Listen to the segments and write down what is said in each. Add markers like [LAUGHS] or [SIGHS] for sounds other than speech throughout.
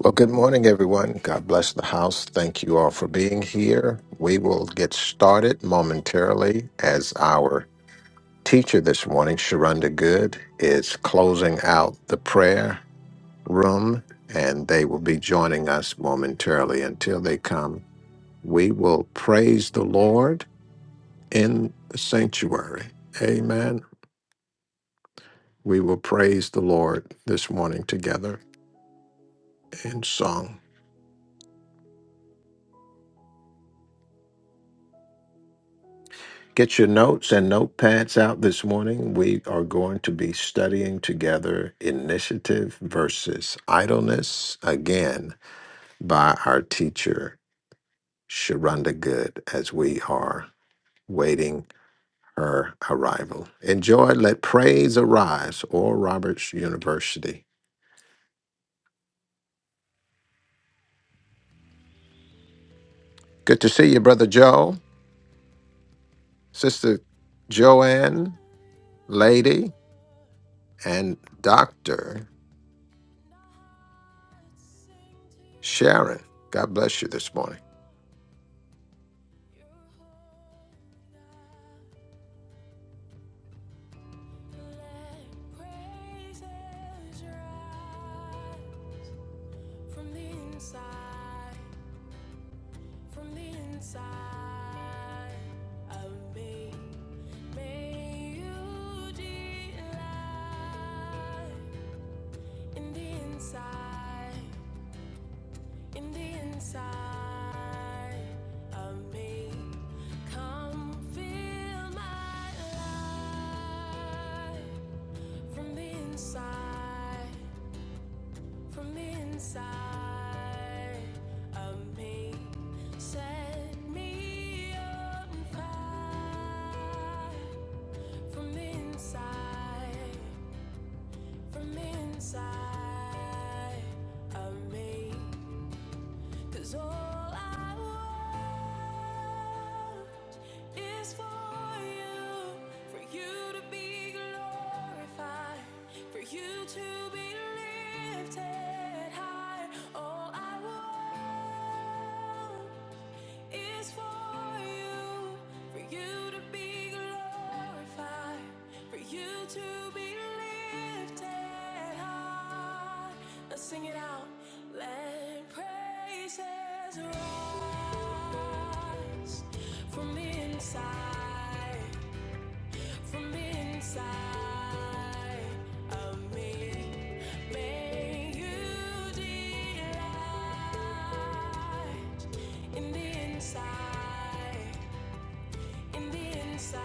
Well, good morning, everyone. God bless the house. Thank you all for being here. We will get started momentarily as our teacher this morning, Sharonda Good, is closing out the prayer room, and they will be joining us momentarily. Until they come, we will praise the Lord in the sanctuary. Amen. We will praise the Lord this morning together in song. Get your notes and notepads out this morning. We are going to be studying together Initiative versus Idleness again by our teacher, Sharonda Good, as we are waiting her arrival. Enjoy Let Praise Arise, Oral Roberts University. Good to see you, Brother Joe, Sister Joanne, Lady, and Dr. Sharon. God bless you this morning. From the inside, from the inside of me, may you delight in the inside, in the inside of me. Come fill my life from the inside, from the inside of me. Set me on fire from the inside, from the inside of me. Cause all I want is for you, for you to be glorified, for you to be lifted high. All I want is for you, for you to be glorified, for you to be lifted high. Let's sing it out. Let praises rise from the inside. From inside of me, may you delight in the inside, in the inside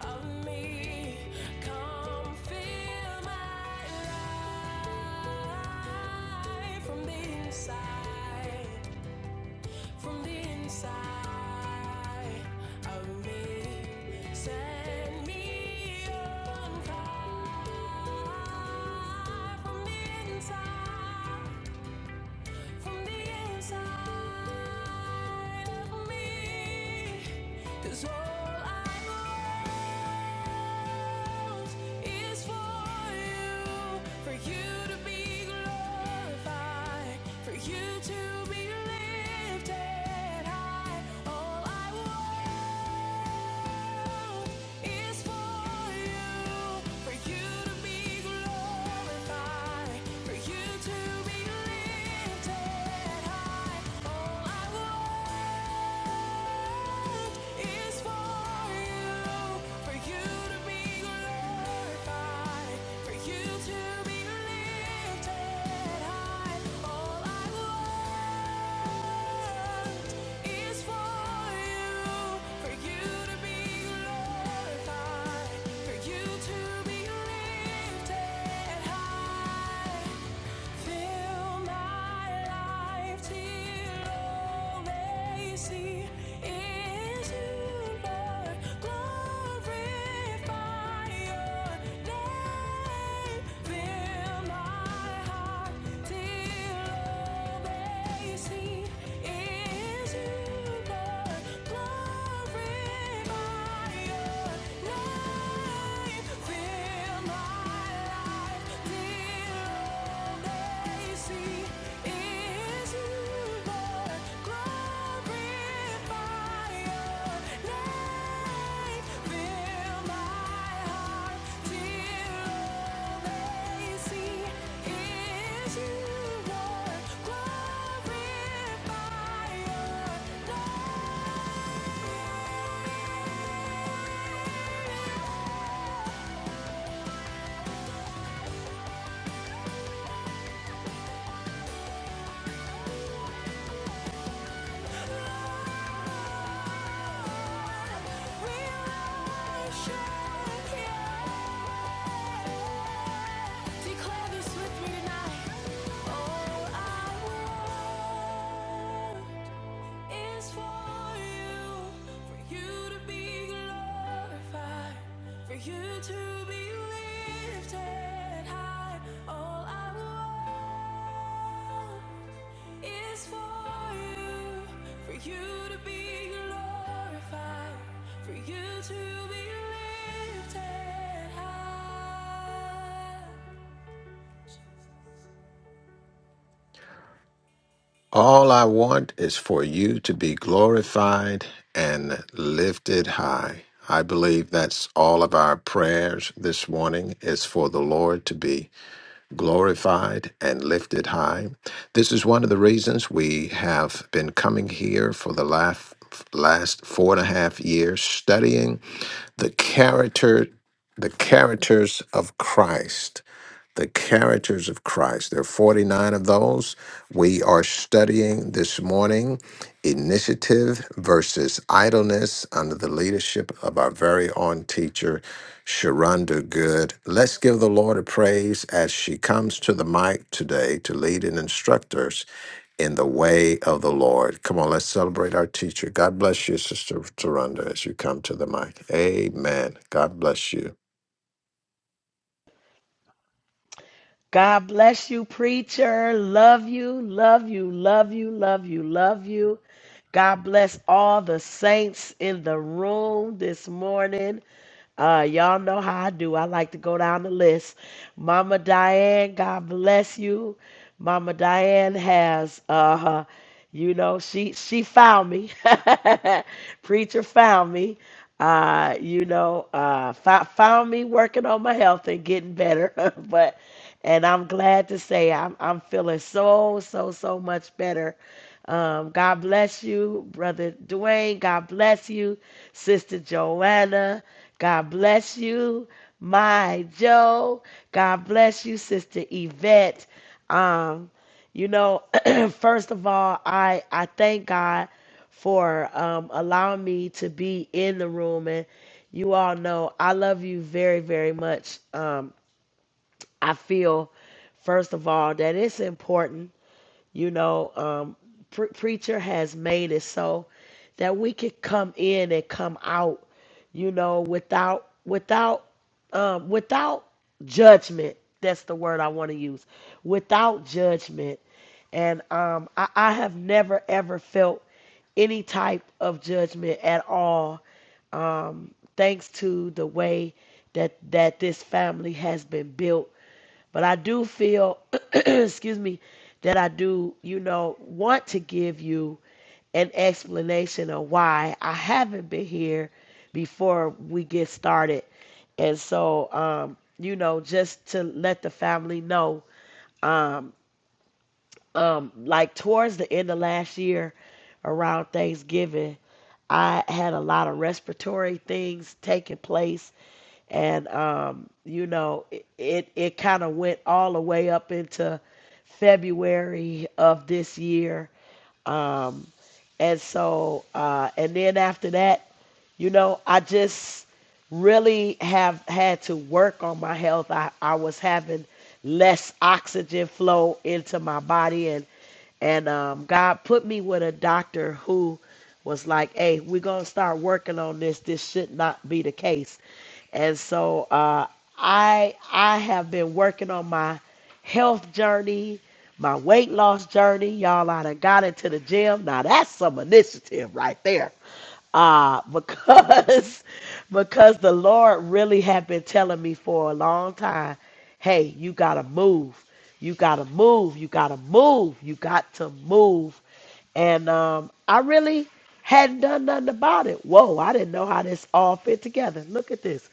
of me. Come fill my life from the inside, from the inside of me, set me on fire. From the inside, from the inside of me, 'Cause all I want is for you, for you to be glorified, for you to be lifted lifted high. All I want is for you, for you to be glorified, for you to be lifted high. All I want is for you, for you to be glorified, for you to be lifted high. All I want is for you, for you to be glorified, for you to be lifted high. Fill my life till all they see is you, Lord. Glorify your name. Fill my heart till all they see is you, Lord. Glorify your name. Fill my life. Glorify your name. Declare this with me tonight. All I want is for you, for you to be glorified, for you to be lifted high. All I want is for you, for you to be glorified, for you to be lifted high. All I want is for you to be glorified and lifted high. I believe that's all of our prayers this morning is for the Lord to be glorified and lifted high. This is one of the reasons we have been coming here for the last, last four and a half years studying the character the characters of Christ the characters of Christ. There are 49 of those. We are studying this morning initiative versus idleness under the leadership of our very own teacher, Sharonda Good. Let's give the Lord a praise as she comes to the mic today to lead and instruct us in the way of the Lord. Come on, let's celebrate our teacher. God bless you, Sister Sharonda, as you come to the mic. Amen. God bless you. God bless you, preacher. Love you, love you, love you, love you, love you. God bless all the saints in the room this morning. Uh, y'all know how I do. I like to go down the list. Mama Diane, God bless you. Mama Diane has uh, you know she she found me [LAUGHS] preacher found me uh you know uh fou- found me working on my health and getting better [LAUGHS] but and i'm glad to say i'm i'm feeling so so so much better um god bless you brother dwayne god bless you sister joanna god bless you my joe god bless you sister yvette Um. You know, [CLEARS THROAT] first of all, I I thank God for um, allowing me to be in the room, and you all know I love you very very much. Um, I feel, first of all, that it's important you know, um, pre- preacher has made it so that we could come in and come out, you know, without without um, without judgment. That's the word I want to use. Without judgment, and um, I, I have never ever felt any type of judgment at all thanks to the way that that this family has been built. But I do feel, [CLEARS THROAT] excuse me, that I do, you know, want to give you an explanation of why I haven't been here before we get started. And so, um, you know, just to let the family know um like towards the end of last year around Thanksgiving, I had a lot of respiratory things taking place and um you know it it, it kind of went all the way up into February of this year Um, and so, uh, and then after that, you know, I just really have had to work on my health. I, I was having less oxygen flow into my body and and um, God put me with a doctor who was like, "Hey, we're gonna start working on this. This should not be the case." And so uh, I I have been working on my health journey, my weight loss journey. Y'all, I done got into the gym. Now that's some initiative right there. Uh, because [LAUGHS] because the Lord really had been telling me for a long time, hey, you gotta move. You gotta move. You gotta move. You got to move. And um, I really hadn't done nothing about it. Whoa, I didn't know how this all fit together. Look at this.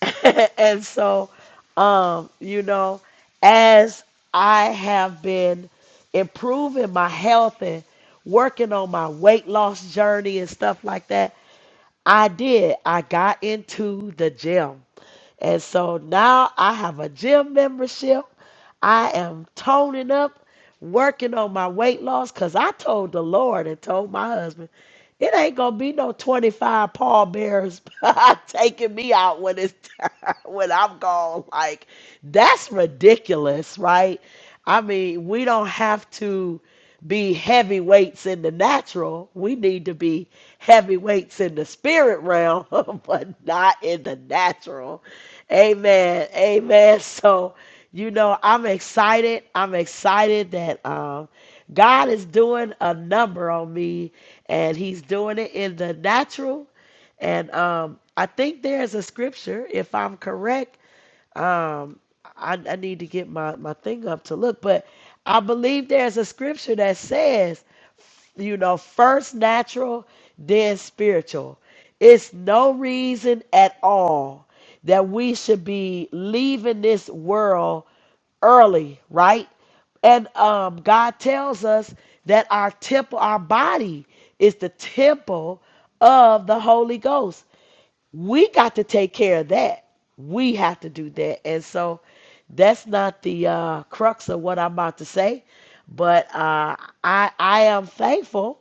[LAUGHS] and so, um, you know, as I have been improving my health and working on my weight loss journey and stuff like that, I did. I got into the gym. And so now I have a gym membership. I am toning up, working on my weight loss because I told the Lord and told my husband. It ain't gonna be no 25 pallbearers [LAUGHS] taking me out when it's time, [LAUGHS] when I'm gone. Like, that's ridiculous, right? I mean, we don't have to be heavyweights in the natural. We need to be heavyweights in the spirit realm, [LAUGHS] but not in the natural. Amen. Amen. So, you know, I'm excited. I'm excited that um God is doing a number on me, and He's doing it in the natural. And um, I think there's a scripture, if I'm correct, um I, I need to get my, my thing up to look, but I believe there's a scripture that says, you know, first natural, then spiritual. It's no reason at all that we should be leaving this world early, right? And um, God tells us that our temple, our body, is the temple of the Holy Ghost we got to take care of that. We have to do that. And so that's not the uh, crux of what I'm about to say, but uh, I I am thankful,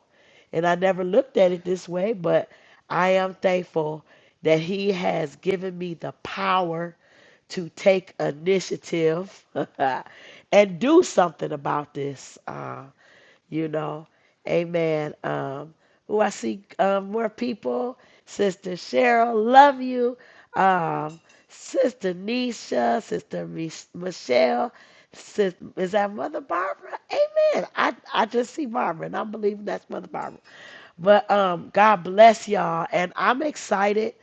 and I never looked at it this way, but I am thankful that He has given me the power to take initiative [LAUGHS] and do something about this. Uh, you know. Amen. Um, oh, I see um, more people. Sister Cheryl, love you. Um, Sister Nisha, Sister Mich- Michelle. Sis, is that Mother Barbara? Amen. I, I just see Barbara, and I'm believing that's Mother Barbara. But um, God bless y'all, and I'm excited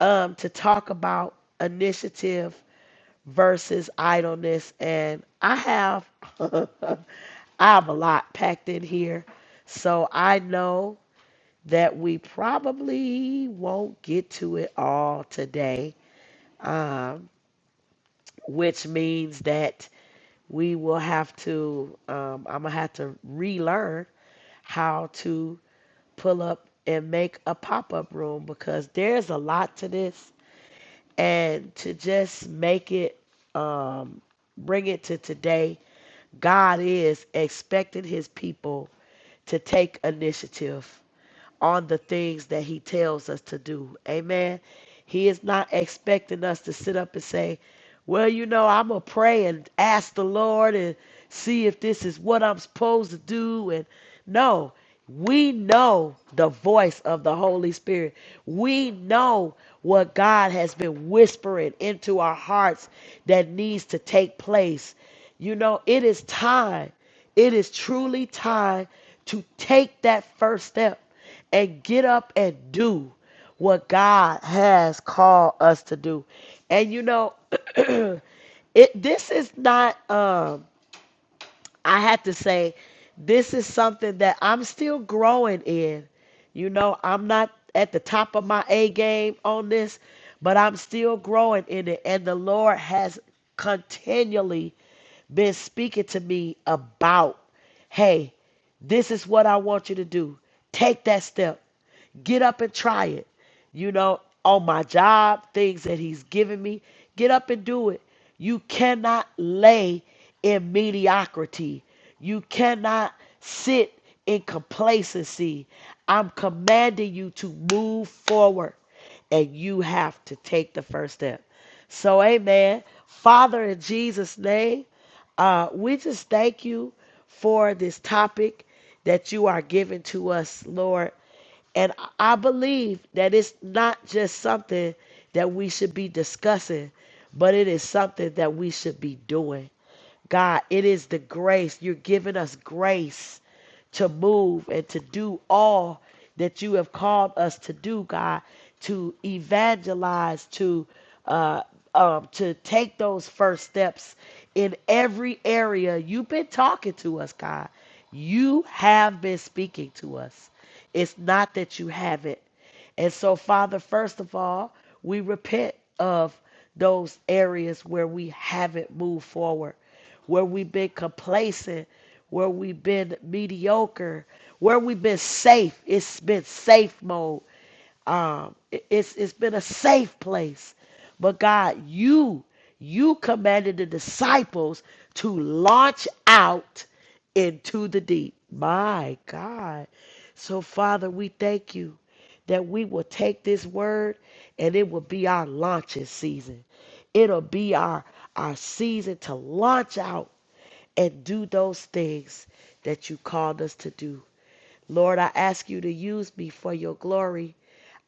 um, to talk about initiative versus idleness. And I have [LAUGHS] I have a lot packed in here. So I know that we probably won't get to it all today, um, which means that we will have to, um, I'm going to have to relearn how to pull up and make a pop up room because there's a lot to this. And to just make it, um, bring it to today God is expecting his people to take initiative on the things that he tells us to do. Amen. He is not expecting us to sit up and say, well, you know, I'm going to pray and ask the Lord and see if this is what I'm supposed to do. And no, we know the voice of the Holy Spirit. We know what God has been whispering into our hearts that needs to take place. You know, it is time. It is truly time to take that first step and get up and do what God has called us to do. And you know, [CLEARS THROAT] it this is not um I have to say this is something that I'm still growing in. You know, I'm not at the top of my A game on this, but I'm still growing in it and the Lord has continually been speaking to me about, hey, this is what I want you to do. Take that step. Get up and try it. You know, on my job, things that he's given me, get up and do it. You cannot lay in mediocrity. You cannot sit in complacency. I'm commanding you to move forward and you have to take the first step. So, amen. Father, in Jesus' name, uh, we just thank you for this topic that you are giving to us, Lord. And I believe that it's not just something that we should be discussing, but it is something that we should be doing. God, it is the grace. You're giving us grace to move and to do all that you have called us to do, God, to evangelize, to uh, um, to take those first steps in every area. You've been talking to us, God. You have been speaking to us. It's not that you haven't. And so, Father, first of all, we repent of those areas where we haven't moved forward, where we've been complacent, where we've been mediocre, where we've been safe. It's been safe mode um it- it's it's been a safe place but god you you commanded the disciples to launch out into the deep my god so father we thank you that we will take this word and it will be our launching season it'll be our our season to launch out and do those things that you called us to do Lord, I ask you to use me for your glory.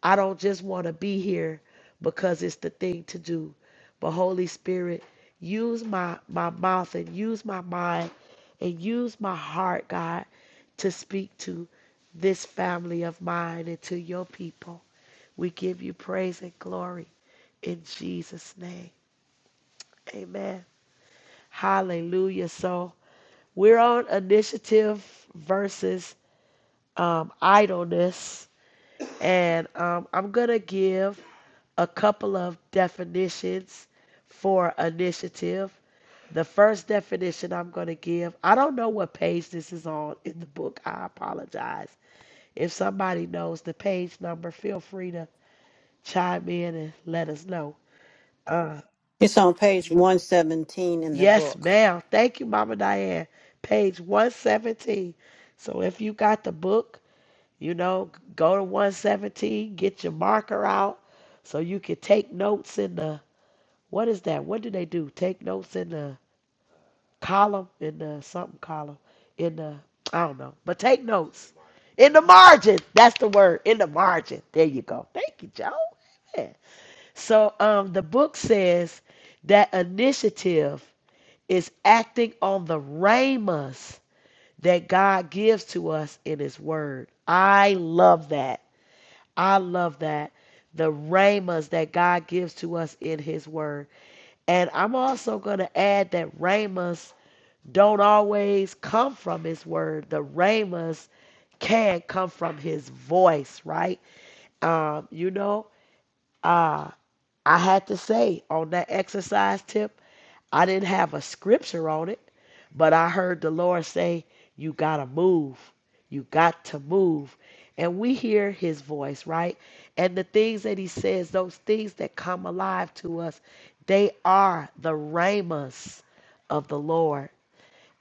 I don't just want to be here because it's the thing to do. But Holy Spirit, use my, my mouth and use my mind and use my heart, God, to speak to this family of mine and to your people. We give you praise and glory in Jesus' name. Amen. Hallelujah. So we're on initiative versus um, idleness And um, I'm going to give a couple of definitions for initiative. The first definition I'm going to give, I don't know what page this is on in the book. I apologize. If somebody knows the page number, feel free to chime in and let us know. Uh, It's on page 117 in the yes, book. ma'am. Thank you, Mama Diane. Page 117. So if you got the book, you know, go to 117, get your marker out so you can take notes in the What is that? What do they do? Take notes in the column, in the something column, in the, I don't know, but take notes. In the margin. That's the word. In the margin. There you go. Thank you, Joe. Amen. So um, the book says that initiative is acting on the ramas that God gives to us in His Word. I love that. I love that. The ramas that God gives to us in His Word. And I'm also going to add that ramas don't always come from his word. The ramas can come from his voice, right? Um, you know, uh, I had to say on that exercise tip, I didn't have a scripture on it, but I heard the Lord say, You got to move. You got to move. And we hear his voice, right? And the things that he says, those things that come alive to us, they are the ramas of the Lord.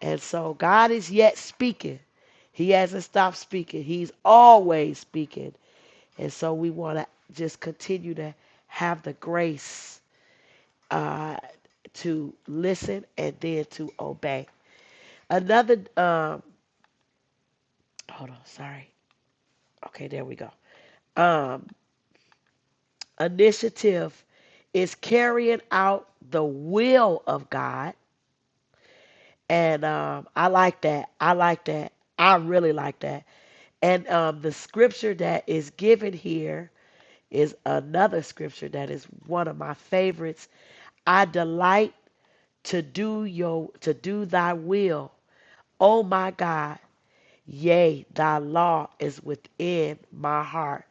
And so God is yet speaking. He hasn't stopped speaking. He's always speaking. And so we want to just continue to have the grace uh, to listen and then to obey. Another, um, hold on, sorry. Okay, there we go. Um, initiative is carrying out the will of God. And um, I like that. I like that. I really like that. And um, the scripture that is given here is another scripture that is one of my favorites. I delight to do your to do thy will, oh my God. Yea, thy law is within my heart.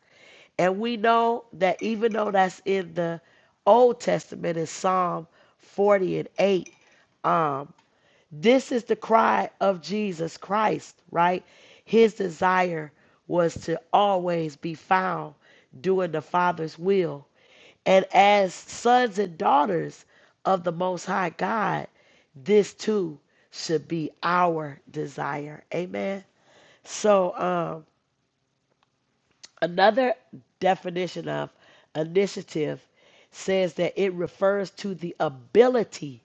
And we know that even though that's in the Old Testament in Psalm 40 and 8, um, this is the cry of Jesus Christ, right? His desire was to always be found doing the Father's will. And as sons and daughters of the Most High God, this too should be our desire. Amen. So, um, another definition of initiative says that it refers to the ability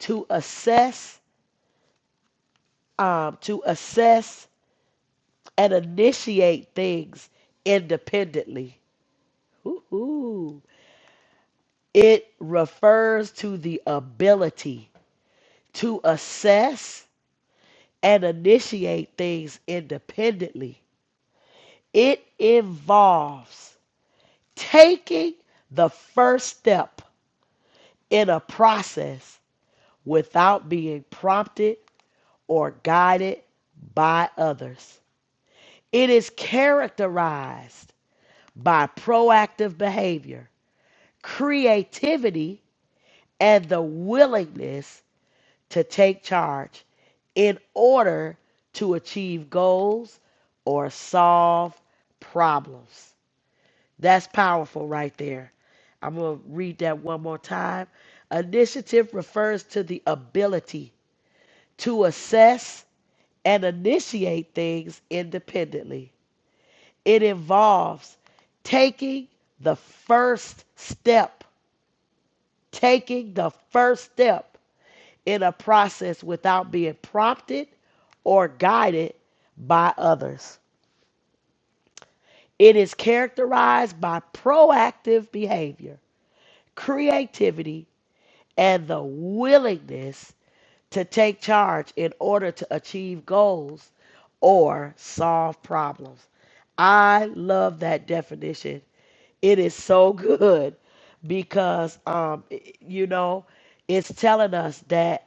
to assess, um, to assess and initiate things independently. Ooh. It refers to the ability to assess and initiate things independently. It involves taking the first step in a process without being prompted or guided by others. It is characterized by proactive behavior, creativity, and the willingness to take charge in order to achieve goals or solve problems. That's powerful right there. I'm going to read that one more time. Initiative refers to the ability to assess and initiate things independently. It involves taking the first step, taking the first step in a process without being prompted or guided by others. It is characterized by proactive behavior, creativity, and the willingness to take charge in order to achieve goals or solve problems. I love that definition. It is so [LAUGHS] good because, um, you know, it's telling us that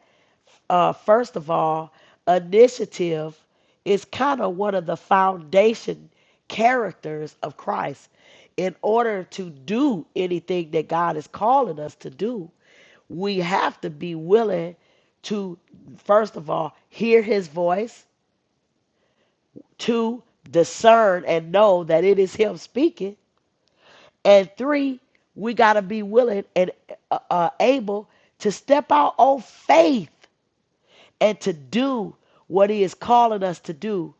uh, first of all, initiative is kind of one of the foundation characters of Christ. In order to do anything that God is calling us to do, we have to be willing to, first of all, hear his voice, two, discern and know that it is him speaking, and three, we got to be willing and uh, uh, able to step out on faith and to do what he is calling us to do.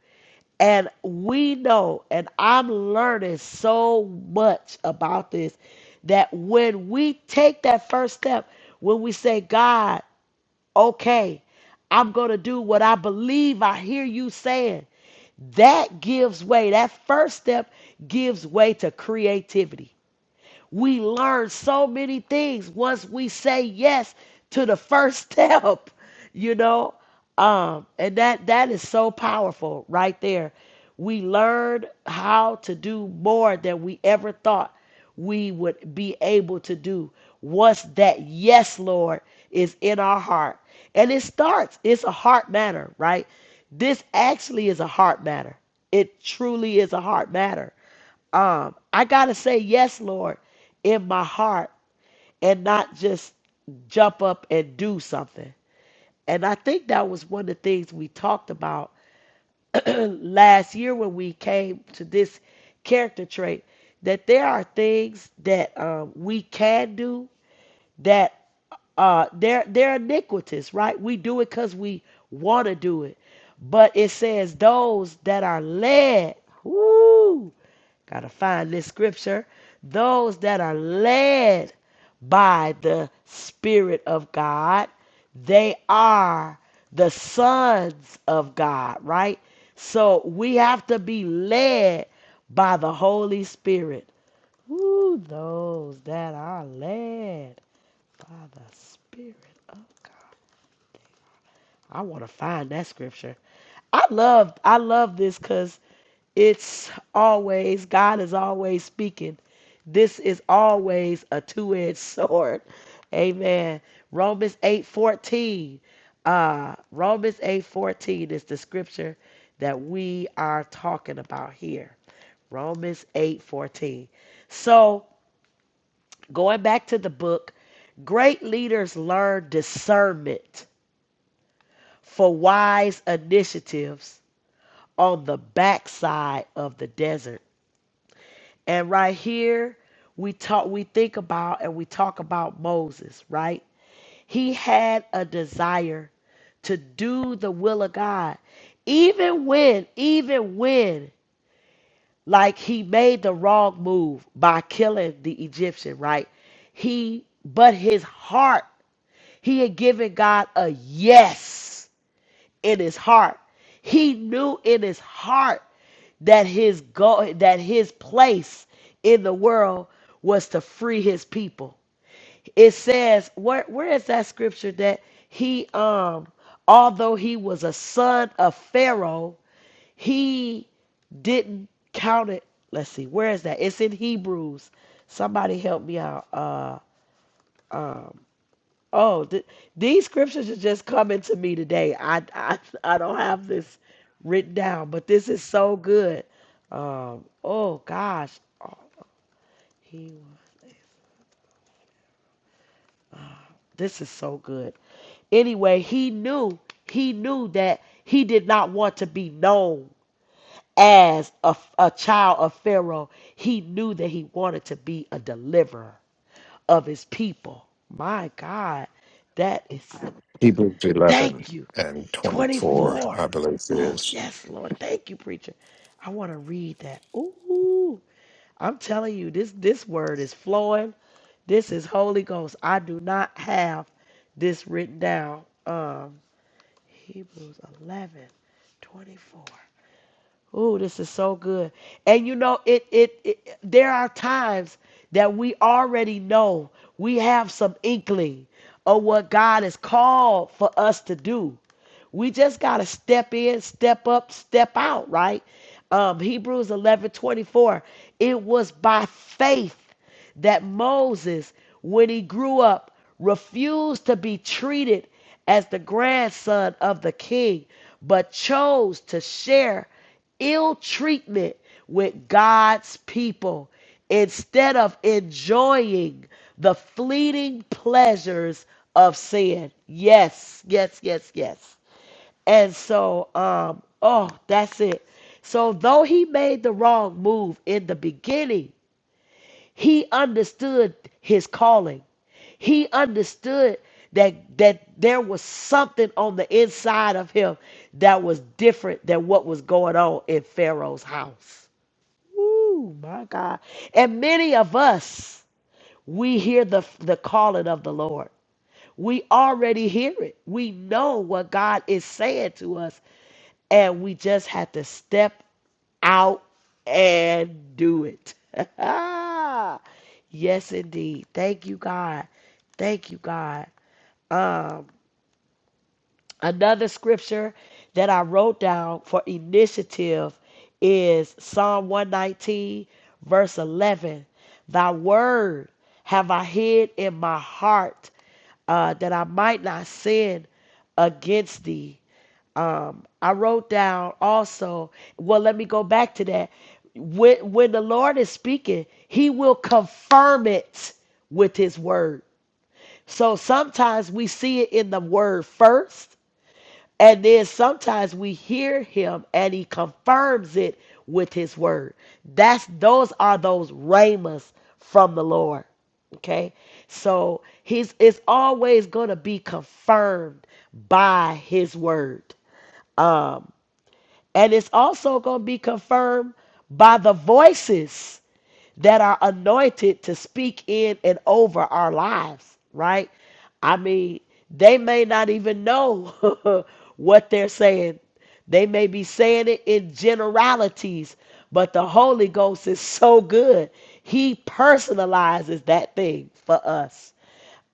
And we know, and I'm learning so much about this, that when we take that first step, when we say, God, okay, I'm going to do what I believe I hear you saying, that gives way. That first step gives way to creativity we learn so many things once we say yes to the first step, [LAUGHS] you know? Um, and that that is so powerful right there. We learn how to do more than we ever thought we would be able to do once that yes, Lord, is in our heart. And it starts, it's a heart matter, right? This actually is a heart matter. It truly is a heart matter um, I gotta say yes, Lord, in my heart and not just jump up and do something. And I think that was one of the things we talked about [CLEARS THROAT] last year when we came to this character trait that there are things that um, we can do that uh, they're they're iniquitous, right? We do it because we want to do it, but it says those that are led. Woo! Got to find this scripture. Those that are led by the Spirit of God, they are the sons of God, right? So we have to be led by the Holy Spirit. Ooh, those that are led by the Spirit of God. I want to find that scripture. I love I love this because it's always God is always speaking This is always a two-edged [LAUGHS] sword. Amen. Romans 8:14. Uh Romans 8:14 is the scripture that we are talking about here. Romans 8:14. So, going back to the book, great leaders learn discernment for wise initiatives on the backside of the desert. And right here, we talk we think about and we talk about Moses, right? He had a desire to do the will of God. Even when, even when, like he made the wrong move by killing the Egyptian, right? He, but his heart, he had given God a yes in his heart. He knew in his heart that his go that his place in the world was to free his people it says where where is that scripture that he um although he was a son of Pharaoh, he didn't count it. Let's see, where is that? It's in Hebrews. Somebody help me out. Uh um oh th- these scriptures are just coming to me today. I I I don't have this written down, but this is so good. Um oh gosh. Oh, he this is so good. Anyway, he knew, he knew that he did not want to be known as a, a child of Pharaoh. He knew that he wanted to be a deliverer of his people. My God, that is, Hebrews 11 thank you. and 24, 24. I believe it Oh, is. yes, Lord. Thank you, preacher. I want to read that. Ooh, I'm telling you, this, this word is flowing. This is Holy Ghost. I do not have this written down. Um. Hebrews 11 24. Oh, this is so good. And you know, it, it it there are times that we already know we have some inkling of what God has called for us to do. We just got to step in, step up, step out, right? Um, Hebrews 11 24. It was by faith that Moses, when he grew up, refused to be treated as the grandson of the king, but chose to share ill treatment with God's people instead of enjoying the fleeting pleasures of sin. Yes, yes, yes, yes. And so, um, oh, that's it. So, though he made the wrong move in the beginning, he understood his calling. He understood that that there was something on the inside of him that was different than what was going on in Pharaoh's house. Ooh, my God. And many of us, we hear the the calling of the Lord. We already hear it. We know what God is saying to us and we just have to step out and do it. [LAUGHS] yes, indeed. Thank you, God. Thank you, God. Um, another scripture that I wrote down for initiative is Psalm 119, verse 11. Thy word have I hid in my heart uh, that I might not sin against thee um, I wrote down also, well, let me go back to that. When, when the Lord is speaking, he will confirm it with his word. So sometimes we see it in the word first, and then sometimes we hear him and he confirms it with his word. That's those are those ramas from the Lord. Okay. So he's it's always gonna be confirmed by his word Um, and it's also going to be confirmed by the voices that are anointed to speak in and over our lives, right? I mean, they may not even know [LAUGHS] what they're saying. They may be saying it in generalities, but the Holy Ghost is so good. He personalizes that thing for us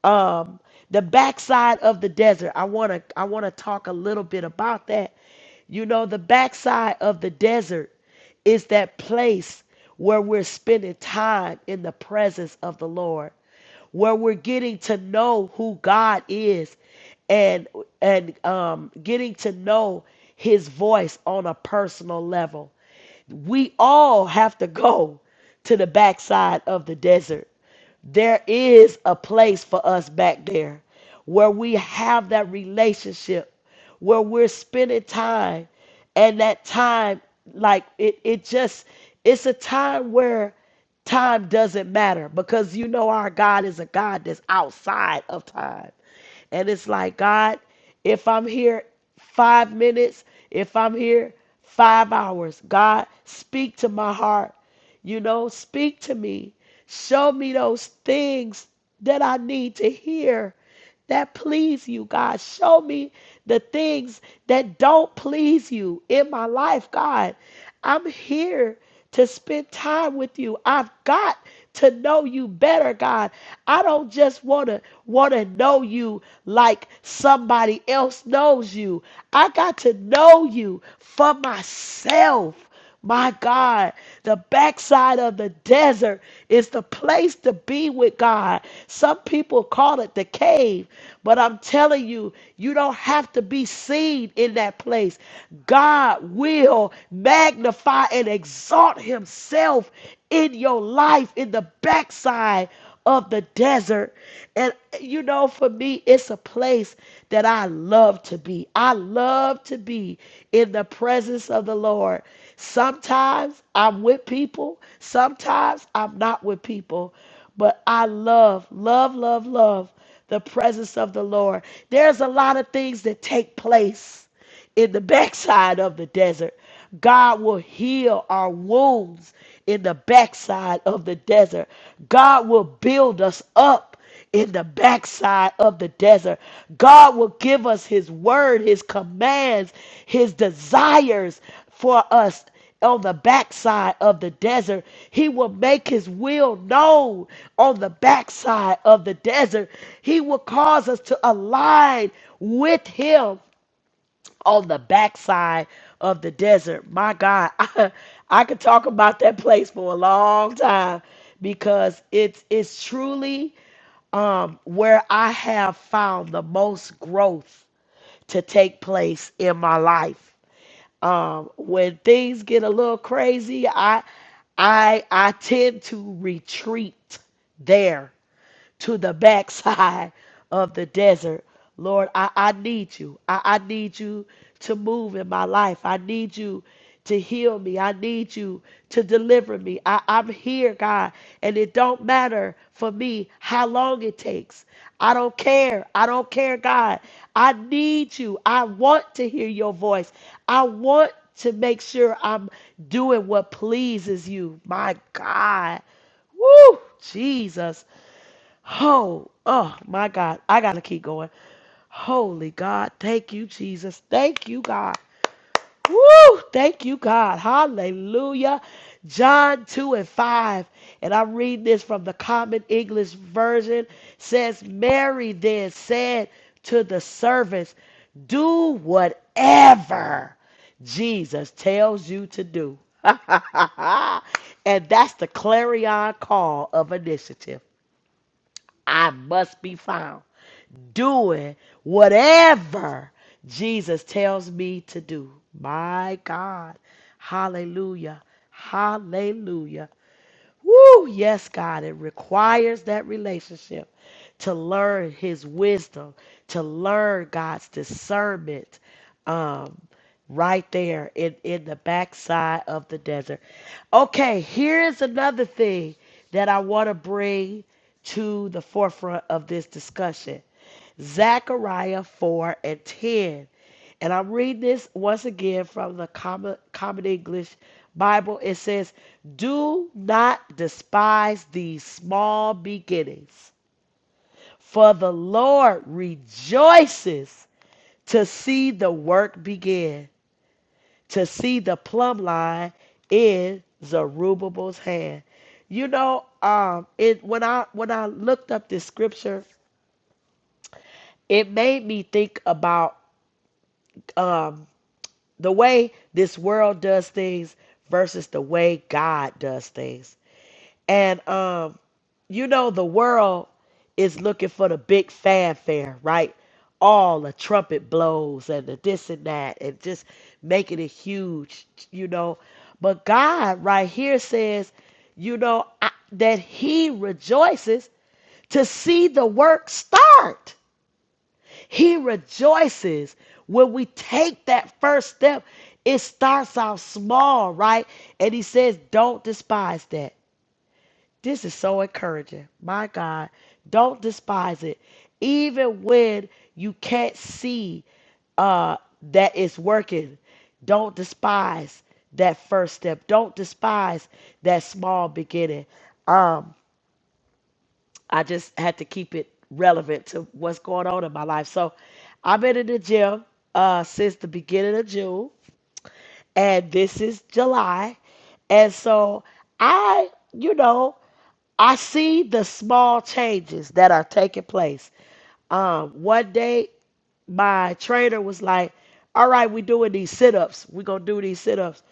um, the backside of the desert. I want to I want to talk a little bit about that. You know, the backside of the desert is that place where we're spending time in the presence of the Lord, where we're getting to know who God is and and um, getting to know his voice on a personal level. We all have to go to the backside of the desert there is a place for us back there where we have that relationship, where we're spending time. And that time, like it, it just, it's a time where time doesn't matter because you know our God is a God that's outside of time. And it's like, God, if I'm here five minutes, if I'm here five hours, God, speak to my heart. You know, speak to me. Show me those things that I need to hear that please you, God. Show me the things that don't please you in my life, God. I'm here to spend time with you. I've got to know you better, God. I don't just want to want to know you like somebody else knows you. I got to know you for myself. My God, the backside of the desert is the place to be with God. Some people call it the cave, but I'm telling you, you don't have to be seen in that place. God will magnify and exalt Himself in your life in the backside of the desert. And you know, for me, it's a place that I love to be. I love to be in the presence of the Lord. Sometimes I'm with people, sometimes I'm not with people, but I love, love, love, love the presence of the Lord. There's a lot of things that take place in the [LAUGHS] backside of the desert. God will heal our wounds in the backside of the desert. God will build us up in the backside of the desert. God will give us His word, His commands, His desires for us on the backside of the desert. He will make his will known on the backside of the desert. He will cause us to align with him on the backside of the desert. My God, [LAUGHS] I, I could talk about that place for a long time because it's it's truly um, where I have found the most growth to take place in my life. Um, when things get a little crazy, I I I tend to retreat there to the backside of the desert. Lord, I, I need you. I, I need you to move in my life. I need you to heal me. I need you to deliver me. I, I'm here, God, and it don't matter for me how long it takes. I don't care. I don't care, God. I need you. I want to hear your voice. I want to make sure I'm doing what pleases you. My God. Woo! Jesus. Oh, oh my God. I gotta keep going. Holy God. Thank you, Jesus. Thank you, God. Woo! Thank you, God. Hallelujah. John 2 and 5. And I read this from the Common English Version. Says, Mary then said to the servants, Do whatever Jesus tells you to do. [LAUGHS] and that's the clarion call of initiative. I must be found doing whatever Jesus tells me to do. My God. Hallelujah. Hallelujah. Woo, yes, God, it requires that relationship to learn His wisdom, to learn God's discernment um, right there in, in the backside of the desert. Okay, here's another thing that I want to bring to the forefront of this discussion Zechariah 4 and 10. And I'm reading this once again from the Common, Common English Bible. It says, Do not despise these small beginnings, for the Lord rejoices to see the work begin, to see the plumb line in Zerubbabel's hand. You know, um, it when I when I looked up this scripture, it made me think about um, the way this world does things versus the way God does things. And um, you know, the world is looking for the big fanfare, right? All the trumpet blows and the this and that, and just making it huge, you know. But God, right here, says, you know, I, that He rejoices to see the work start. He rejoices when we take that first step. It starts out small, right? And he says, Don't despise that. This is so encouraging. My God, don't despise it. Even when you can't see uh, that it's working, don't despise that first step. Don't despise that small beginning. Um. I just had to keep it relevant to what's going on in my life. So I've been in the gym uh, since the beginning of June, and this is July. And so I, you know, I see the small changes that are taking place. Um, one day my trainer was like, all right, we doing these sit-ups. we gonna do these sit-ups.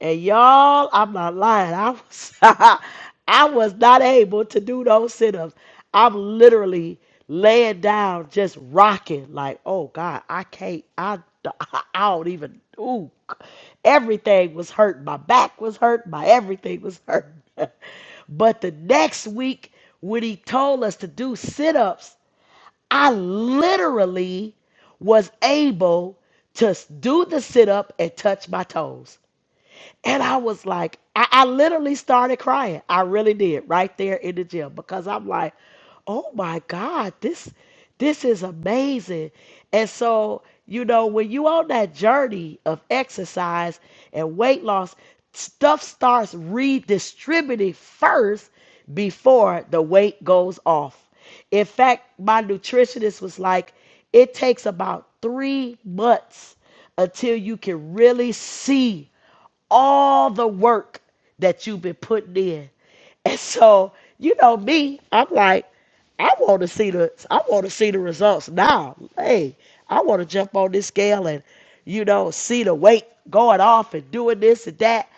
And y'all, I'm not lying. I was [LAUGHS] I was not able to do those sit-ups. I'm literally laying down, just rocking, like, oh God, I can't, I, [LAUGHS] I don't even ooh. Everything was hurt. My back was hurt. My everything was hurt. [LAUGHS] but the next week, when he told us to do sit-ups, I literally was able to do the sit up and touch my toes. And I was like, I, I literally started crying. I really did right there in the gym because I'm like, oh my God, this this is amazing. And so, you know, when you on that journey of exercise and weight loss, stuff starts redistributing first before the weight goes off. In fact, my nutritionist was like, it takes about three months until you can really see all the work that you've been putting in. And so, you know me, I'm like, I want to see the I want to see the results now. Hey, I want to jump on this scale and you know see the weight going off and doing this and that.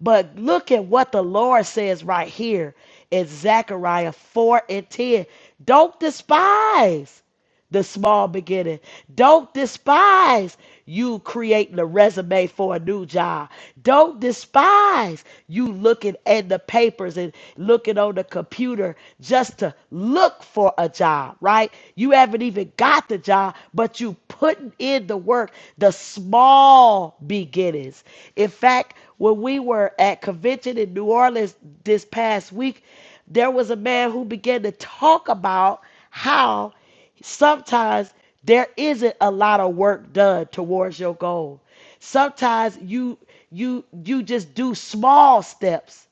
But look at what the Lord says right here in Zechariah 4 and 10. Don't despise the small beginning. Don't despise you creating a resume for a new job. Don't despise you looking at the papers and looking on the computer just to look for a job, right? You haven't even got the job, but you putting in the work, the small beginnings. In fact, when we were at convention in New Orleans this past week, there was a man who began to talk about how Sometimes there isn't a lot of work done towards your goal. Sometimes you you you just do small steps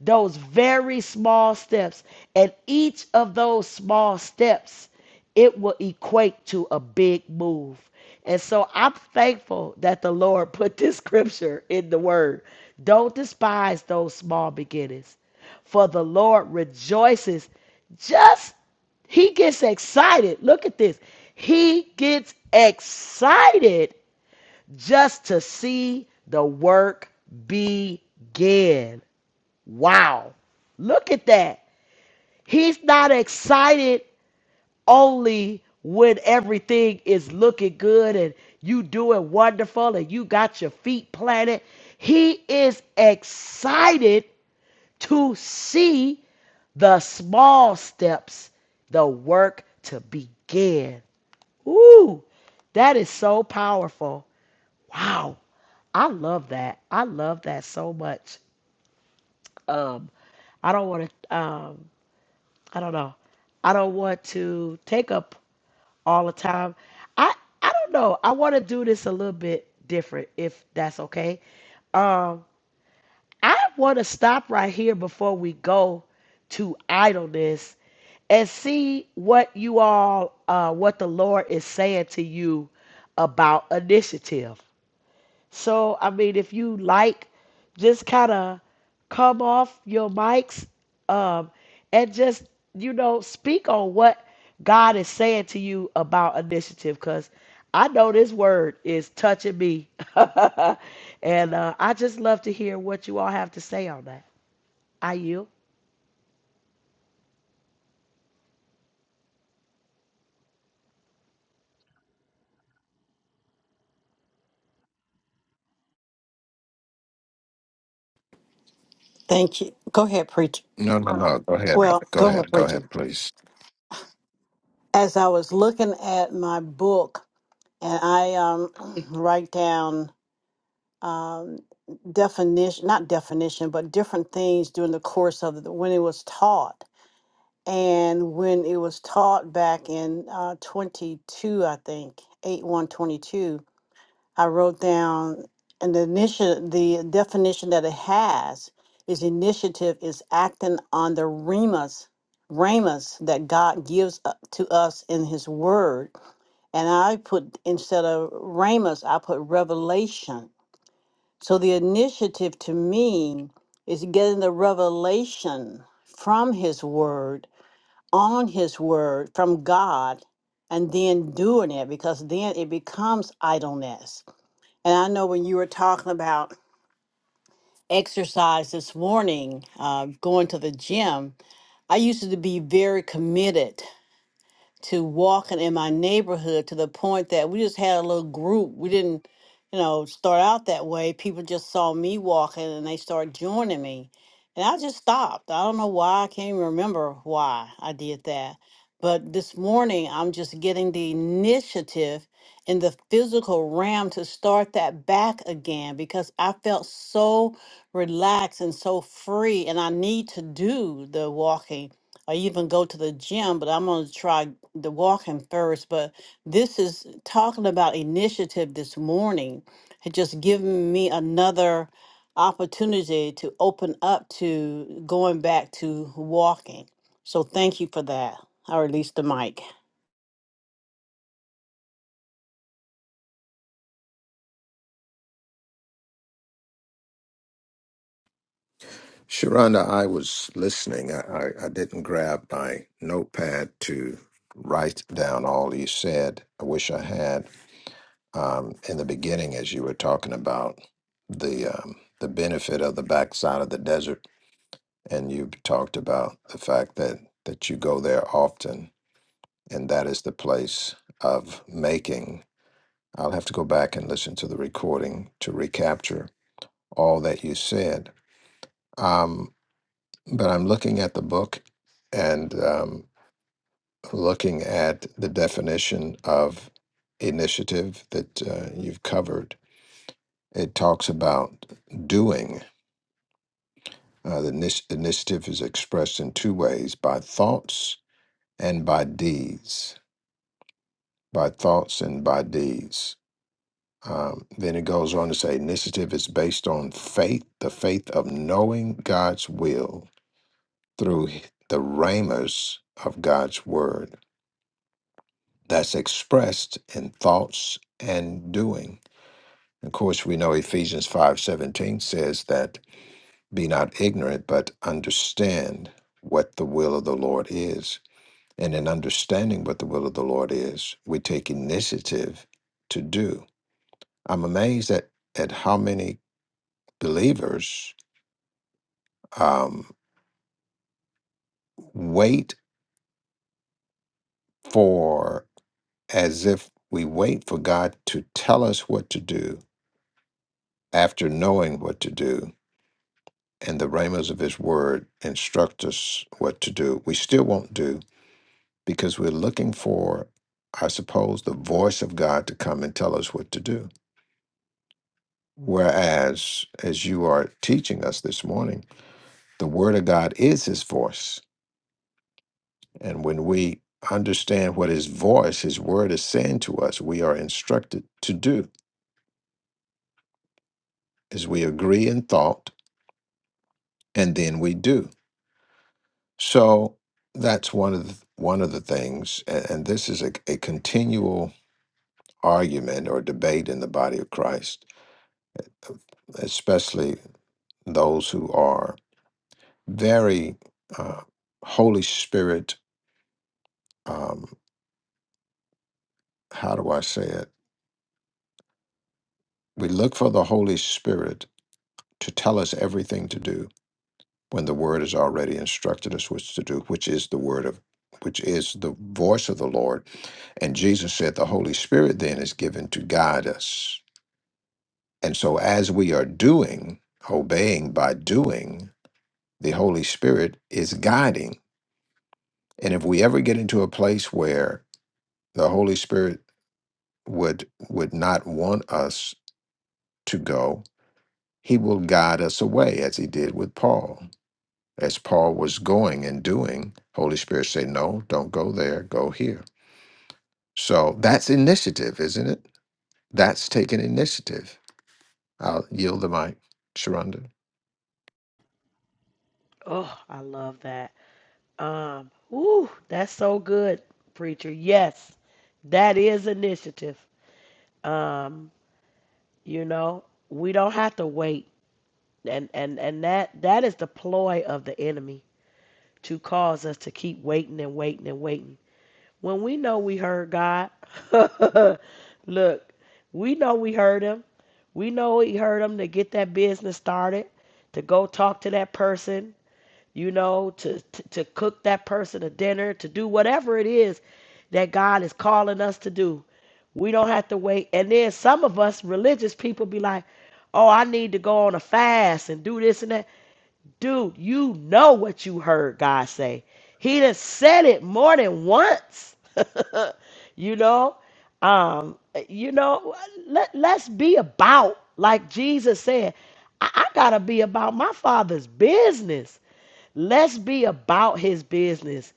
those very small steps. And each of those small steps, it will equate to a big move. And so I'm thankful that the Lord [LAUGHS] put this scripture in the word. Don't despise those small beginnings, for the Lord rejoices. Just, he gets excited. Look at this. He gets excited just to see the work begin. Wow. Look at that. He's not excited only when everything is looking good and you doing wonderful and you got your feet planted. He is excited to see the small steps, the work to begin. Ooh, that is so powerful. Wow. I love that. I love that so much. Um, I don't want to. Um, I don't know. I don't want to take up all the time. I I don't know. I want to do this a little bit different, if that's okay. Um, I want to stop right here before we go to idleness and see what you all, uh, what the Lord is saying to you about initiative. So, I mean, if you like, just kind of come off your mics um, and just, you know, speak on what God is saying to you about initiative because I know this word is touching me. [LAUGHS] and uh, I just love to hear what you all have to say on that. I you? Thank you. Go ahead, preacher. No, no, no. Go ahead, Well, brother. Go go ahead, ahead. Go ahead, preacher. please. As I was looking at my book, and I um, [CLEARS THROAT] write down um, definition, not definition, but different things during the course of the, when it was taught. And when it was taught back in uh, 22, I think, 8 122, I wrote down and the initiative, the definition that it has is initiative is acting on the remas, remas that God gives u- to us in His Word. And I put instead of remas, I put revelation. So the initiative to me is getting the revelation from His Word, on His Word, from God, and then doing it because then it becomes idleness and I know when you were talking about exercise this morning, uh, going to the gym, I used to be very committed to walking in my neighborhood to the point that we just had a little group. We didn't, you know, start out that way. People just saw me walking and they started joining me. And I just stopped. I don't know why. I can't even remember why I did that. But this morning, I'm just getting the initiative in the physical realm to start that back again because I felt so relaxed and so free. And I need to do the walking I even go to the gym, but I'm going to try the walking first. But this is talking about initiative this morning. It just given me another opportunity to open up to going back to walking. So thank you for that. I released the mic. Sharonda, I was listening. I, I, I didn't grab my notepad to write down all you said. I wish I had. Um, in the beginning, as you were talking about the um, the benefit of the backside of the desert, and you talked about the fact that that you go there often, and that is the place of making. I'll have to go back and listen to the recording to recapture all that you said. Um, but I'm looking at the book and um, looking at the definition of initiative that uh, you've covered. It talks about doing. Uh, the init- initiative is expressed in two ways by thoughts and by deeds. By thoughts and by deeds. Um, then it goes on to say initiative is based on faith, the faith of knowing God's will through h- the ramus of God's word that's expressed in thoughts and doing. Of course, we know Ephesians 5:17 says that be not ignorant, but understand what the will of the Lord is. And in understanding what the will of the Lord is, we take initiative to do. I'm amazed at, at how many believers um, wait for as if we wait for God to tell us what to do after knowing what to do, and the ramas of His Word instruct us what to do. We still won't do because we're looking for, I suppose, the voice of God to come and tell us what to do. Whereas, as you are teaching us this morning, the Word of God is His voice And when we understand what his voice, his word is saying to us, we are instructed to do is we agree in thought and then we do. So that's one of the, one of the things, and, and this is a, a continual argument or debate in the body of Christ, especially those who are very uh, Holy Spirit. Um, how do I say it? We look for the Holy Spirit to tell us everything to do when the word has already instructed us which to do, which is the word of which is the voice of the Lord. And Jesus said the Holy Spirit then is given to guide us. And so as we are doing, obeying by doing, the Holy Spirit is guiding. And if we ever get into a place where the Holy Spirit would would not want us to go, he will guide us away as he did with Paul as Paul was going and doing, Holy Spirit said, No, don't go there, go here. So that's initiative, isn't it? That's taking initiative. I'll yield the mic, Sharonda. Oh, I love that. Um, ooh, that's so good, preacher. Yes, that is initiative. Um, You know, we don't have to wait. And and and that that is the ploy of the enemy to cause us to keep waiting and waiting and waiting. When we know we heard God, [LAUGHS] look, we know we heard him. We know he heard him to get that business started, to go talk to that person, you know, to, to, to cook that person a dinner, to do whatever it is that God is calling us to do. We don't have to wait. And then some of us religious people be like, oh, I need to go on a fast and do this and that. Dude, you know what you heard God say. He done said it more than once. [LAUGHS] you know? Um, you know, let, let's be about, like Jesus said, I, I gotta be about my father's business. Let's be about his business.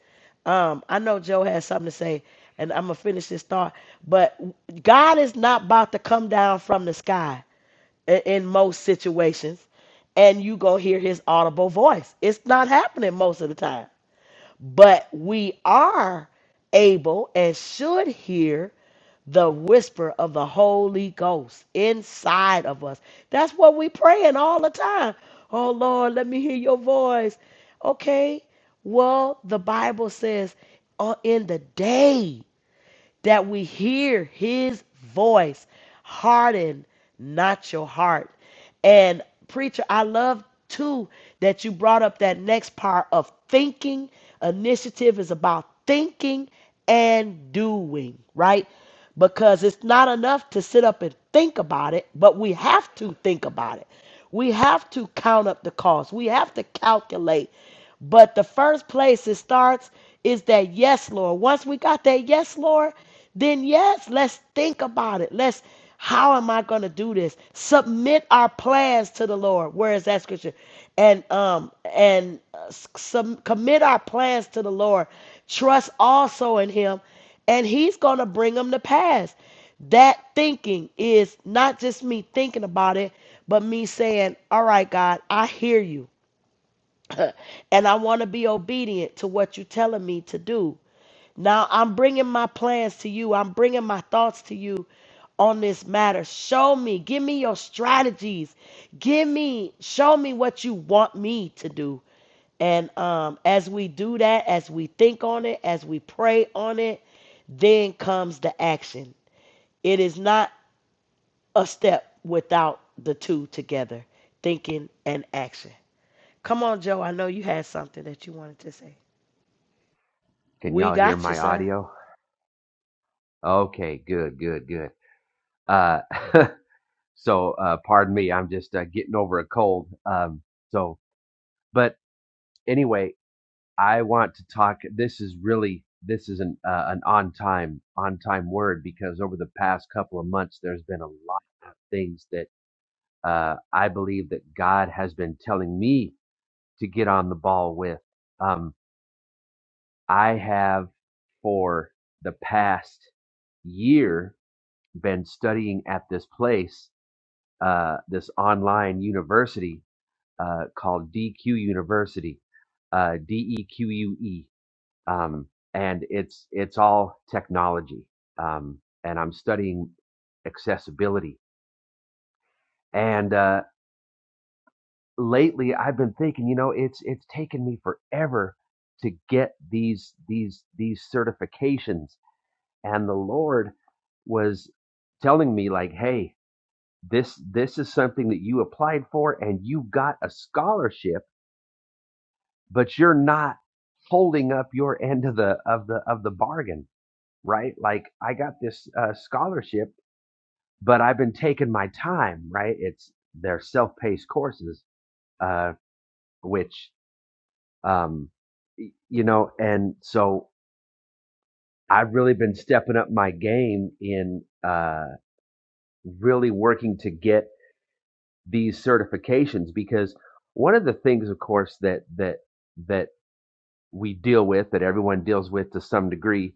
Um, I know Joe has something to say, and I'm gonna finish this thought, but God is not about to come down from the sky i- in most situations and you go hear his audible voice it's not happening most of the time but we are able and should hear the whisper of the holy ghost inside of us that's what we praying all the time oh lord let me hear your voice okay well the bible says uh, in the day that we hear his voice. Harden not your heart. And preacher, I love too that you brought up that next part of thinking. Initiative is about thinking and doing, right? because it's not enough to sit up and think about it, but we have to think about it. We have to count up the cost. We have to calculate. But the first place it starts is that yes, Lord. Once we got that yes, Lord, then yes, let's think about it. Let's how am I going to do this? Submit our plans to the Lord. Where is that scripture? And um and uh, s- sum- commit our plans to the Lord. Trust also in Him and he's going to bring them to pass. That thinking is not just me thinking about it, but me saying, All right, God, I hear you and I want to be obedient to what you're telling me to do. Now I'm bringing my plans to you. I'm bringing my thoughts to you on this matter. Show me, give me your strategies. Give me, show me what you want me to do. And um, as we do that, as we think on it, as we pray on it, then comes the action. It is not a step without the two together thinking and action. Come on, Joe. I know you had something that you wanted to say. Can We y'all hear got you, my sir. audio? Okay, good, good, good. Uh, [LAUGHS] so, uh, pardon me, I'm just uh, getting over a cold. Um, so, but anyway, I want to talk. This is really this is an uh, an on time on time word because over the past couple of months, there's been a lot of things that uh, I believe that God has been telling me to get on the ball with. Um, I have for the past year been studying at this place, uh, this online university uh, called DQ University, uh, D E Q U E, um, and it's it's all technology, um, and I'm studying accessibility. And uh, lately, I've been thinking, you know, it's it's taken me forever to get these these these certifications, and the Lord was telling me like, hey. This this is something that you applied for and you got a scholarship, but you're not holding up your end of the of the of the bargain, right? Like I got this uh, scholarship, but I've been taking my time, right? It's their self-paced courses, uh, which um, you know, and so I've really been stepping up my game in uh, really working to get these certifications because one of the things of course that that that we deal with that everyone deals with to some degree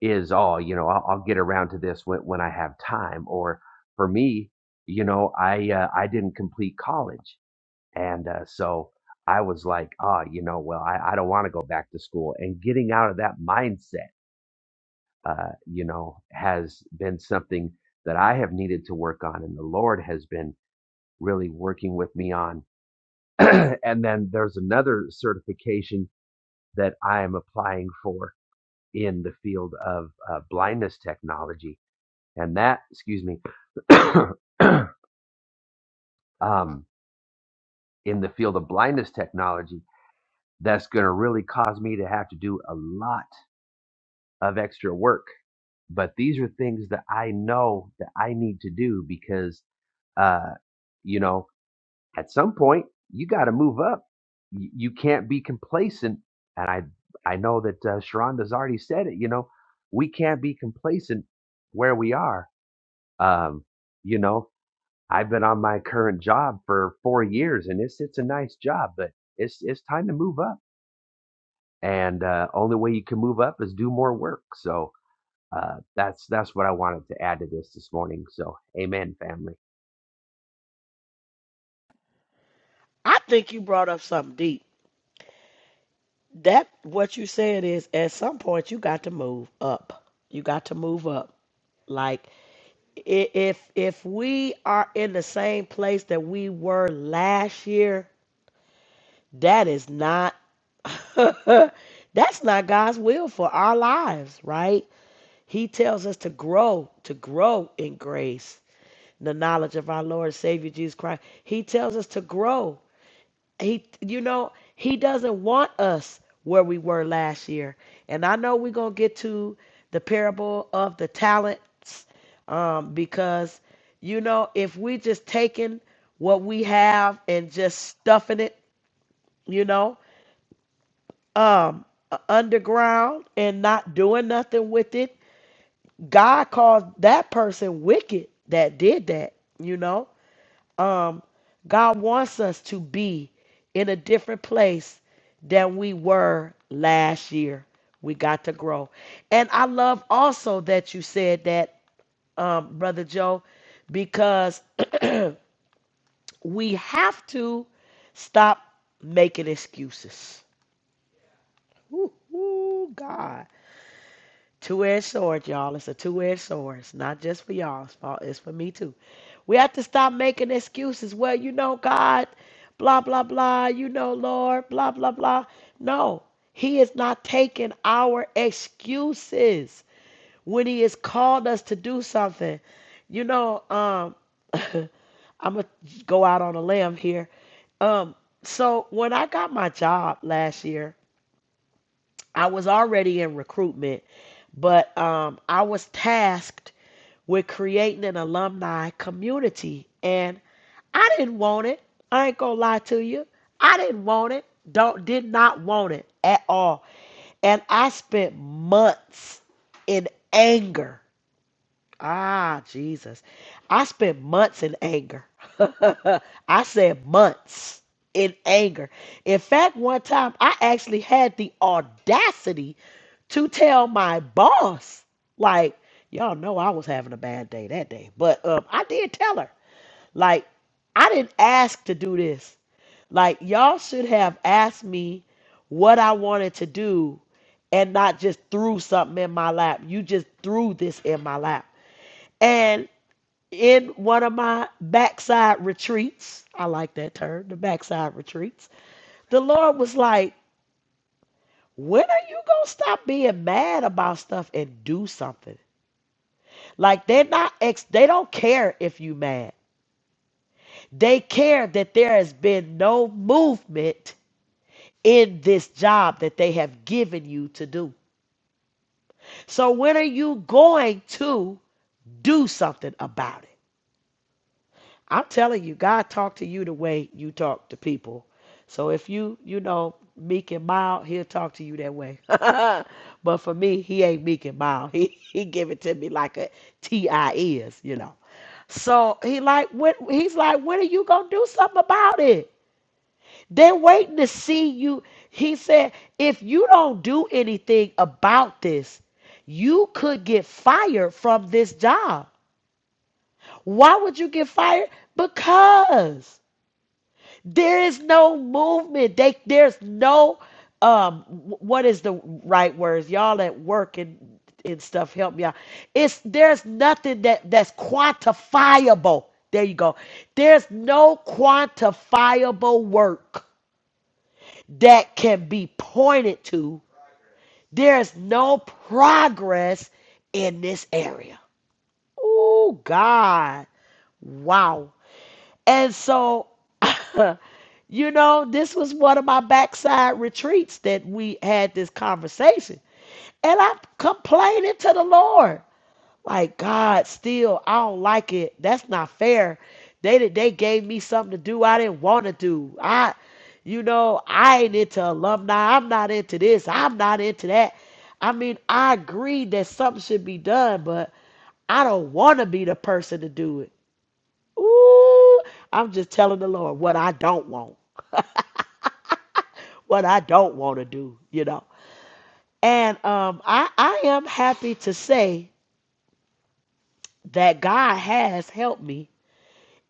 is oh you know i'll, I'll get around to this when, when i have time or for me you know i uh, i didn't complete college and uh, so i was like ah you know well i, I don't want to go back to school and getting out of that mindset uh, you know has been something that i have needed to work on and the lord has been really working with me on [CLEARS THROAT] and then there's another certification that I am applying for in the field of uh, blindness technology. And that, excuse me, [CLEARS THROAT] um, in the field of blindness technology, that's going to really cause me to have to do a lot of extra work. But these are things that I know that I need to do because, uh, you know, at some point you got to move up. You, you can't be complacent. And I I know that uh, Sharonda's already said it. You know, we can't be complacent where we are. Um, you know, I've been on my current job for four years, and it's it's a nice job, but it's it's time to move up. And uh, only way you can move up is do more work. So uh, that's that's what I wanted to add to this this morning. So amen, family. I think you brought up something deep. That what you said is at some point you got to move up. You got to move up. Like i- if if we are in the same place that we were last year, that is not [LAUGHS] that's not God's will for our lives, right? He tells us to grow, to grow in grace, the knowledge of our Lord and Savior Jesus Christ. He tells us to grow He, you know, he doesn't want us where we were last year. And I know we're going to get to the parable of the talents um, because, you know, if we just taking what we have and just stuffing it, you know, um, uh, underground and not doing nothing with it, God calls that person wicked that did that, you know um, God wants us to be in a different place than we were last year. We got to grow. And I love also that you said that, um, Brother Joe, because [CLEARS THROAT] we have to stop making excuses. Ooh, ooh, God. Two-edged sword, y'all. It's a two-edged sword. It's not just for y'all. It's for, it's for me too. We have to stop making excuses. Well, you know, God, blah, blah, blah. You know, Lord, blah, blah, blah. No, he is not taking our excuses when he has called us to do something. You know, um, [LAUGHS] I'm going to go out on a limb here. Um, so when I got my job last year, I was already in recruitment, but um, I was tasked with creating an alumni community. And I didn't want it. I ain't gonna lie to you. I didn't want it. Don't did not want it at all. And I spent months in anger Ah, Jesus. I spent months in anger. [LAUGHS] I said months in anger. In fact, one time I actually had the audacity to tell my boss, like, y'all know I was having a bad day that day, but um, I did tell her, like, I didn't ask to do this. Like, y'all should have asked me what I wanted to do and not just threw something in my lap. You just threw this in my lap. And in one of my backside retreats, I like that term, the backside retreats, the Lord was like, when are you gonna stop being mad about stuff and do something? Like they're not ex they don't care if you mad. They care that there has been no movement in this job that they have given you to do. So when are you going to do something about it? I'm telling you, God talked to you the way you talk to people. So if you, you know, meek and mild, he'll talk to you that way. [LAUGHS] but for me, he ain't meek and mild. [LAUGHS] He he give it to me like a T.I. is, you know. So he like when he's like, when are you gonna do something about it? They're waiting to see you. He said, if you don't do anything about this, you could get fired from this job. Why would you get fired? Because There is no movement. They there's no um wh- what is the right words? Y'all at work and and stuff help me out. It's there's nothing that that's quantifiable. There you go. There's no quantifiable work that can be pointed to. There's no progress in this area. Oh God. Wow. And so, [LAUGHS] you know, this was one of my backside retreats that we had this conversation. And I'm complaining to the Lord, like, God, still, I don't like it. That's not fair. They did- they gave me something to do I didn't want to do. I, you know, I ain't into alumni. I'm not into this. I'm not into that. I mean, I agree that something should be done, but I don't want to be the person to do it. Ooh, I'm just telling the Lord what I don't want, what I don't want to do, you know. And um, I, I am happy to say that God has helped me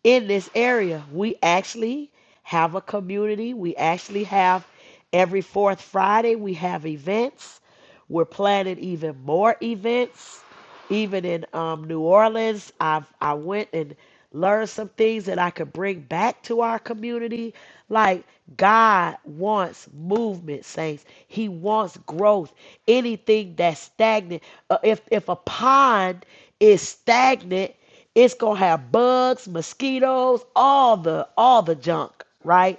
in this area. We actually have a community. We actually have Every fourth Friday, we have events. We're planning even more events. Even in um, New Orleans, I've, I went and learned some things that I could bring back to our community. Like, God wants movement, saints. He wants growth. Anything that's stagnant, uh, if, if a pond is stagnant, it's gonna have bugs, mosquitoes, all the all the junk, right?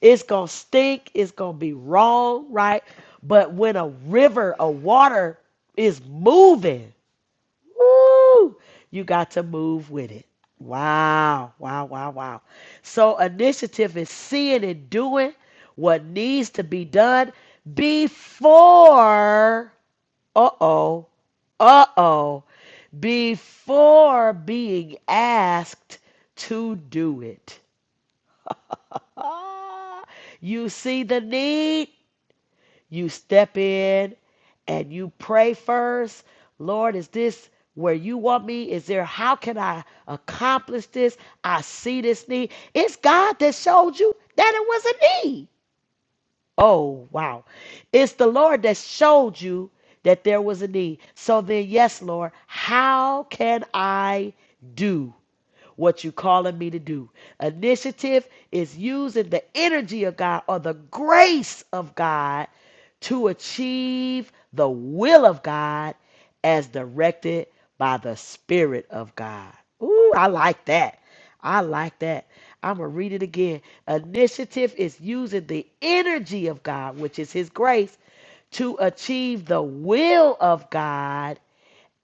It's going to stink. It's going to be wrong, right? But when a river of water is moving, woo, you got to move with it. Wow, wow, wow, wow. So initiative is seeing and doing what needs to be done before, uh oh, uh oh, before being asked to do it. Ah, you see the need, you step in and you pray first. Lord, is this where you want me? Is there how can I accomplish this? I see this need. It's God that showed you that it was a need. Oh, wow. It's the Lord that showed you that there was a need. So then, yes, Lord, how can I do? what you calling me to do. Initiative is using the energy of God or the grace of God to achieve the will of God as directed by the Spirit of God. Ooh, I like that. I like that. I'm going to read it again. Initiative is using the energy of God, which is His grace, to achieve the will of God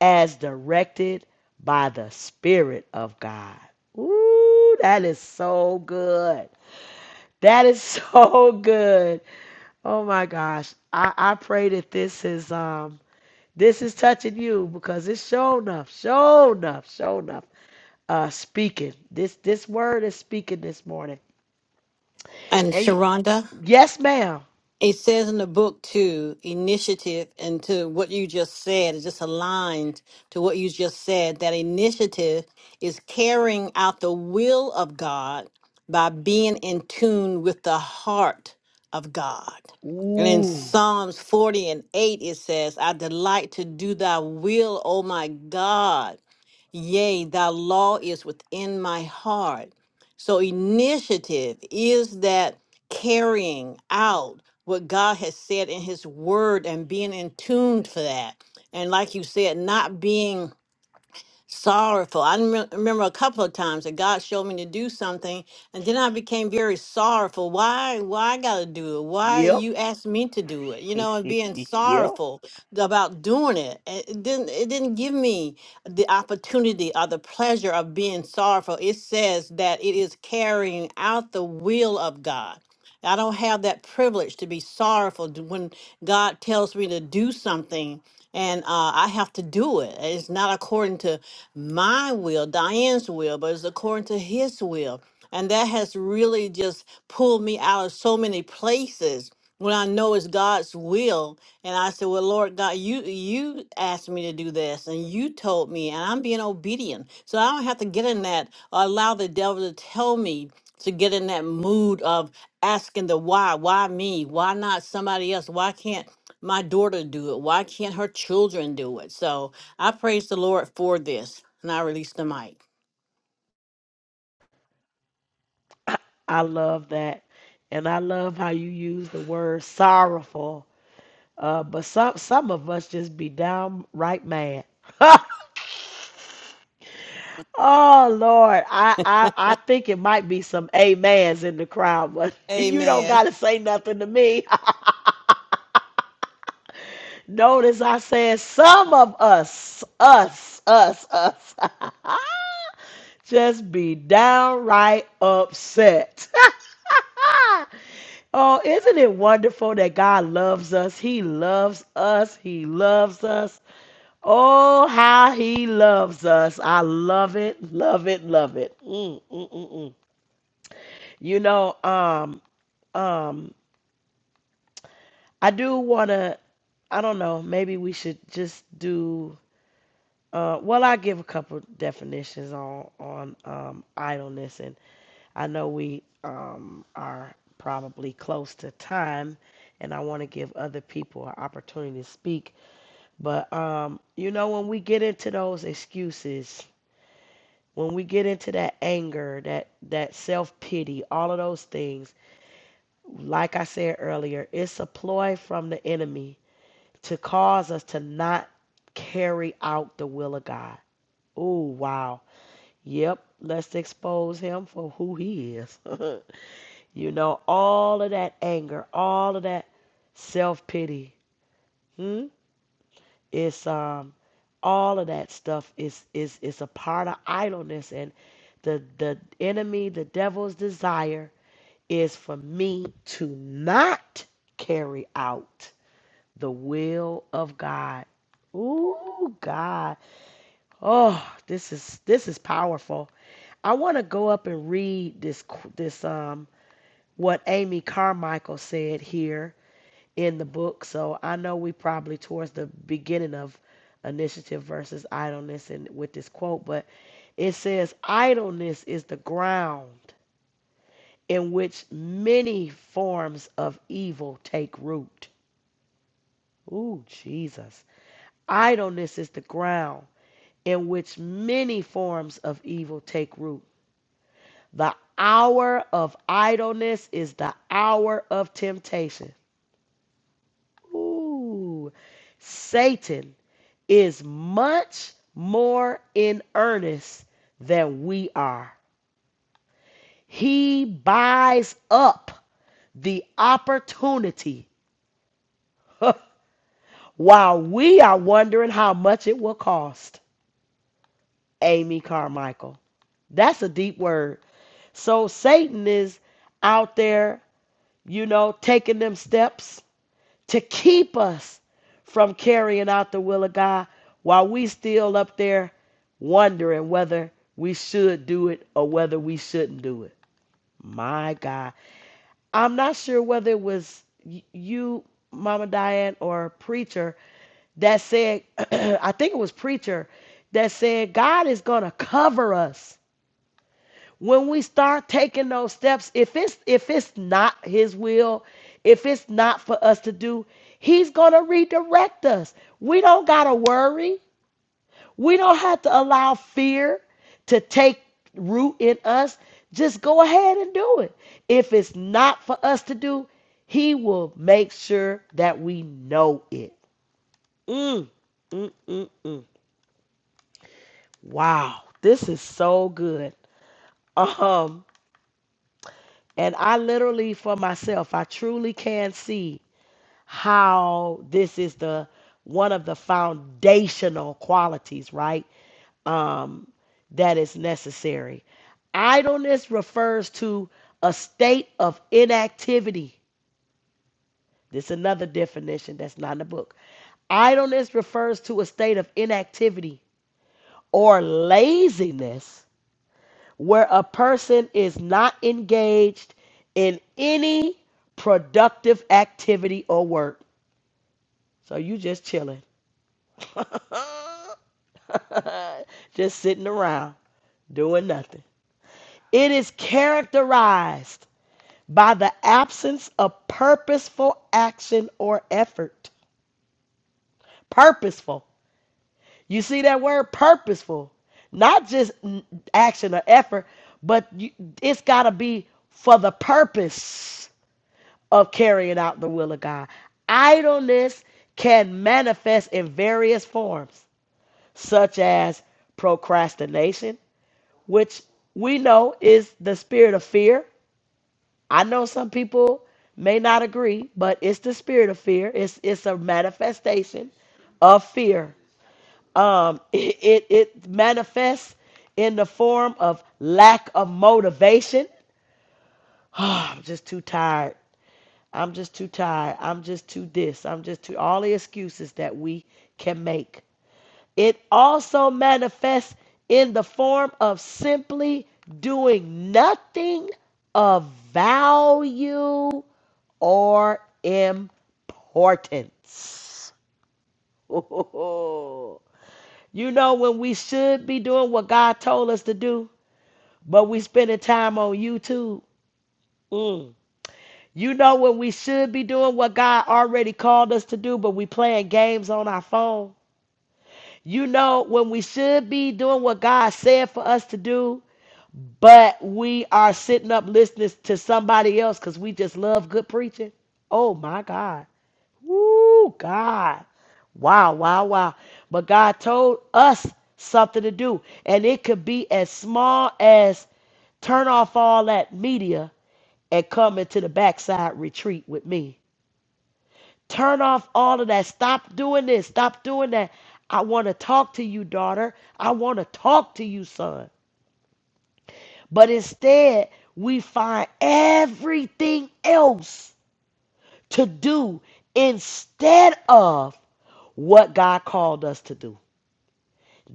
as directed by the Spirit of God. Ooh, that is so good. That is [LAUGHS] so good. Oh my gosh. I, I pray that this is um this is touching you because it's show enough, show enough, show enough. Uh speaking. This this word is speaking this morning. And And y- Sharonda? yes, ma'am. It says in the book too, initiative and to what you just said, it just aligned to what you just said, that initiative is carrying out the will of God by being in tune with the heart of God. And in Ooh. Psalms 40 and 8, it says, I delight to do thy will, O my God. Yea, thy law is within my heart. So initiative is that carrying out what God has said in His Word and being in tune for that. And like you said, not being sorrowful. I remem- remember a couple of times that God showed me to do something, and then I became very sorrowful. Why? Why I got to do it? Why Yep. you asked me to do it? You [LAUGHS] know, and being yep. sorrowful about doing it. It it didn't. It didn't give me the opportunity or the pleasure of being sorrowful. It says that it is carrying out the will of God. I don't have that privilege to be sorrowful d- when God tells me to do something and uh, I have to do it. It's not according to my will, Diane's will, but it's according to His will. And that has really just pulled me out of so many places when I know it's God's will. And I said, Well, Lord God, you you asked me to do this and you told me, and I'm being obedient. So I don't have to get in that or allow the devil to tell me to get in that mood of asking the why why me why not somebody else why can't my daughter do it why can't her children do it so i praise the lord for this and i release the mic I love that. And I love how you use the word sorrowful Uh, but some some of us just be downright mad. Oh Lord, I, I I think it might be some amens in the crowd, but [LAUGHS] you don't Amen. gotta say nothing to me. [LAUGHS] Notice I said some of us, us, us, us, [LAUGHS] just be downright upset. [LAUGHS] oh, isn't it wonderful that God loves us? He loves us. He loves us. Oh, how he loves us. I love it, love it, love it. Mm, mm, mm, mm. You know, um, um, I do want to, I don't know, maybe we should just do, uh, well, I give a couple definitions on, on, um, idleness and I know we, um, are probably close to time and I want to give other people an opportunity to speak, but, um, you know, when we get into those excuses, when we get into that anger, that that self-pity, all of those things, like I said earlier, it's a ploy from the enemy to cause us to not carry out the will of God. Oh, wow. Yep, let's expose him for who he is. [LAUGHS] you know, all of that anger, all of that self-pity. Hmm. It's um all of that stuff is is is a part of idleness and the the enemy, the devil's desire is for me to not carry out the will of God. Ooh, God. Oh, this is this is powerful. I want to go up and read this this um what Amy Carmichael said here in the book. So I know we probably towards the beginning of initiative versus idleness and with this quote, but it says idleness is the ground in which many forms of evil take root. Ooh, Jesus. Idleness is the ground in which many forms of evil take root. The hour of idleness is the hour of temptation. Ooh. Satan is much more in earnest than we are. He buys up the opportunity [LAUGHS] while we are wondering how much it will cost. Amy Carmichael. That's a deep word. So Satan is out there, you know, taking them steps to keep us from carrying out the will of God while we still up there wondering whether we should do it or whether we shouldn't do it. My God. I'm not sure whether it was you, Mama Diane, or preacher that said, [CLEARS THROAT] I think it was preacher that said, God is going to cover us when we start taking those steps if it's if it's not his will if it's not for us to do he's going to redirect us we don't got to worry we don't have to allow fear to take root in us just go ahead and do it if it's not for us to do he will make sure that we know it mm, mm, mm, mm. wow this is so good um And I literally, for myself, I truly can see how this is the one of the foundational qualities, right? Um, that is necessary. Idleness refers to a state of inactivity. This is another definition that's not in the book. Idleness refers to a state of inactivity or laziness where a person is not engaged in any productive activity or work. So you just chilling, [LAUGHS] just sitting around doing nothing. It is characterized by the absence of purposeful action or effort. Purposeful. You see that word purposeful, not just n- action or effort, but you, it's got to be for the purpose of carrying out the will of God. Idleness can manifest in various forms, such as procrastination, which we know is the spirit of fear. I know some people may not agree, but it's the spirit of fear. It's it's a manifestation of fear. Um, it, it, it manifests in the form of lack of motivation. [SIGHS] Oh, I'm just too tired. I'm just too tired. I'm just too this. I'm just too all the excuses that we can make. It also manifests in the form of simply doing nothing of value or importance. [LAUGHS] Oh, you know when we should be doing what God told us to do, but we spending time on YouTube. Mm. You know when we should be doing what God already called us to do, but we playing games on our phone. You know when we should be doing what God said for us to do, but we are sitting up listening to somebody else because we just love good preaching. Oh my God. Woo God. Wow, wow, wow. But God told us something to do. And it could be as small as turn off all that media and come into the backside retreat with me. Turn off all of that. Stop doing this. Stop doing that. I want to talk to you, daughter. I want to talk to you, son. But instead, we find everything else to do instead of what God called us to do.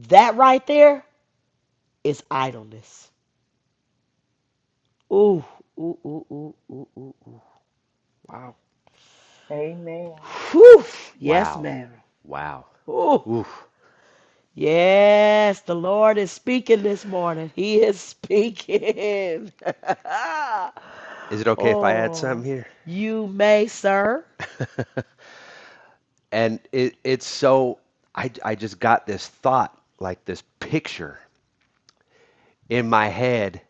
That right there is idleness. Ooh, ooh, ooh, ooh, ooh, ooh. Wow. Amen. Whew. Yes, Wow. ma'am. Wow. Ooh. Oof. Yes, the Lord is speaking this morning. He is speaking. Is it [LAUGHS] okay if I add oh, something here? you may, sir. and it it's so I I just got this thought like this picture in my head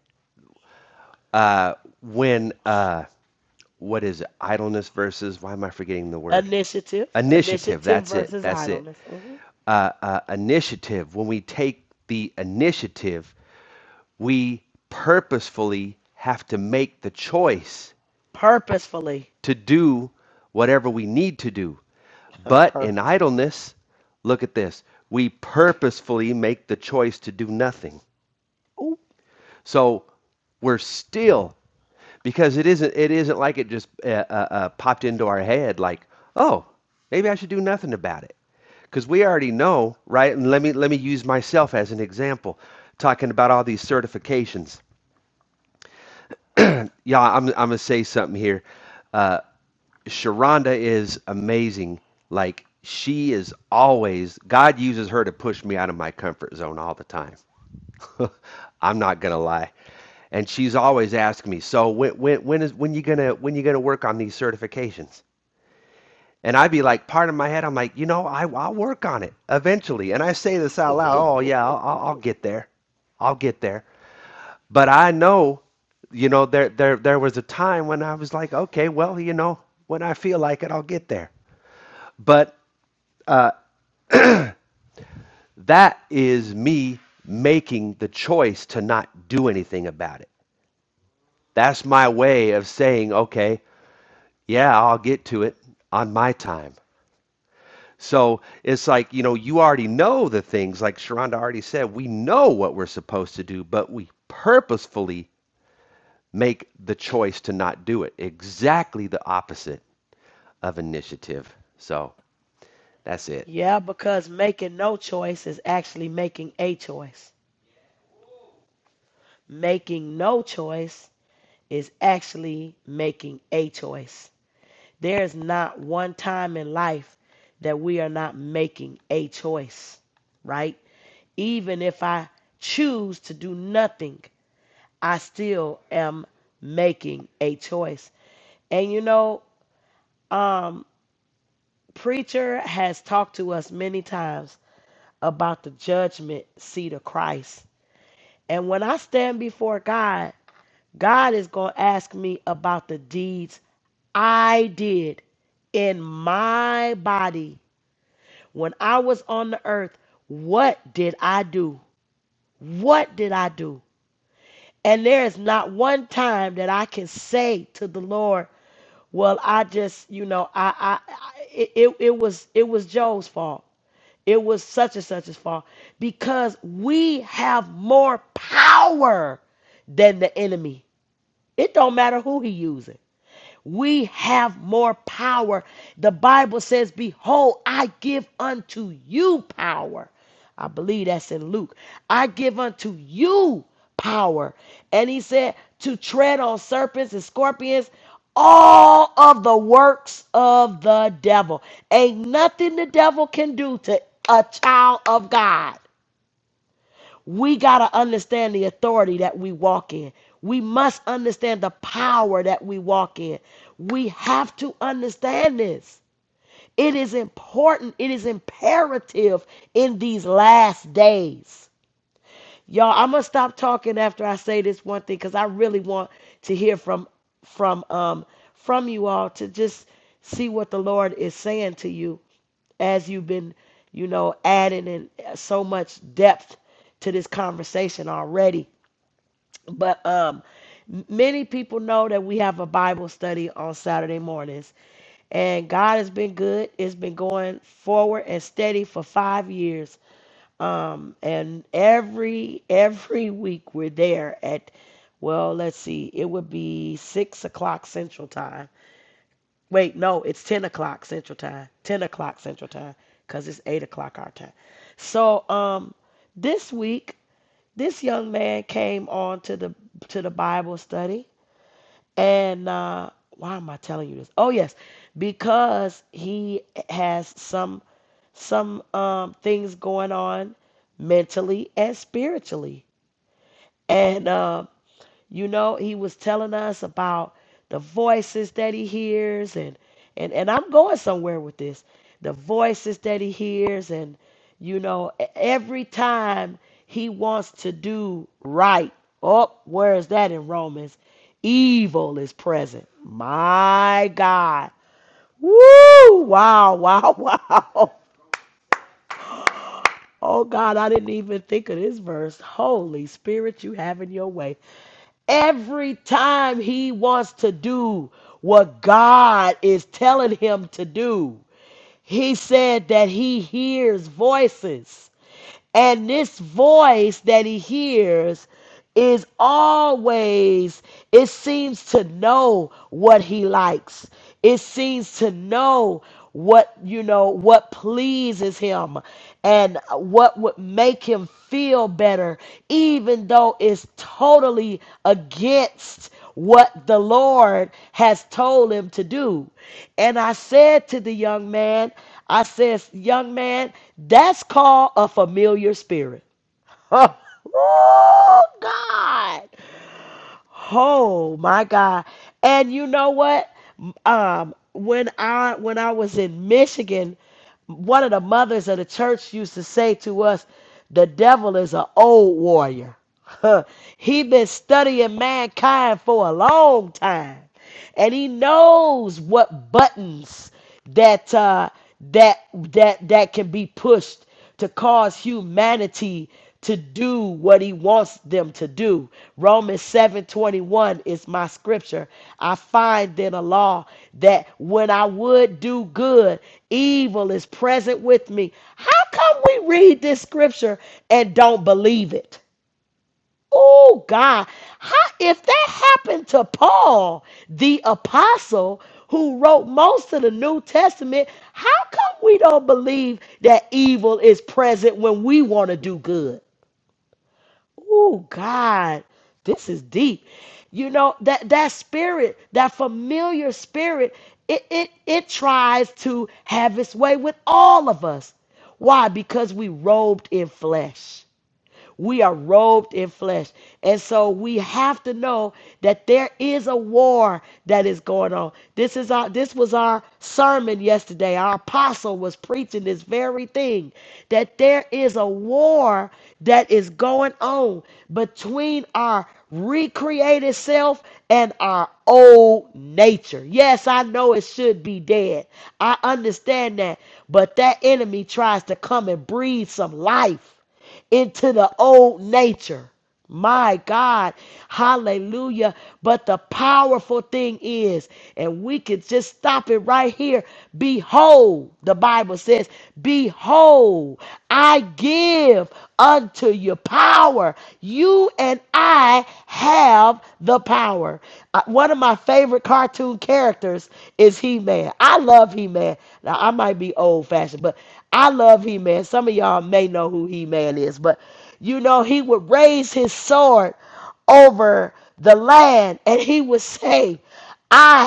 uh when uh what is it idleness versus why am I forgetting the word Initiative, initiative initiative that's it versus that's it idleness. Mhm. uh, uh initiative when we take the initiative we purposefully have to make the choice Purposefully. to do whatever we need to do [LAUGHS] but in Purposefully. idleness look at this we purposefully make the choice to do nothing Ooh. So we're still because it isn't it isn't like it just uh, uh, uh, popped into our head like oh maybe I should do nothing about it because we already know right and let me let me use myself as an example talking about all these certifications yeah I'm I'm gonna say something here uh, Sharonda is amazing like she is always God uses her to push me out of my comfort zone all the time [LAUGHS] I'm not gonna lie. And she's always asking me, so when when when is when you gonna when you gonna work on these certifications? And I'd be like, part of my head, I'm like, you know, I I'll work on it eventually. And I say this out loud, oh yeah, [LAUGHS] I'll I'll I'll get there, I'll get there. But I know, you know, there there there was a time when I was like, okay, well, you know, when I feel like it, I'll get there. But that is me making the choice to not do anything about it. That's my way of saying, okay, yeah, I'll get to it on my time. So it's like, you know, you already know the things, like Sharonda already said, we know what we're supposed to do, but we purposefully make the choice to not do it. Exactly the opposite of initiative. So that's it. yeah, because making no choice is actually making a choice. Making no choice is actually making a choice. There's not one time in life that we are not making a choice, right? Even if I choose to do nothing, I still am making a choice. And you know, um, Preacher has talked to us many times about the judgment seat of Christ. And when I stand before God, God is going to ask me about the deeds I did in my body When I was on the earth, what did I do? What did I do? And there is not one time that I can say to the Lord, well, I just, you know, I, I, I it, it it was, it was Joe's fault. It was such and such as fault because we have more power than the enemy. It don't matter who he using we have more power. The Bible says, Behold, I give unto you power. I believe that's in Luke. I give unto you power. And he said, To tread on serpents and scorpions, all of the works of the devil. Ain't nothing the devil can do to a child of God. We got to understand the authority that we walk in. We must understand the power that we walk in. We have to understand this. It is important, it is imperative in these last days Y'all, I'm gonna stop talking after I say this one thing because I really want to hear from from um from you all to just see what the Lord is saying to you as you've been, you know, adding in uh, so much depth to this conversation already. But um many people know that we have a Bible study on Saturday mornings. And God has been good. It's been going forward and steady for five years. Um, and every every week we're there at, well, let's see, it would be six o'clock Central Time. Wait, no, it's ten o'clock Central Time. Ten o'clock Central Time, cause it's eight o'clock our time. So um, this week, this young man came on to the to the Bible study and uh, why am I telling you this? Oh yes, because he has some some um, things going on mentally and spiritually, and uh, you know, he was telling us about the voices that he hears and and and I'm going somewhere with this. The voices that he hears and you know, e- every time he wants to do right. Oh, where is that in Romans? Evil is present. My God. Woo! Wow, wow, [LAUGHS] wow. Oh God, I didn't even think of this verse. Holy Spirit, you having your way. Every time he wants to do what God is telling him to do, he said that he hears voices. And this voice that he hears is always, it seems to know what he likes. It seems to know what, you know, what pleases him and what would make him feel better, even though it's totally against what the Lord has told him to do. And I said to the young man, I says, young man, that's called a familiar spirit. [LAUGHS] oh God. Oh my God. And you know what? Um, when I when I was in Michigan, one of the mothers of the church used to say to us, the devil is an old warrior. [LAUGHS] he been studying mankind for a long time. And he knows what buttons that uh that that that can be pushed to cause humanity to do what he wants them to do. Romans 7:21 is my scripture. I find then a law that when I would do good, evil is present with me. How come we read this scripture and don't believe it? Oh God, how if that happened to Paul, the apostle who wrote most of the New Testament, how come we don't believe that evil is present when we want to do good? Oh God, this is deep. You know that that spirit, that familiar spirit, it it it tries to have its way with all of us. Why? Because we robed in flesh. We are robed in flesh. And so we have to know that there is a war that is going on. This is our this was our sermon yesterday. Our apostle was preaching this very thing that there is a war that is going on between our recreated self and our old nature. Yes, I know it should be dead. I understand that. But that enemy tries to come and breathe some life into the old nature. My God, hallelujah. But the powerful thing is, and we could just stop it right here. Behold, the Bible says, Behold, I give unto you power. You and I have the power. Uh, One of my favorite cartoon characters is He Man. I love He Man. Now, I might be old fashioned, but I love He Man. Some of y'all may know who He Man is, but you know, he would raise his sword over the land and he would say, I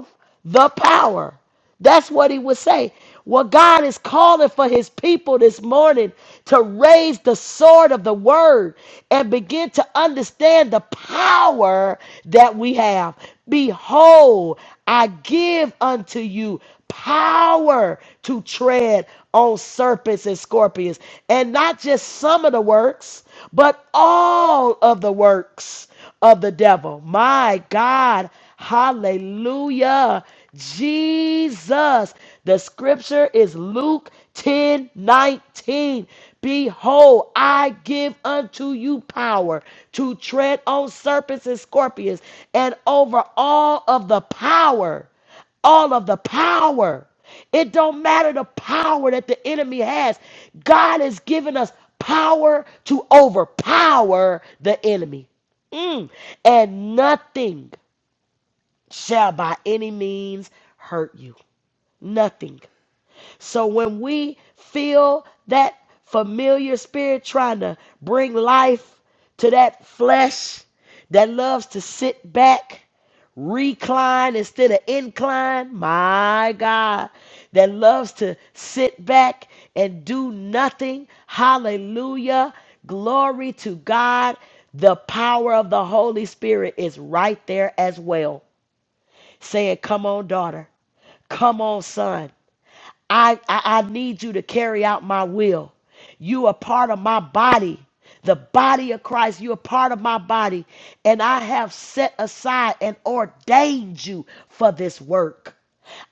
have the power. That's what he would say. Well, God is calling for his people this morning to raise the sword of the word and begin to understand the power that we have. Behold, I give unto you power to tread on serpents and scorpions. And not just some of the works, but all of the works of the devil. My God. Hallelujah. Jesus. The scripture is Luke 10 19. Behold, I give unto you power to tread on serpents and scorpions and over all of the power all of the power. It don't matter the power that the enemy has. God has given us power to overpower the enemy. Mm. And nothing shall by any means hurt you. Nothing. So when we feel that familiar spirit trying to bring life to that flesh that loves to sit back, recline instead of incline, my God, that loves to sit back and do nothing, hallelujah, glory to God. The power of the Holy Spirit is right there as well, saying, Come on, daughter. Come on, son. I, I, I need you to carry out my will. You are part of my body, the body of Christ. You are part of my body. And I have set aside and ordained you for this work.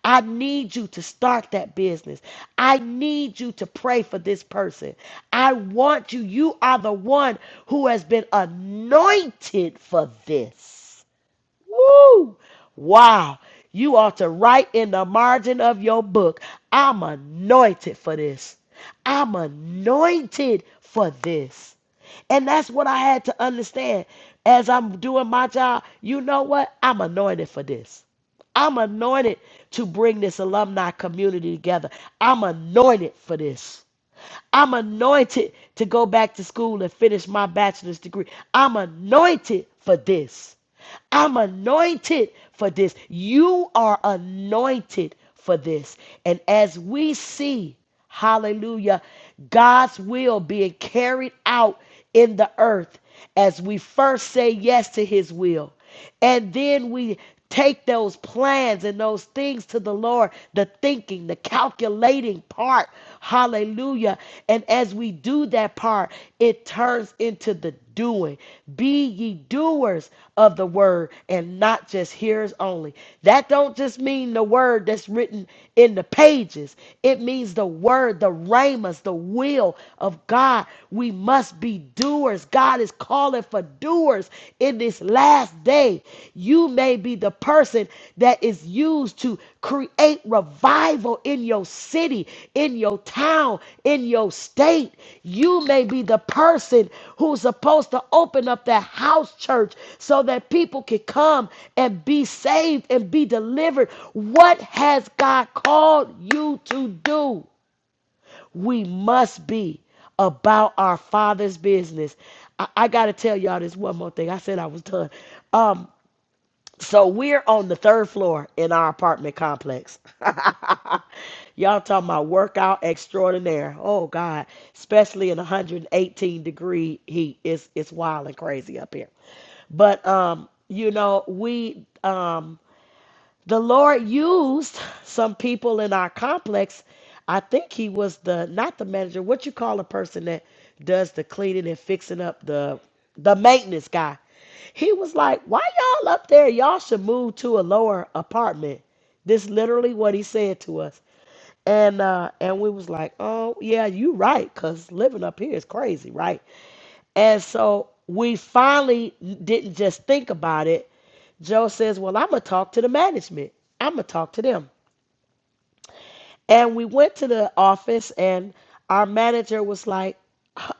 I need you to start that business. I need you to pray for this person. I want you. You are the one who has been anointed for this. Woo! Wow. You ought to write in the margin of your book, I'm anointed for this. I'm anointed for this. And that's what I had to understand as I'm doing my job. You know what? I'm anointed for this. I'm anointed to bring this alumni community together. I'm anointed for this. I'm anointed to go back to school and finish my bachelor's degree. I'm anointed for this. I'm anointed for this. You are anointed for this. And as we see, hallelujah, God's will being carried out in the earth as we first say yes to his will. And then we take those plans and those things to the Lord, the thinking, the calculating part Hallelujah. And as we do that part, it turns into the doing. Be ye doers of the word and not just hearers only. That don't just mean the word that's written in the pages. It means the word, the ramas, the will of God. We must be doers. God is calling for doers in this last last day, you may be the person that is used to create revival in your city, in your town, in your state. You may be the person who's supposed to open up that house church so that people can come and be saved and be delivered. What has God called you to do? We must be about our father's business. I, I gotta tell y'all this one more thing. I said I was done. Um, so we're on the third floor in our apartment complex. Y'all talking about workout extraordinaire. Oh God, especially in 118 degree heat. It's it's wild and crazy up here. But um, you know, we um the Lord used some people in our complex. I think he was the not the manager. What you call a person that does the cleaning and fixing up the the maintenance guy. He was like, "Why y'all up there? Y'all should move to a lower apartment." This literally what he said to us. And uh and we was like, "Oh, yeah, you right cuz living up here is crazy, right?" And so we finally didn't just think about it. Joe says, Well, I'm going to talk to the management. I'm going to talk to them. And we went to the office, and our manager was like, I'm,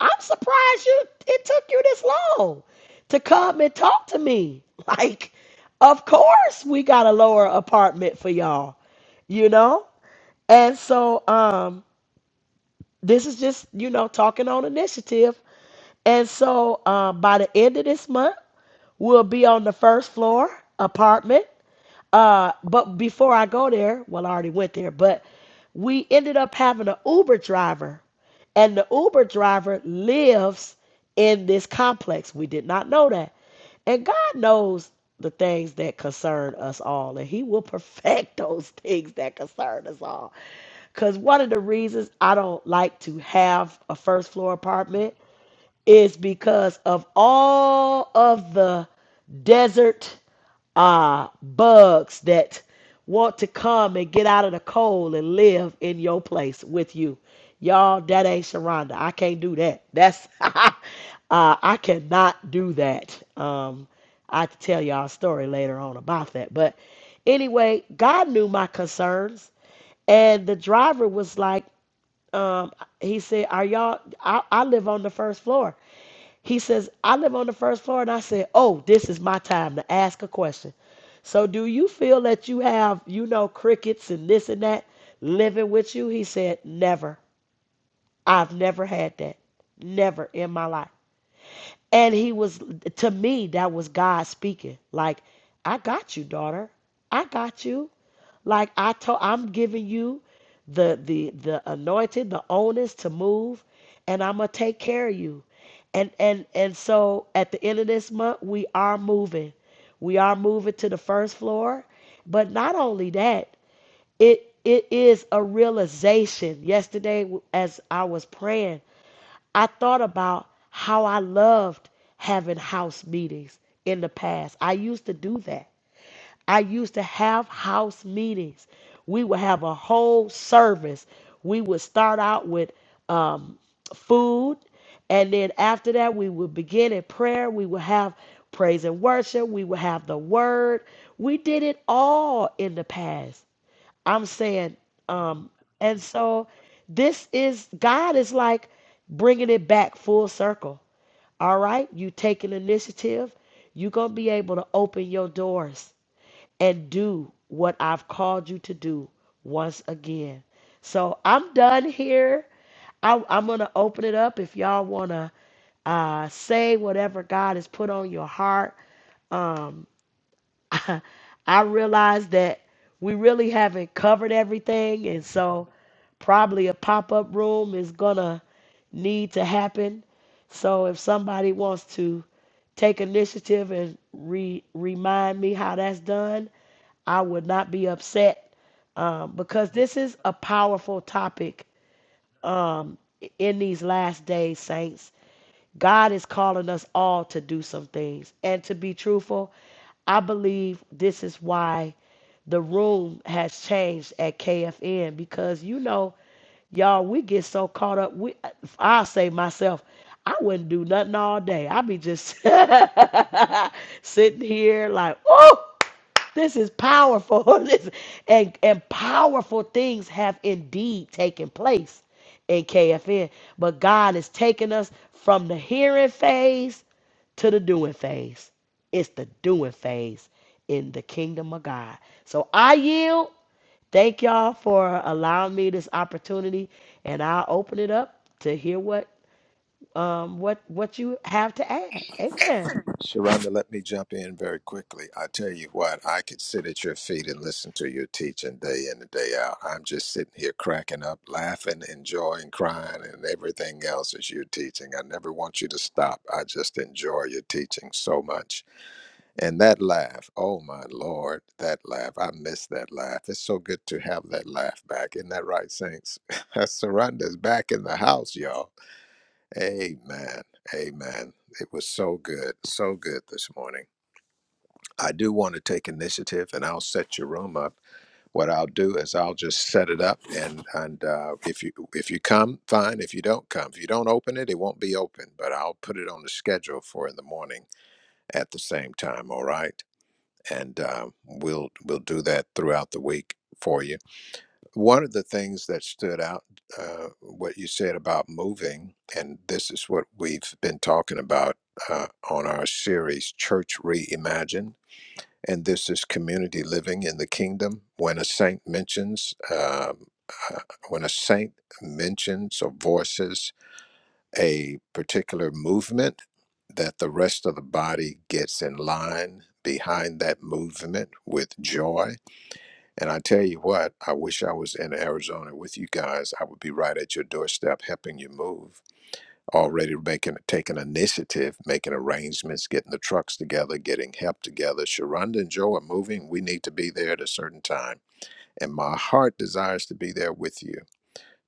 I'm surprised you it took you this long to come and talk to me. [LAUGHS] Like, of course, we got a lower apartment for y'all, you know? And so um, this is just, you know, talking on initiative. And so um, by the end of this month, We'll be on the first floor apartment. Uh, but before I go there, well, I already went there, but we ended up having an Uber driver, and the Uber driver lives in this complex. We did not know that. And God knows the things that concern us all, and He will [LAUGHS] perfect those things that concern us all. Because one of the reasons I don't like to have a first floor apartment is because of all of the desert uh, bugs that want to come and get out of the cold and live in your place with you. Y'all, that ain't Sharonda. I can't do that. That's [LAUGHS] uh, I cannot do that. Um, I have to tell y'all a story later on about that. But anyway, God knew my concerns, and the driver was like. Um, he said, "Are y'all? I, I live on the first floor." He says, "I live on the first floor," and I said, "Oh, this is my time to ask a question." So, do you feel that you have, you know, crickets and this and that living with you? He said, "Never. I've never had that. Never in my life." And he was, to me, that was God speaking. Like, I got you, daughter. I got you. Like I told, I'm giving you the the the anointing, the onus to move, and I'm gonna take care of you. And and and so at the end of this month, we are moving. We are moving to the first floor. But not only that, it it is a realization. Yesterday, as I was praying, I thought about how I loved having house meetings in the past. I used to do that. I used to have house meetings. We would have a whole service. We would start out with um, food, and then after that, we would begin in prayer. We would have praise and worship. We would have the word. We did it all in the past. I'm saying, um, and so this is God is like bringing it back full circle. All right, you take an initiative, you're gonna be able to open your doors and do what I've called you to do once again. So I'm done here. I, I'm gonna open it up if y'all wanna uh, say whatever God has put on your heart Um, [LAUGHS] I realize that we really haven't covered everything, and so probably a pop up room is gonna need to happen. So if somebody wants to take initiative and re- remind me how that's done, I would not be upset um, because this is a powerful topic um, in these last days, saints. God is calling us all to do some things. And to be truthful, I believe this is why the room has changed at KFN because you know, y'all, we get so caught up. We, I say myself, I wouldn't do nothing all day. I'd be just [LAUGHS] sitting here like, oh. This is powerful. [LAUGHS] This- and, and powerful things have indeed taken place in KFN. But God is taking us from the hearing phase to the doing phase. It's the doing phase in the kingdom of God. So I yield. Thank y'all for allowing me this opportunity. And I'll open it up to hear what um what what you have to add. Amen. Sharonda, let me jump in very quickly. I tell you what, I could sit at your feet and listen to your teaching day in and day out. I'm just sitting here cracking up, laughing, enjoying, crying, and everything else as you're teaching. I never want you to stop. I just enjoy your teaching so much. And that laugh, oh my Lord, that laugh. I miss that laugh. It's so good to have that laugh back. Isn't that right, Saints? [LAUGHS] Surrender's back in the house, y'all. Amen. Amen. It was so good. So good this morning. I do want to take initiative and I'll set your room up. What I'll do is I'll just set it up and and uh, if you if you come, fine. If you don't come, if you don't open it, it won't be open, but I'll put it on the schedule for in the morning at the same time, all right? and uh, we'll we'll do that throughout the week for you. One of the things that stood out, uh, what you said about moving, and this is what we've been talking about uh, on our series, Church Reimagined, and this is community living in the kingdom. When a saint mentions, um, uh, when a saint mentions or voices a particular movement that the rest of the body gets in line behind that movement with joy. And I tell you what, I wish I was in Arizona with you guys. I would be right at your doorstep helping you move, already making taking initiative, making arrangements, getting the trucks together, getting help together. Sharonda and Joe are moving. We need to be there at a certain time. And my heart desires to be there with you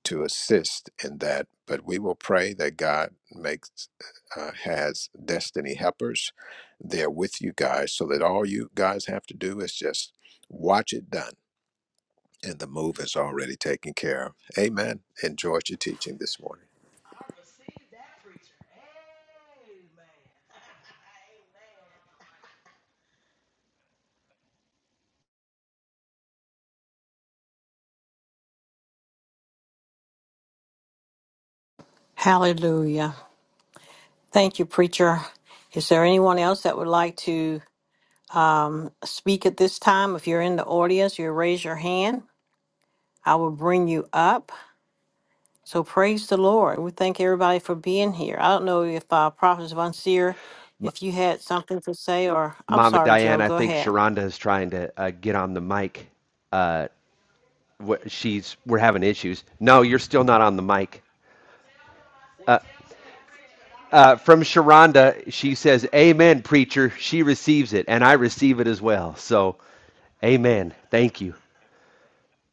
to assist in that. But we will pray that God makes uh, has destiny helpers there with you guys, so that all you guys have to do is just watch it done, and the move is already taken care of. Amen. Enjoyed your teaching this morning, I received that preacher. Amen. Hallelujah. Thank you, preacher. Is there anyone else that would like to speak at this time? If you're in the audience, you raise your hand. I will bring you up. So praise the Lord. We thank everybody for being here. I don't know if uh, Prophet Von Seer, if you had something to say, or I'm Mama sorry, Diane, Joe, I go think ahead. Sharonda is trying to uh, get on the mic. Uh, wh- she's we're having issues. No, you're still not on the mic. uh, from Sharonda, she says, Amen, preacher. She receives it, and I receive it as well. So, amen. Thank you.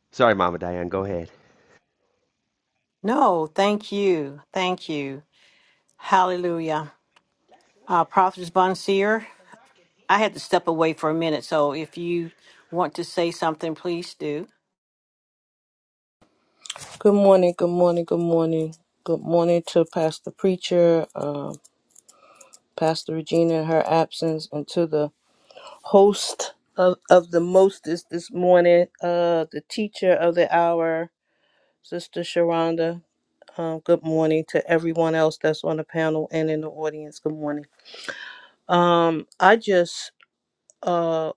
Sorry, Mama Diane. Go ahead. No, thank you. Thank you. Hallelujah. Uh, Prophet Bonseer, I had to step away for a minute, so if you want to say something, please do. Good morning, good morning, good morning. Good morning to Pastor Preacher, uh, Pastor Regina in her absence, and to the host of, of the Mostest this morning, uh, the teacher of the hour, Sister Sharonda. Um, good morning to everyone else that's on the panel and in the audience. Good morning. Um, I just uh,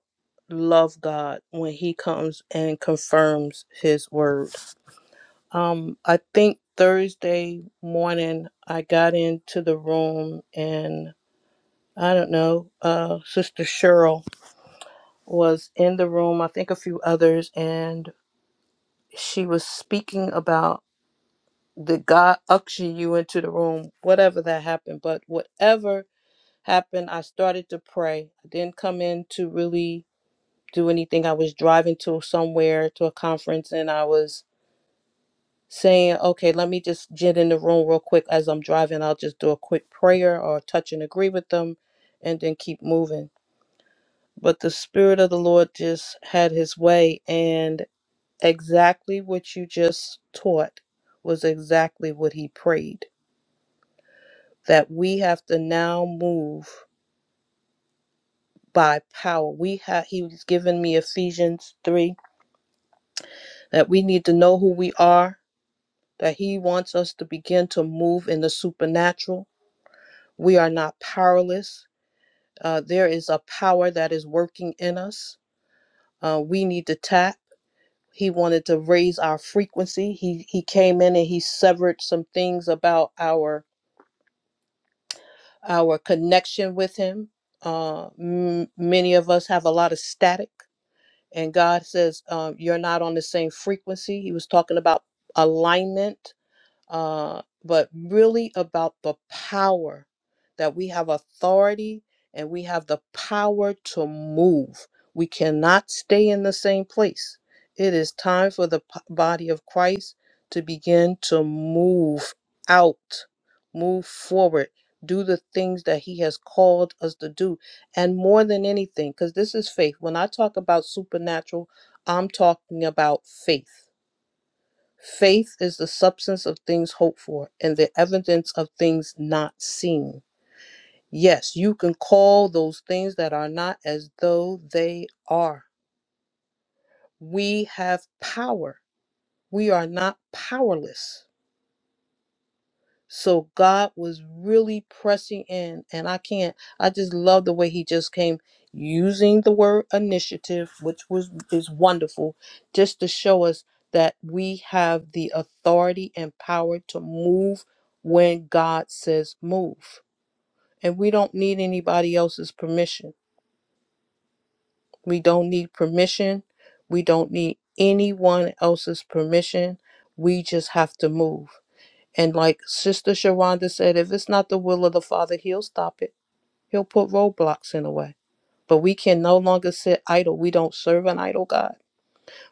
love God when He comes and confirms His word Um, I think Thursday morning I got into the room and I don't know, uh, Sister Cheryl was in the room, I think a few others, and she was speaking about the God ushering you into the room, whatever that happened. But whatever happened, I started to pray. I didn't come in to really do anything. I was driving to somewhere to a conference and I was saying, okay, let me just get in the room real quick as I'm driving. I'll just do a quick prayer or touch and agree with them and then keep moving. But the Spirit of the Lord just had his way, and exactly what you just taught was exactly what he prayed that we have to now move by power. We have he was giving me Ephesians 3 that we need to know who we are, that he wants us to begin to move in the supernatural. We are not powerless Uh, there is a power that is working in us. Uh, we need to tap. He wanted to raise our frequency. He he came in and he severed some things about our our connection with him. Uh, m- many of us have a lot of static, and God says um, you're not on the same frequency. He was talking about alignment uh, but really about the power that we have authority and we have the power to move. We cannot stay in the same place. It is time for the p- body of Christ to begin to move out, move forward, do the things that He has called us to do. And more than anything, because this is faith. When I talk about supernatural, I'm talking about faith Faith is the substance of things hoped for and the evidence of things not seen. Yes, you can call those things that are not as though they are. We have power. We are not powerless. So God was really pressing in, and I can't. I just love the way He just came using the word initiative, which was is wonderful, just to show us that we have the authority and power to move when God says move, and we don't need anybody else's permission. We don't need permission. We don't need anyone else's permission. We just have to move. And like Sister Sharonda said, if it's not the will of the Father, He'll stop it. He'll put roadblocks in the way. But we can no longer sit idle. We don't serve an idle God.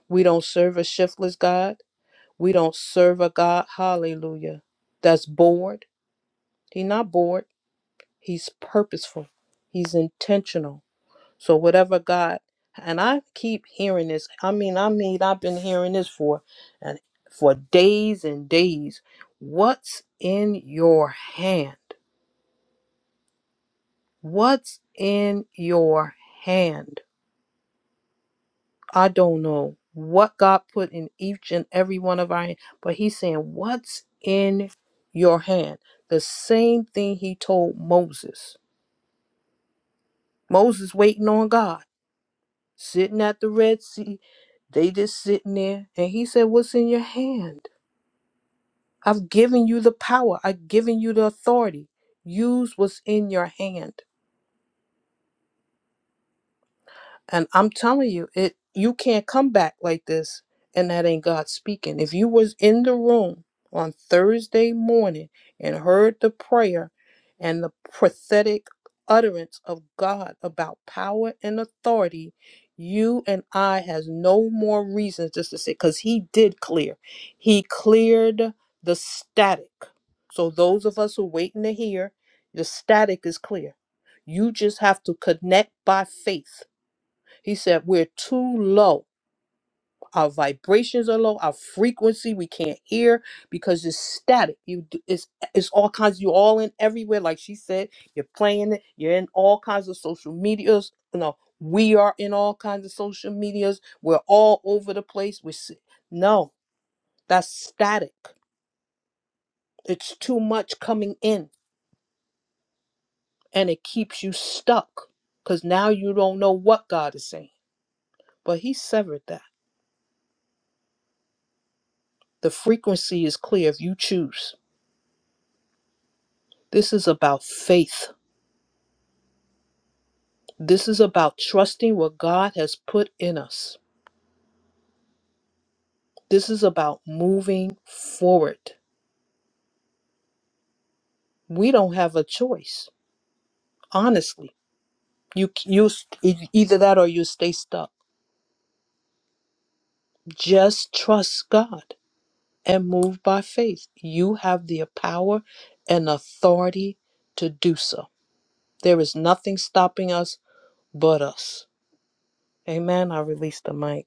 We don't serve a shiftless God. We don't serve a God, hallelujah, that's bored. He's not bored. He's purposeful. He's intentional. So whatever God and I keep hearing this. I mean, I mean, I've been hearing this for and for days and days. What's in your hand? What's in your hand? I don't know what God put in each and every one of our hand, but He's saying, What's in your hand? The same thing He told Moses. Moses waiting on God. sitting at the Red Sea. They just sitting there. And he said, What's in your hand? I've given you the power, I've given you the authority. Use what's in your hand. And I'm telling you, it you can't come back like this and that ain't God speaking. If you was in the room on Thursday morning and heard the prayer and the prophetic utterance of God about power and authority, you and I has no more reasons just to say cuz he did clear. He cleared the static. So those of us who waiting to hear, the static is clear. You just have to connect by faith he said, We're too low. Our vibrations are low. Our frequency, we can't hear because it's static. You, d- it's it's all kinds. You're all in everywhere, like she said. You're playing it. You're in all kinds of social medias. No, we are in all kinds of social medias. We're all over the place. We s- no, that's static. It's too much coming in, and it keeps you stuck because now you don't know what God is saying. But He severed that. The frequency is clear if you choose. This is about faith. This is about trusting what God has put in us. This is about moving forward. We don't have a choice, honestly. You you e- either that or you stay stuck. Just trust God and move by faith. You have the power and authority to do so. There is nothing stopping us but us. Amen. I release the mic.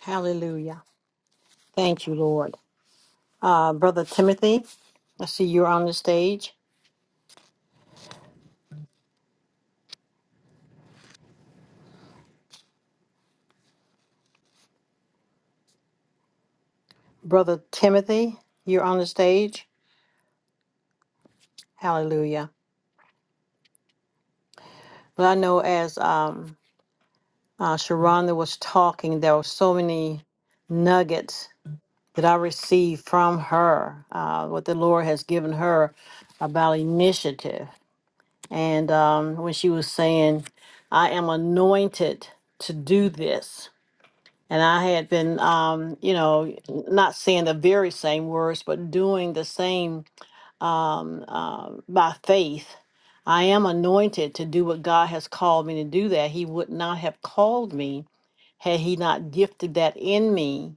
Hallelujah. Thank you, Lord. Uh, Brother Timothy, I see you're on the stage. Brother Timothy, you're on the stage. Hallelujah. But I know as um, uh, Sharonda was talking, there were so many nuggets that I received from her, uh, what the Lord has given her about initiative. And um, when she was saying, I am anointed to do this. And I had been, um, you know, not saying the very same words, but doing the same um, uh, by faith. I am anointed to do what God has called me to do that He would not have called me had he not gifted that in me,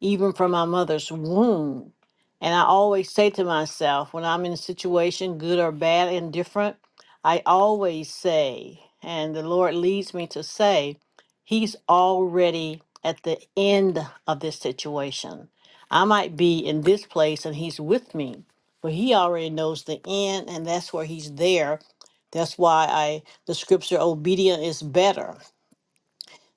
even from my mother's womb. And I always say to myself, when I'm in a situation, good or bad, indifferent, I always say, and the Lord leads me to say, He's already at the end of this situation. I might be in this place and He's with me, but He already knows the end, and that's where He's there. That's why I the scripture obedient is better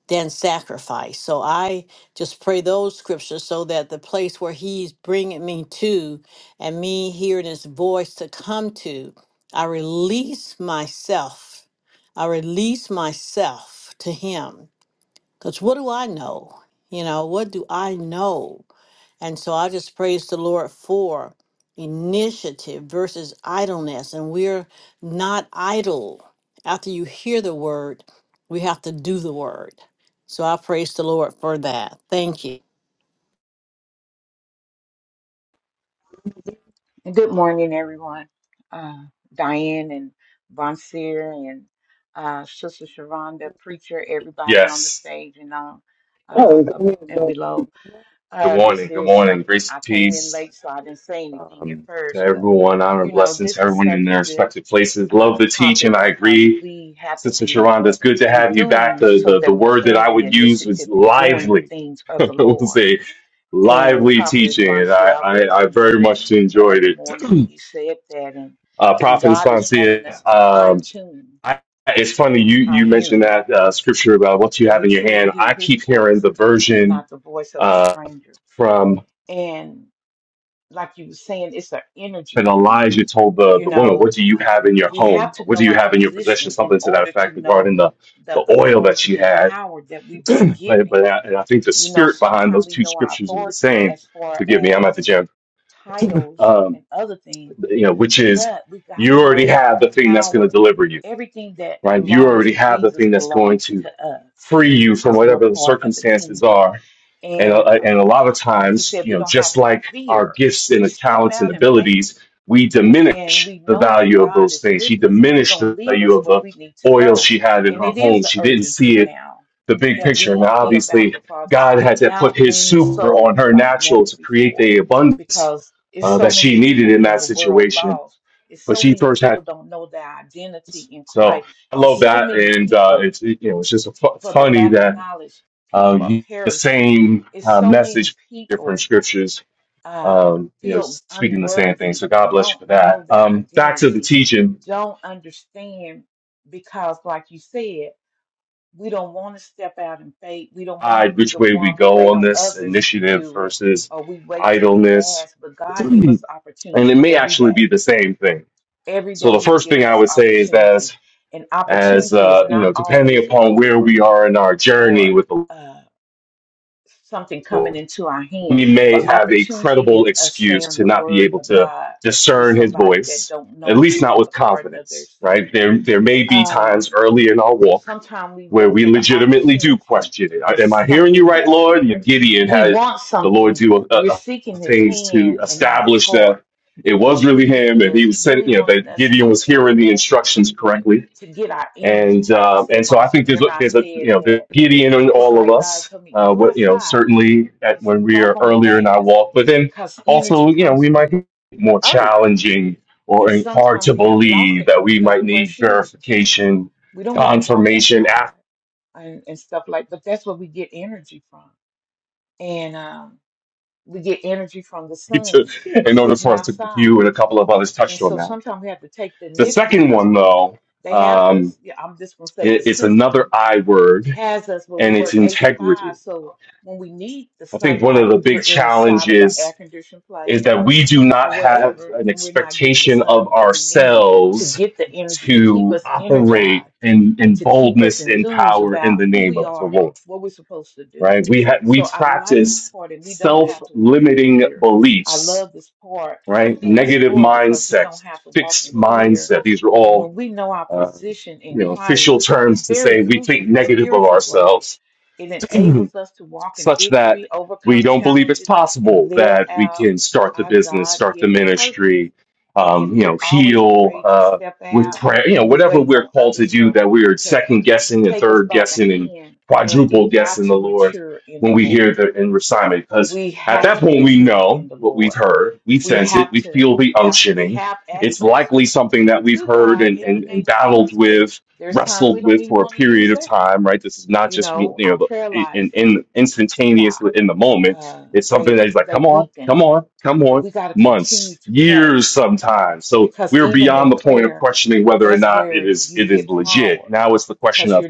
than sacrifice. So I just pray those scriptures so that the place where He's bringing me to and me hearing His voice to come to, I release myself. I release myself to Him. Because what do I know? You know, what do I know? And so I just praise the Lord for initiative versus idleness. And we're not idle. After you hear the word, we have to do the word. So I praise the Lord for that. Thank you. And good morning, everyone. Uh, Diane and Bonseer and uh, Sister Sharonda, preacher, everybody on the Yes. stage and on uh, up and below. Good Uh, morning. this Good is morning. something Grace, I and came in peace late, so I didn't say anything at um, to first. But everyone. Honor you and know, blessings to this is everyone in such a their good respective places. Love uh, the teaching. topic I because agree. we have to Sister be Sharonda, it's good to have you back. enthused The, so the, the that we word that can I be would use was initiative in doing the lively. things [LAUGHS] of the it was Lord a And lively Prophetess teaching, and Bonsi, I, I I, was I in the very much room the enjoyed other it. morning when you said that, and Uh, and Prophet God is wanting us Esponcia, to fine um, tune I, it's funny you, our you mentioned hearing, that uh, scripture about what you that have we in your truly hand. hear I His keep hearing voice the and version. not the voice of a Uh, stranger. And like you were saying, it's an energy And thing. Elijah told the, You the woman, What know, do you uh, have in your we have home? to What do know you our have in your possession? position in Something to that order to effect know regarding the, the the oil that she authority and had. power that we've been [CLEARS THROAT] but given. but I, and I think the You know, spirit behind sometimes those we two know our scriptures is the authority same. as far Forgive me, I'm at the as gym. titles Um, and other things, you know, which is but we got to you already know that have the the thing that's going to power, deliver you everything that right? You belonged already to have the Jesus thing that's going belongs to to us free you from because we're whatever the part of the circumstances kingdom. are. And, And uh, and a lot um, of like you times, said, you we know, don't have just to like our fear, gifts and the just step talents and out in faith abilities, we and diminish we the know that value of God those is things. She with us and he diminished going the to lead value us of where the we need to oil go. she had in And her it is home. the She didn't see urgency it, now the big that picture. we Now, be about obviously, the Father's God been had to put out his winning super on souls her like natural never to create before the abundance because it's uh, so that many she needed people in in that the world situation. lost. It's But so she many first had people don't know their identity in so Christ. I It's love so that, many and uh, people it's it, you know it's just fu- for the funny lack of that knowledge, uh, people are you, the perishing. same It's uh, so many message, different people scriptures, uh, um, you know, feel speaking the same thing. unworthy, So God bless you don't for that. know their Um, back to the identity, teaching don't understand because, like you said, we don't want to step out in faith. We don't want to side, be which the way we one. We go wait on on this others to initiative do it versus or we wait to be idleness, asked. But [CLEARS THROAT] God give and us it opportunity may every actually be day. the same thing. Every So day the He's first thing given I us would say is as opportunity. And as opportunity is uh, you not know, depending always a upon where door we are in our journey for with the us something coming Lord into our hand, we may but have a opportunity credible is us excuse sharing to the not be word able of to God with discern his somebody that voice, don't at know least Him not at with the pardon of their confidence, right? sin. There, there may be times Um, early in our walk sometimes we where look we for the legitimately do opportunity question it. as Am I hearing you right, something Lord? You know, Gideon we had want the Lord something. do uh, We're uh, seeking His things to hand and not His establish heart, that it was and really He him, and he is was saying, really you know, wanting that us Gideon to was hearing the instructions correctly to get our energy. and Like you um, said, and so I Monsieur, think there's remember a- I there's a said you know there's that beauty in it's all of like God us. told me Uh, go what you know outside certainly at and s- when we are walk on the earlier in our grass walk, but then because also energy you know we comes might from the, be the more earth. challenging or And hard sometimes to we have lost believe the that energy we because might we wear need shoes and stuff. verification, We don't want to walk confirmation outside after and, and stuff like but that's where we get energy from. And um, we get energy from the [LAUGHS] to, sun, in order sitting for us to. You outside. and a couple of others And touched on so that. sometimes we have to take the The initiative second because one we though, they have um, us, yeah, I'm just gonna say i- the it's another system I word, has us where we and it's work eight to five. integrity. So when we need the I think one of sunlight, the we're big inside of an challenges air conditioned is place that we do not or have wherever, an and we're not getting the expectation of sun that we need to ourselves get the energy to keep to us operate energized in, in and to keep us boldness and enthused power in about the who name we of the are, Lord. what we're supposed to do. Right? We ha- we So I like this practice part, and we don't have to walk in self-limiting fear. I beliefs, love this part right? of the Negative story because we don't mindsets, have to walk fixed in fear. mindset. These are And all when we know our uh, position you in know Christ, official it's terms to very say we crucial think for negative of spiritual growth ourselves. it [CLEARS THROAT] enables us to walk in such that victory, we overcome don't believe it's challenges, and possible live that we out can start the our business, God start the given purpose. ministry, But if um, you know, we're always heal afraid to uh, step with out prayer, you know, and we're whatever waiting we're on called to others do, for that we are to second guessing and take us third by the guessing and hand when quadruple we got guessing to the Lord mature in when the we hear Lord. the in recitement. Because We at have that to point, we mature know in the what we've Lord. heard, we We sense it, have we to feel the have we unctioning. have It's access likely something that we've to heard God and, in the and, and name of battled Jesus, but with, there's times wrestled we don't with even for a want to period use of that. time, right? This is not You just, you know, our know, prayer in, lives in have stopped instantaneously in the moment. uh, It's something they that he's like, they come on, weaken. come on, come But on. we got to continue Months, to pray years, sometimes. So because we're even beyond in the point of prayer, questioning whether or that's not it where is you it get is legit. power Now it's the question because of you're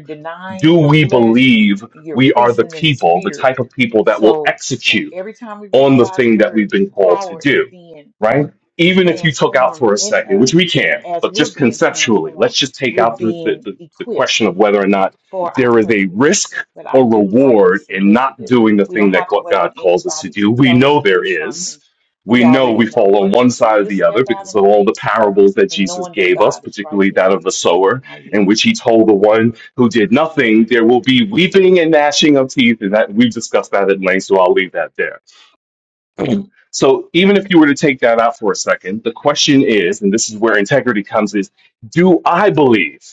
do denying your we flesh believe and you're we are the increasing in the people, the spirit. type of people that will So when, execute? every time we read on the God's thing that word, we've been called to power is do, being right? Even if you took out transformed for a in second, which us, we and can, as but we're just being conceptually, transformed, let's just take we're out the, the, being the, the equipped question of whether or not for our there is a purpose. risk But I or do like reward this in not initiative. doing the We don't thing that have to God wait on God calls us to anybody do. to We tell us know to there do is. something. We We know we already know fall on what to one do. side or Just the other step out because in of all the faith parables that and Jesus knowing that gave us, God is right particularly there that of with the you. And sower, I in yield. which he told the one who did nothing, there will be weeping and gnashing of teeth. And that we've discussed that at length, so I'll leave that there so even if you were to take that out for a second, the question is, and this is where integrity comes is, do I believe?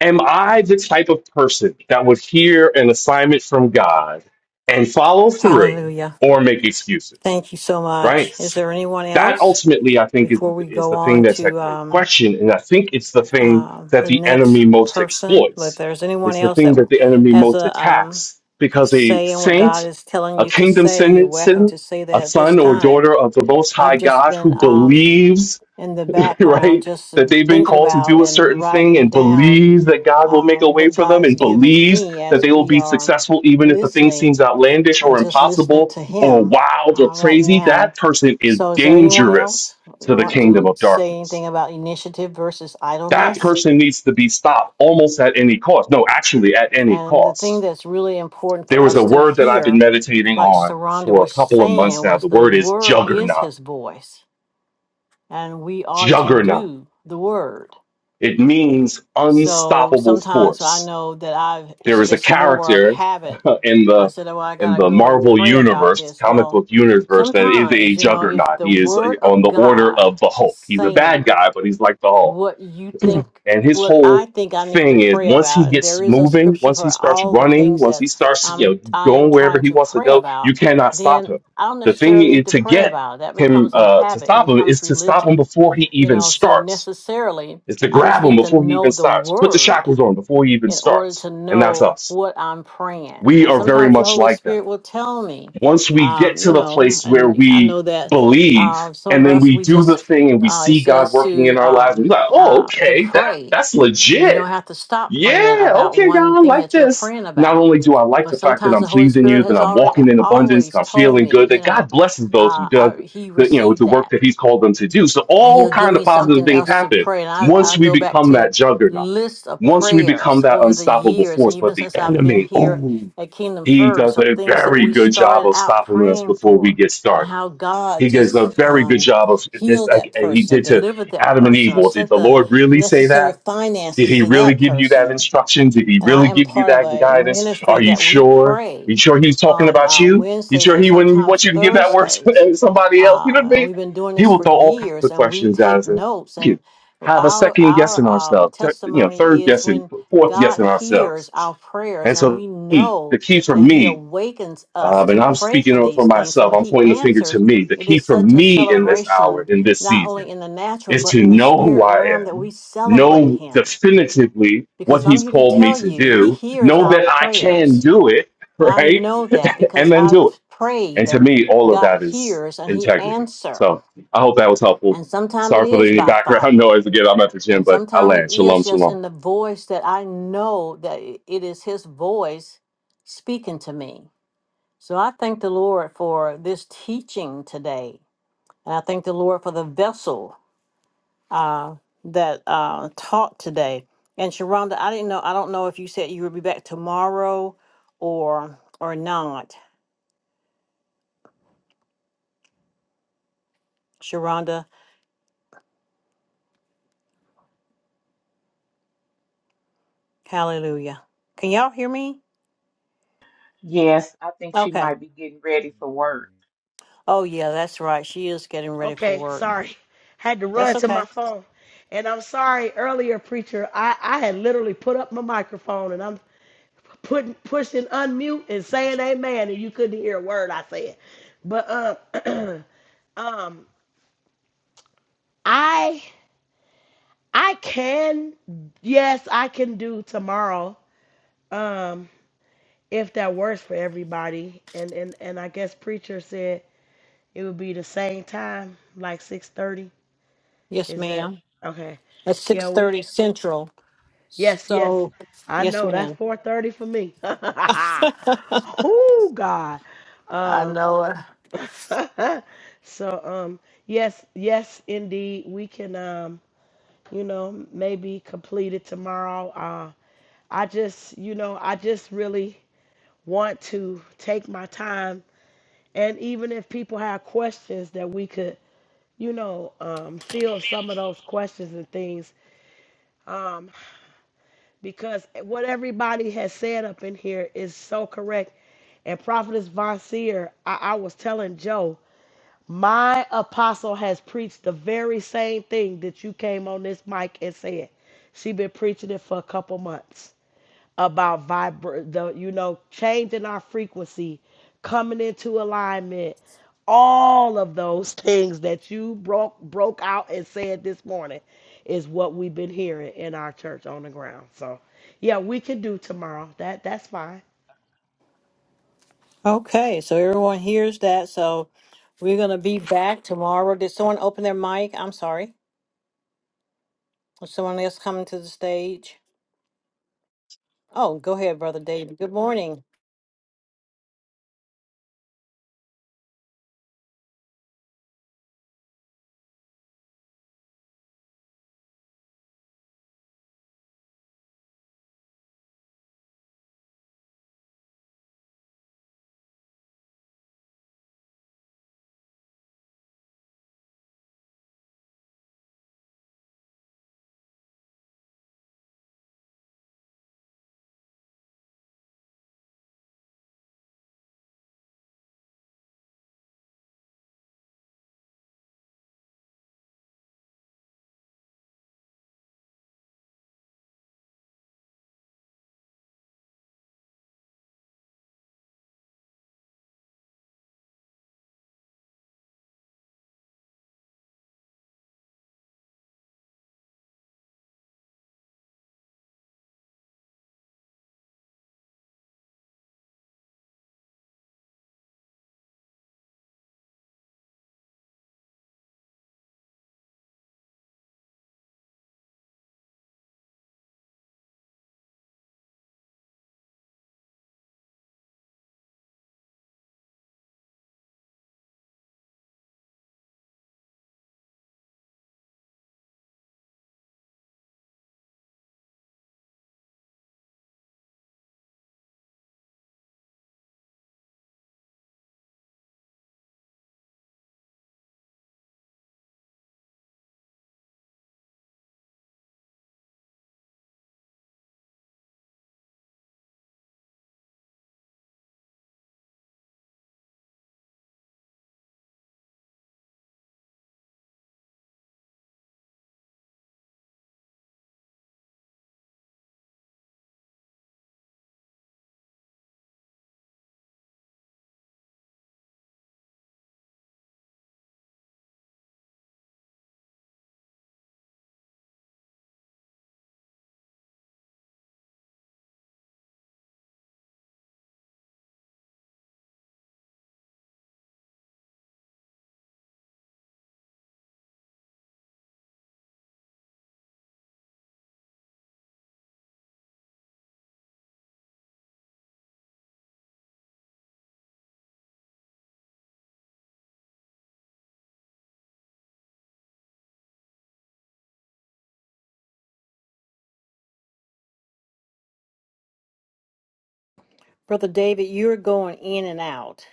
Am I the type of person that would hear an assignment from God and follow through Hallelujah. or make excuses? Thank you so right? much. Is there anyone That else ultimately, I think, is before the, we is go the thing on that's at to at um, question, and I think it's the thing that the the next enemy most person? If exploits. there's anyone It's the else that thing that w- the enemy has most a um, attacks because a say in what God saint, is telling a you to kingdom say, you're welcome citizen, to say a that at this son or time. daughter of the Most High I've just God who been um, believes in the [LAUGHS] background, right? just That they've been thinking called to about do a and certain thing writing and down believes that God will uh, make a way what for God them has and given believes me that as they will we be are successful even if the thing listening seems outlandish or and just listening impossible to or Him wild or uh, right crazy. now. That person is So, is there anyone dangerous else who to the want kingdom to of say darkness. anything about initiative versus That idleness? person needs to be stopped almost at any cost. No, actually, at any And the thing cost. that's really important for There was a us to word that I've been hear, meditating like on Sharonda for a was couple of months saying, now. was The the word is word is juggernaut. His voice, and we are to Juggernaut. do the word. It means So unstoppable sometimes I force know that I've there it's was a just more of character habit. [LAUGHS] in I the said, "Oh, I in gotta the go and Marvel pray about universe, this." comic Well, book universe, that is a sometimes you know, if juggernaut. the He is uh, Word on of the order God of the is Hulk. He's a bad saying guy, but he's like the Hulk. what you think And his what whole I think I need to thing is pray once he about and there gets is a moving, scripture once he for starts all the running, things once that he starts you know I'm I am going wherever trying he to wants to pray go, you about cannot stop then him. I don't The thing necessarily need is to to pray get about it that him becomes a uh, to habit it stop him is becomes to stop him religion before he you even know so starts. necessarily Is to I just grab him need to before he know even the starts. Put the word shackles on before he even in order to starts. And that's know us what I'm praying. we And are very sometimes the much Holy like that. Spirit will tell me, Once we get um, to you the know, place where and I we know that believe uh, some and of then us, we we do the just, thing and we uh, it see God says working in to, our lives, um, and we're like, oh, uh, to okay, that, pray. that's And you legit don't have to stop praying yeah, about okay, one God, I thing like that you're this. praying Not about. only do I like But the fact that sometimes I'm the Holy pleasing Spirit you, that has I'm already walking in abundance, always that I'm told feeling good, me, you that God know, blesses those who uh, does I, he the you know received the that work that He's called them to do. So and all he'll give kind of me positive something things else to happen pray. And I, I once we go back become to that juggernaut, lists of once we become prayers that over the unstoppable years, and force. But even the since I've been enemy, here oh, at Kingdom he does First, of a things that very we good job started of out stopping us praying before we for, get and started. how God He does a just very good um, job of just healed like that he person, or did to delivered that Adam and person, Eve. or Well, did sent the the Lord really say necessary that? Did finances he to really that give you that person instruction? Did he and I really am give you part of that a guidance? ministry Are you that we sure? Are pray You sure he was talking on about uh, you? You Wednesdays sure and he wouldn't want sometimes you to give that word [LAUGHS] Thursdays. to somebody else? You know what Uh, I and mean? we've been doing He this will for throw all kinds years, of and we questions at take us and notes. And you have a our second our guessing um, ourselves, th- you know, third testimony is guessing, when fourth God guessing ourselves. hears our prayers, And and so we the key, the know key for that He me, awakens us um, and to I'm pray for speaking for these things. So myself, when I'm He pointing the finger to answers, me. The it key is for such a me in this hour, celebration, in this not season only in the natural is but to in the know who spirit I realm, that am, we celebrate know Him definitively what because I'm he's here to called me tell to you, He do, hears know our that I can prayers. do it, [LAUGHS] And I right? know that And because then do it. I've And prayed to and me, all of God that is hears and He integrity. answers. So I hope that was helpful. And sometimes it Sorry for is any by background [LAUGHS] fire. noise again. I'm at the gym, And but I sometimes it land. Shalom, is just shalom. in the voice that I know that i- it is His voice speaking to me. So I thank the Lord for this teaching today. And I thank the Lord for the vessel uh, that uh, taught today. And Sharonda, I didn't know. I don't know if you said you would be back tomorrow or or not. Sharonda, hallelujah. Can y'all hear me? Yes, I think she Okay. might be getting ready for work. Oh yeah, that's right. She is getting [LAUGHS] ready for okay, work. sorry. Had to That's run to my okay. phone. And I'm sorry earlier, preacher. I, I had literally put up my microphone and I'm putting pushing unmute and saying amen and you couldn't hear a word I said. But um [CLEARS THROAT] um I I can yes, I can do tomorrow. Um if that works for everybody. And and and I guess preacher said It would be the same time, like six thirty. Yes, Is that ma'am. okay? It's Yeah, six we. thirty central. Yes, yes. So, I yes, know that's ma'am. four thirty for me. [LAUGHS] [LAUGHS] oh God. I Um. know it. [LAUGHS] so um. Yes, yes, indeed. We can um. You know, maybe complete it tomorrow. Uh, I just, you know, I just really want to take my time, and even if people have questions, that we could you know, um, feel some of those questions and things um, because what everybody has said up in here is so correct. And Prophetess Von Seer, I, I was telling Joe, my apostle has preached the very same thing that you came on this mic and said. She been preaching it for a couple months about vibra- the you know changing our frequency coming into alignment all of those [LAUGHS] things that you broke broke out and said this morning is what we've been hearing in our church on the ground so yeah we can do tomorrow that that's fine Okay, so everyone hears that. So we're gonna be back tomorrow. Did someone open their mic? I'm sorry. Is someone else coming to the stage? Oh, go ahead, Brother David. Good morning. Brother David, you're going in and out.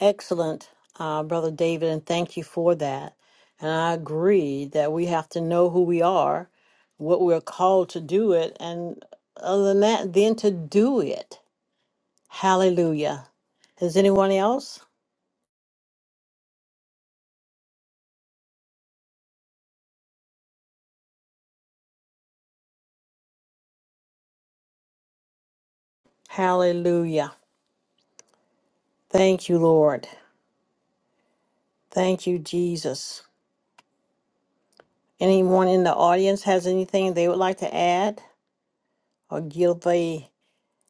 Excellent, uh, Brother David, and thank you for that. And I agree that we have to know who we are, what we're called to do it, and other than that, then to do it. Hallelujah. Is anyone else? Hallelujah. Thank you, Lord. Thank you, Jesus. Anyone in the audience has anything they would like to add? or give a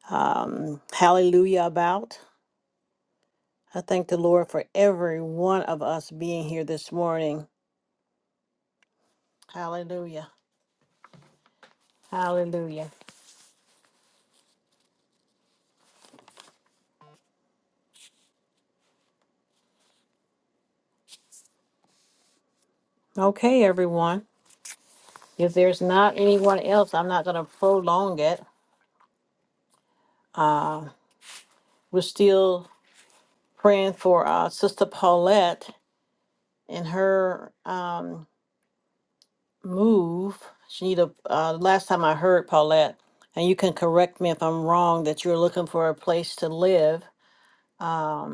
um, hallelujah about. I thank the Lord for every one of us being here this morning. Hallelujah. Hallelujah. Okay, everyone. If there's not anyone else, I'm not going to prolong it. Uh, we're still praying for uh, Sister Paulette and her um, move. She need a, uh, last time I heard Paulette, and you can correct me if I'm wrong, that you're looking for a place to live Um,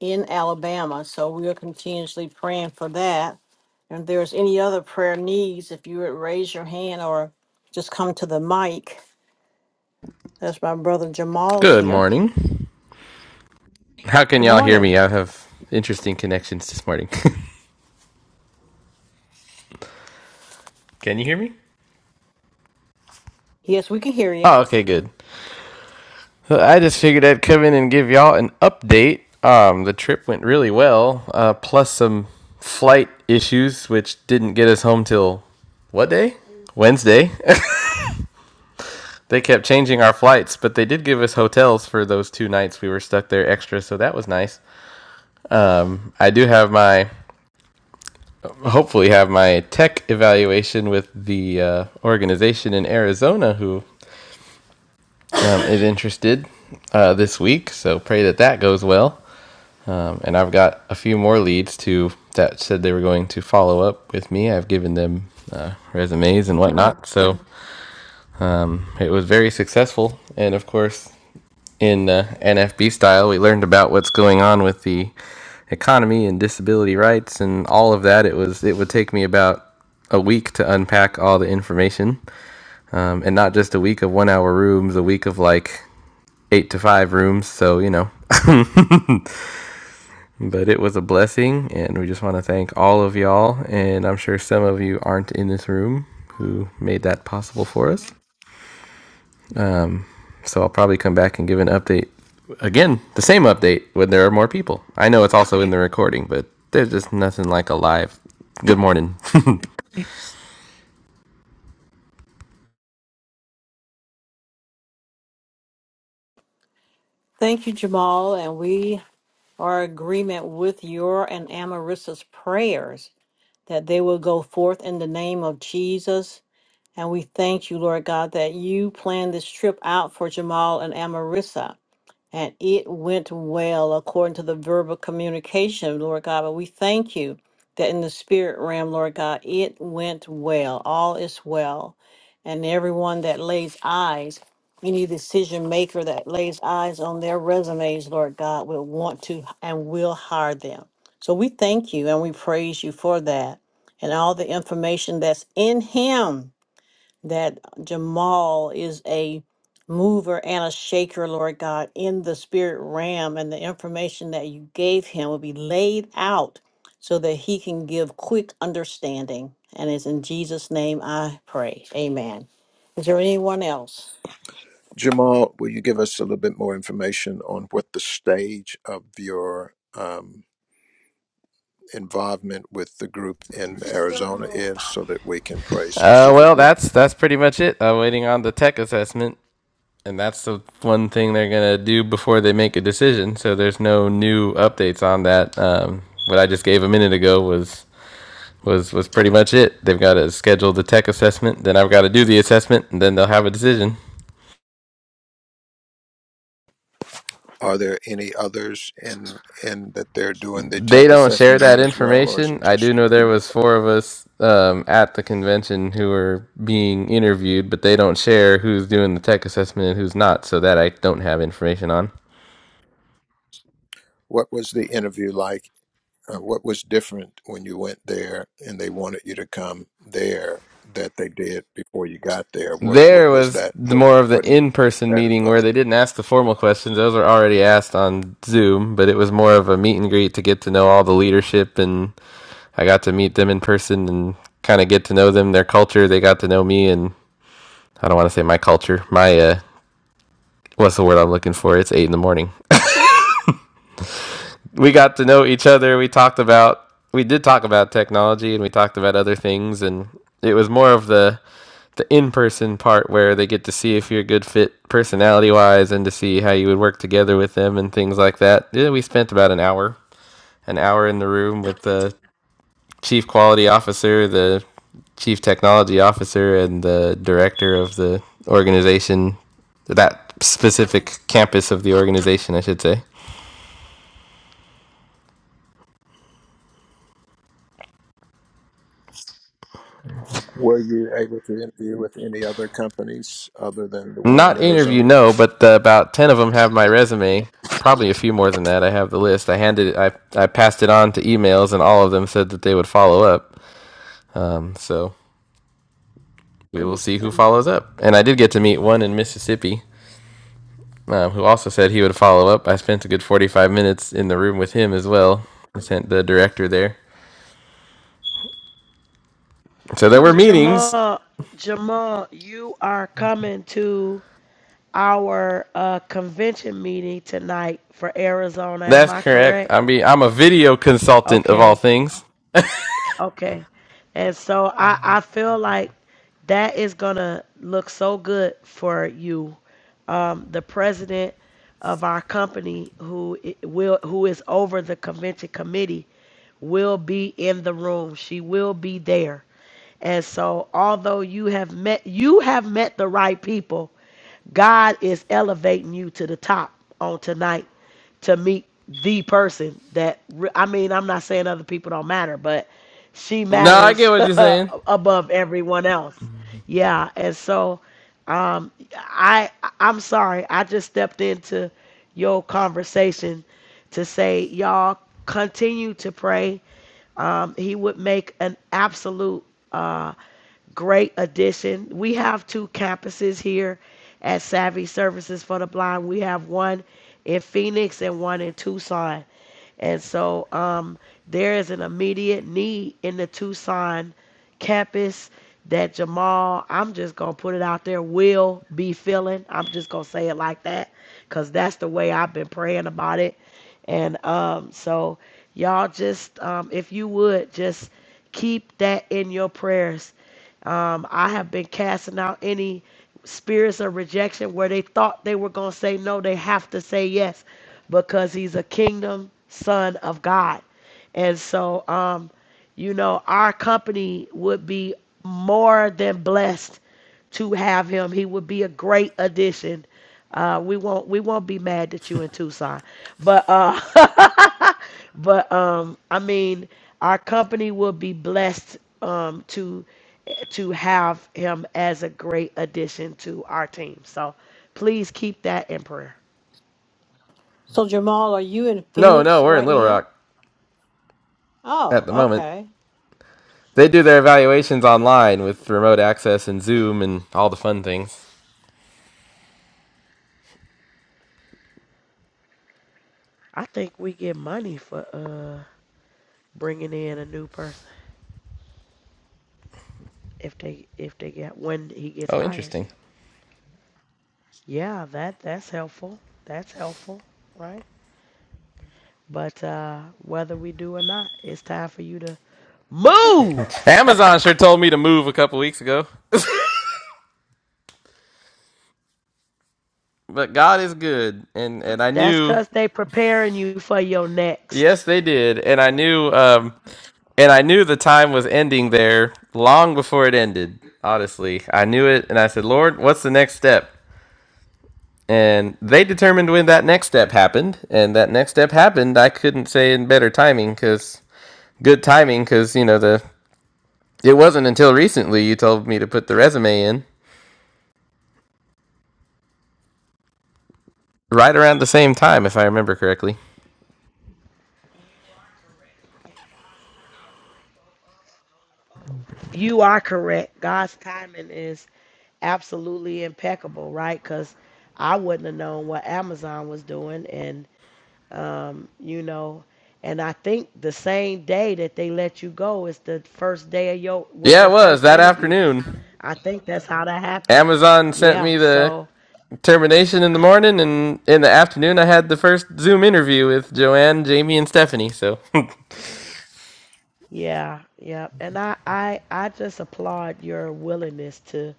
in Alabama. So we are continuously praying for that. And if there's any other prayer needs, if you would raise your hand or just come to the mic. That's my brother Jamal's Good here. morning. How can Good y'all hear morning. me? I have interesting connections this morning. [LAUGHS] can you hear me? Yes, we can hear you. Oh, okay, good. So I just figured I'd come in and give y'all an update. Um, the trip went really well, uh, plus some flight issues, which didn't get us home till what day? Wednesday. [LAUGHS] they kept changing our flights, but they did give us hotels for those two nights we were stuck there extra, so that was nice. I do have my hopefully have my tech evaluation with the uh, organization in Arizona who um, is interested uh, this week. So pray that that goes well. Um, and I've got a few more leads to that said they were going to follow up with me. I've given them uh, resumes and whatnot. So it was very successful. And of course, in uh, NFB style, we learned about what's going on with the economy and disability rights and all of that. It was it would take me about a week to unpack all the information. um, and not just a week of one hour rooms, a week of like eight to five rooms. So, you know, but it was a blessing. And we just want to thank all of y'all. And I'm sure some of you aren't in this room who made that possible for us. Um, so I'll probably come back and give an update again, the same update when there are more people. I know it's also in the recording, but there's just nothing like a live. Good morning. [LAUGHS] uh, Thank you, Jamal. And we are in agreement with your and Amarissa's prayers that they will go forth in the name of Jesus. And we thank you, Lord God, that you planned this trip out for Jamal and Amarissa. And it went well according to the verbal communication, Lord God. But we thank you that in the spirit realm, Lord God, it went well. All is well. And everyone that lays eyes, any decision maker that lays eyes on their resumes, Lord God, will want to and will hire them. So we thank you and we praise you for that and all the information that's in Him that Jamal is a mover and a shaker, Lord God, in the spirit realm, and the information that you gave him will be laid out so that he can give quick understanding. And it's in Jesus' name I pray. Amen. Is there anyone else? Jamal. Will you give us a little bit more information on what the stage of your um, involvement with the group in Arizona is so that we can pray well, specifically. that's that's pretty much it. I'm waiting on the tech assessment and that's the one thing they're gonna do before they make a decision. So there's no new updates on that. Um, what I just gave a minute ago was was was pretty much it. They've got to schedule the tech assessment, then I've got to do the assessment, and then they'll have a decision. Are there any others in in that they're doing the They tech don't share assessment on that as well, or is information. it I just do know there you? was four of us um, at the convention who were being interviewed, but they don't share who's doing the tech assessment and who's not, so that I don't have information on. What was the interview like? Uh, what was different when you went there and they wanted you to come there that they did before you got there? What There what was was that? the What more of the what in-person that meeting where involved? they didn't ask the formal questions; those were already asked on Zoom. But it was more of a meet and greet to get to know all the leadership, and I got to meet them in person and kind of get to know them, their culture. They got to know me, and I don't want to say my culture, my uh, what's the word I'm looking for? It's eight in the morning. we got to know each other. We talked about we did talk about technology and we talked about other things and it was more of the the in-person part where they get to see if you're a good fit personality-wise and to see how you would work together with them and things like that. Yeah, we spent about an hour, an hour in the room with the chief quality officer, the chief technology officer and the director of the organization, that specific campus of the organization, I should say. Were you able to interview with any other companies other than the one in Not interview, Arizona? no, but the, about ten of them have my resume. Probably a few more than that. I have the list. I handed it. I I passed it on to emails, and all of them said that they would follow up. So we will see who follows up. And I did get to meet one in Mississippi, um, who also said he would follow up. I spent a good forty-five minutes in the room with him as well. I sent the director there. So there were meetings. jamal jamal you are coming to our uh, convention meeting tonight for arizona am That's i correct. correct I mean, I'm a video consultant of all okay things. Okay. And so I, I feel like that is going to look so good for you. Um, the president of our company who i- will who is over the convention committee will be in the room. She will be there. And so although you have met you have met the right people, God is elevating you to the top on tonight to meet the person that re- I mean, I'm not saying other people don't matter, but she No, I get matters [LAUGHS] what you're saying. above everyone else. Yeah, and so um I I'm sorry. I just stepped into your conversation to say y'all continue to pray. Um he would make an absolute uh, Great addition. We have two campuses here at Savvy Services for the Blind. We have one in Phoenix and one in Tucson. And so um, there is an immediate need in the Tucson campus that Jamal, I'm just going to put it out there, will be filling. I'm just going to say it like that because that's the way I've been praying about it. And um, so, y'all, just um, if you would, just keep that in your prayers. Um, I have been casting out any spirits of rejection where they thought they were going to say no, they have to say yes because he's a kingdom son of God. And so, um, you know, our company would be more than blessed to have him. He would be a great addition. Uh, we won't we won't be mad at you in Tucson, but uh, [LAUGHS] but um i mean our company will be blessed um to to have him as a great addition to our team so please keep that in prayer So, Jamal, are you in No, Phoenix no, we're in right Little now? Rock Oh, at the moment. okay. They do their evaluations online with remote access and Zoom and all the fun things. i think we get money for uh bringing in a new person if they if they get when he gets Oh, hired interesting. yeah that that's helpful that's helpful right but uh whether we do or not it's time for you to move [LAUGHS] Amazon sure told me to move a couple weeks ago. [LAUGHS] but God is good, and and I That's knew. because they preparing you for your next Yes, they did, and I knew. Um, and I knew the time was ending there long before it ended. Honestly, I knew it, and I said, "Lord, what's the next step?" And they determined when that next step happened, and that next step happened. I couldn't say in better timing because good timing because you know the It wasn't until recently you told me to put the resume in, right around the same time, if I remember correctly. You are correct. God's timing is absolutely impeccable, right? Because I wouldn't have known what Amazon was doing, and um, you know, and I think the same day that they let you go is the first day of your was Yeah, your it was first that interview. afternoon. I think that's how that happened. Amazon sent Yeah. me the So termination in the morning, and in the afternoon, I had the first Zoom interview with Joanne, Jamie, and Stephanie. So, [LAUGHS] yeah, yeah. And I I I just applaud your willingness to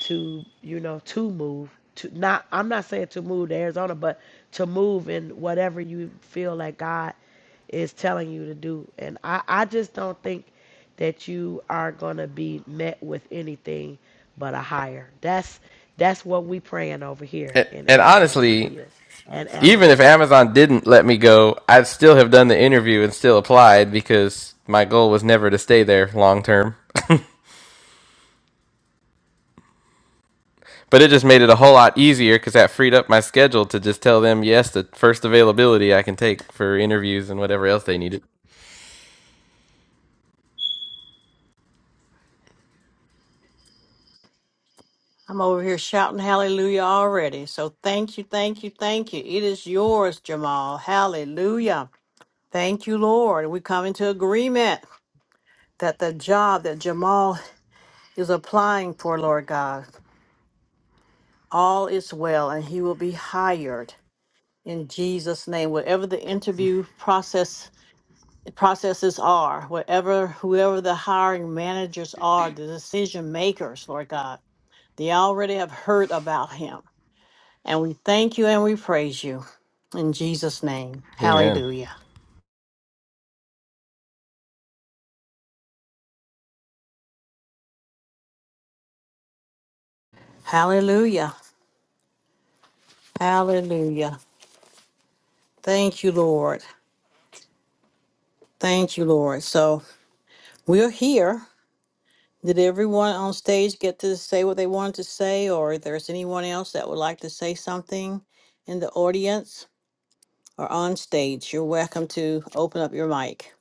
to you know to move to not I'm not saying to move to Arizona but to move in whatever you feel like God is telling you to do and I I just don't think that you are going to be met with anything but a higher that's that's what we praying over here and, in Arizona for honestly, you and even if Amarissa Amazon didn't let me go, I'd still have done the interview and still applied because my goal was never to stay there long term. But it just made it a whole lot easier because that freed up my schedule to just tell them yes, the first availability I can take for interviews and whatever else they needed. I'm over here shouting hallelujah already. So, thank you, thank you, thank you. It is yours, Jamal. Hallelujah. Thank you, Lord. We come into agreement that the job that Jamal is applying for, Lord God, all is well and he will be hired in Jesus' name. Whatever the interview process processes are, whatever whoever the hiring managers are, the decision makers, Lord God, they already have heard about him. And we thank you and we praise you in Jesus' name. Amen. Hallelujah. Hallelujah. Hallelujah. Thank you, Lord. Thank you, Lord. So we're here. Did everyone on stage get to say what they wanted to say, or if there's anyone else that would like to say something in the audience or on stage, you're welcome to open up your mic.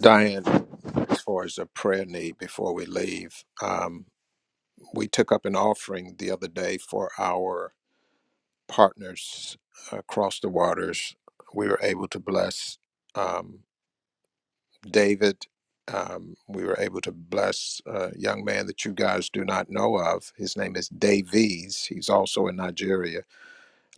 Diane, as far as a prayer need before we leave, um, we took up an offering the other day for our partners across the waters. We were able to bless um, David. Um, we were able to bless a young man that you guys do not know of. His name is Davies. He's also in Nigeria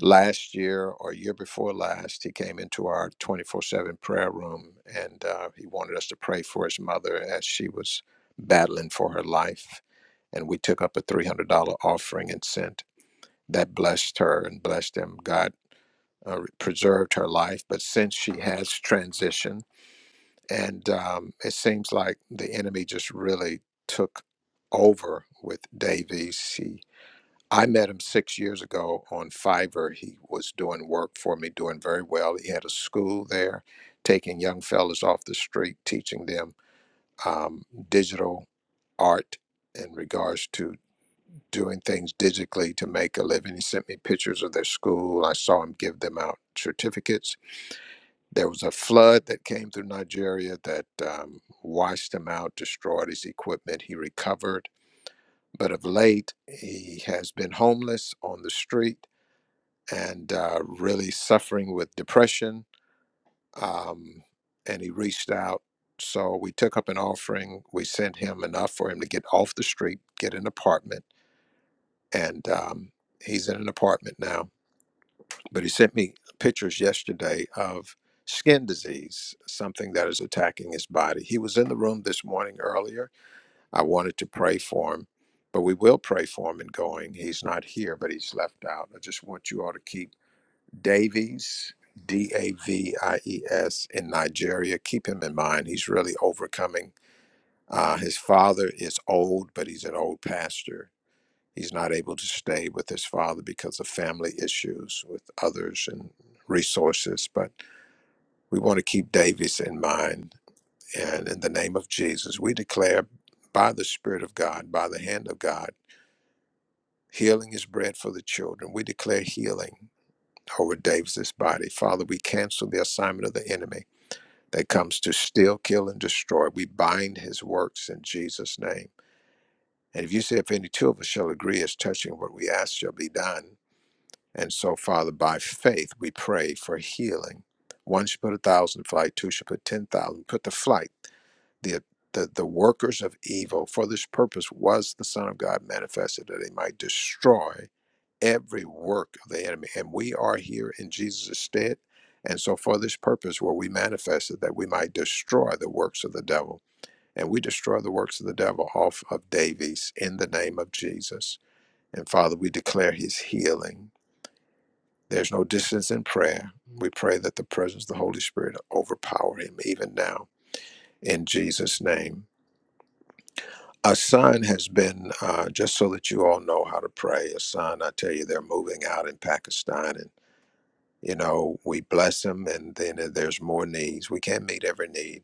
last year or year before last, he came into our 24 7 prayer room and uh, he wanted us to pray for his mother as she was battling for her life. And we took up a $300 offering and sent that blessed her and blessed him. God uh, preserved her life. But since she has transitioned, and um, it seems like the enemy just really took over with Davies. He I met him six years ago on Fiverr. He was doing work for me, doing very well. He had a school there, taking young fellas off the street, teaching them um, digital art in regards to doing things digitally to make a living. He sent me pictures of their school. I saw him give them out certificates. There was a flood that came through Nigeria that um, washed him out, destroyed his equipment. He recovered, but of late, he has been homeless on the street and uh, really suffering with depression. Um, and he reached out. So we took up an offering. We sent him enough for him to get off the street, get an apartment. And um, he's in an apartment now. But he sent me pictures yesterday of skin disease, something that is attacking his body. He was in the room this morning earlier. I wanted to pray for him, but we will pray for him in going. He's not here, but he's left out. I just want you all to keep Davies, D A V I E S, in Nigeria. Keep him in mind. He's really overcoming. Uh, his father is old, but he's an old pastor. He's not able to stay with his father because of family issues with others and resources. But we want to keep Davies in mind. And in the name of Jesus, we declare by the Spirit of God, by the hand of God, healing is bread for the children. We declare healing over Davis's body. Father, we cancel the assignment of the enemy that comes to steal, kill, and destroy. We bind his works in Jesus' name. And if you say, if any two of us shall agree as touching what we ask shall be done. And so, Father, by faith, we pray for healing. One should put a thousand to flight, two should put 10,000. Put to flight the the, the workers of evil for this purpose was the son of god manifested that he might destroy every work of the enemy and we are here in jesus' stead and so for this purpose were we manifested that we might destroy the works of the devil and we destroy the works of the devil off of davies in the name of jesus and father we declare his healing there's no distance in prayer we pray that the presence of the holy spirit overpower him even now in jesus name Asan has been, uh, just so that you all know how to pray, Asan, I tell you, they're moving out in Pakistan and, you know, we bless them and then uh, there's more needs. We can't meet every need.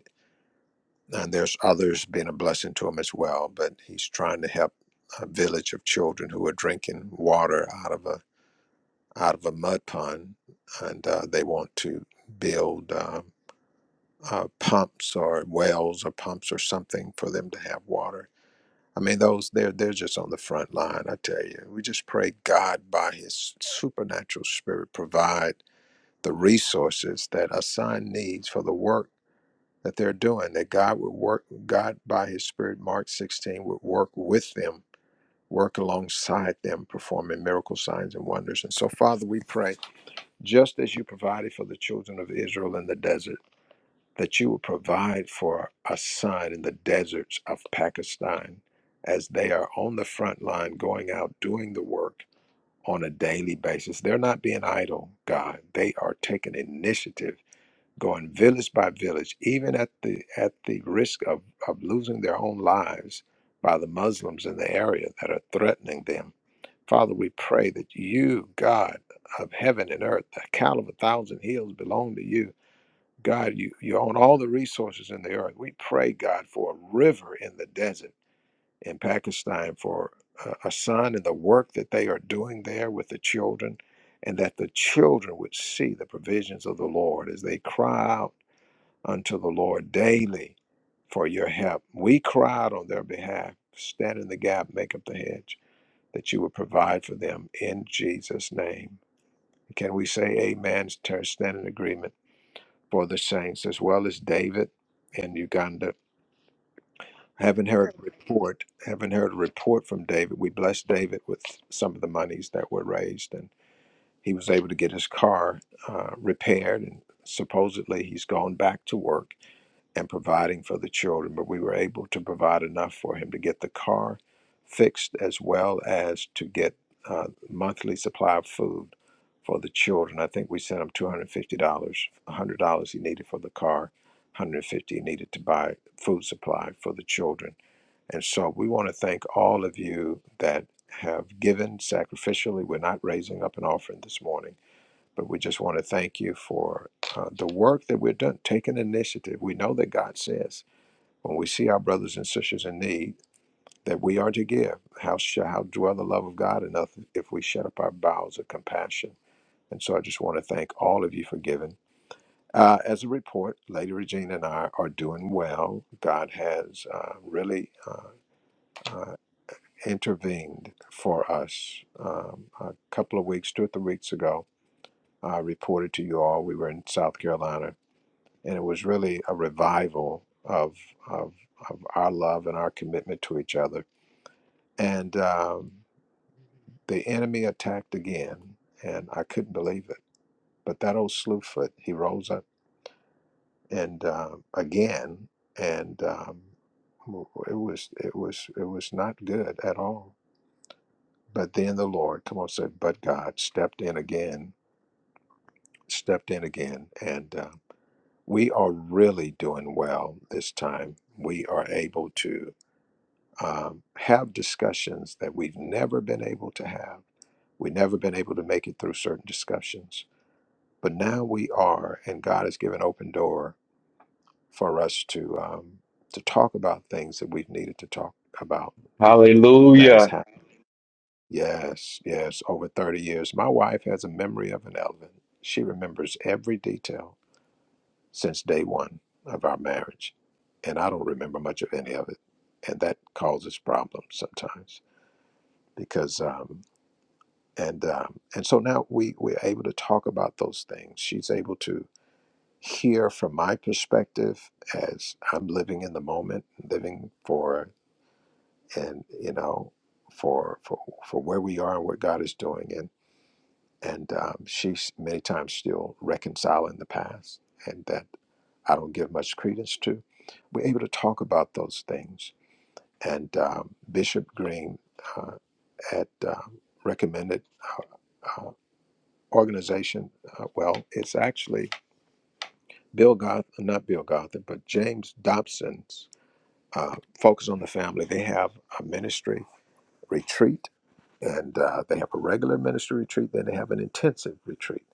And there's others being a blessing to him as well, but he's trying to help a village of children who are drinking water out of a out of a mud pond, and uh, they want to build uh, uh, pumps or wells or pumps or something for them to have water I mean, those they're they're just on the front line. I tell you, we just pray God by His supernatural Spirit provide the resources that a son needs for the work that they're doing. That God would work, God by His Spirit, Mark sixteen would work with them, work alongside them, performing miracle signs and wonders. And so, Father, we pray just as you provided for the children of Israel in the desert that you would provide for a son in the deserts of Pakistan as they are on the front line going out doing the work on a daily basis. They're not being idle, God. They are taking initiative, going village by village, even at the at the risk of, of losing their own lives by the Muslims in the area that are threatening them. Father, we pray that you, God of heaven and earth, the cattle of a thousand hills belong to you God, you, you own all the resources in the earth. We pray, God, for a river in the desert in Pakistan, for uh, a son and the work that they are doing there with the children, and that the children would see the provisions of the Lord as they cry out unto the Lord daily for your help. We cry out on their behalf, stand in the gap, make up the hedge, that you would provide for them in Jesus' name. Can we say amen, turn- stand in agreement? for the saints, as well as David in Uganda. Haven't heard a report. Haven't heard a report from David. We blessed David with some of the monies that were raised, and he was able to get his car uh, repaired. And supposedly he's gone back to work and providing for the children, but we were able to provide enough for him to get the car fixed as well as to get uh, monthly supply of food for the children. I think we sent him $250, $100 he needed for the car, 150 he needed to buy food supply for the children. And so we want to thank all of you that have given sacrificially. We're not raising up an offering this morning but we just want to thank you for uh, the work that we've done, taking initiative. We know that God says when we see our brothers and sisters in need that we are to give. How shall how dwell the love of God enough if we shut up our bowels of compassion? And so I just want to thank all of you for giving. Uh, as a report, Lady Regina and I are doing well. God has uh, really uh, uh, intervened for us. Um, a couple of weeks, two or three weeks ago, I reported to you all we were in South Carolina and it was really a revival of of, of our love and our commitment to each other. And um, the enemy attacked again, and I couldn't believe it. But that old slewfoot, he rose up and uh, again, and um, it was it was it was not good at all. But then the Lord, come on, said, but God stepped in again, stepped in again, and uh, we are really doing well this time. We are able to um, have discussions that we've never been able to have. We've never been able to make it through certain discussions, but now we are, and God has given open door for us to um, to talk about things that we've needed to talk about. That has Hallelujah. happened. Yes, yes, over thirty years. My wife has a memory of an elephant. She remembers every detail since day one of our marriage, and I don't remember much of any of it, and that causes problems sometimes because. Um, and um, and so now we we're able to talk about those things. She's able to hear from my perspective as I'm living in the moment, living for and you know for for for where we are and what God is doing, and and um, she's many times still reconciling the past, and that I don't give much credence to. We're able to talk about those things, and um, Bishop Green uh, had um, recommended. uh, organization. Uh, well, it's actually Bill Goth, not Bill Gotham, but James Dobson's uh, Focus on the Family. They have a ministry retreat, and uh, they have a regular ministry retreat, then they have an intensive retreat.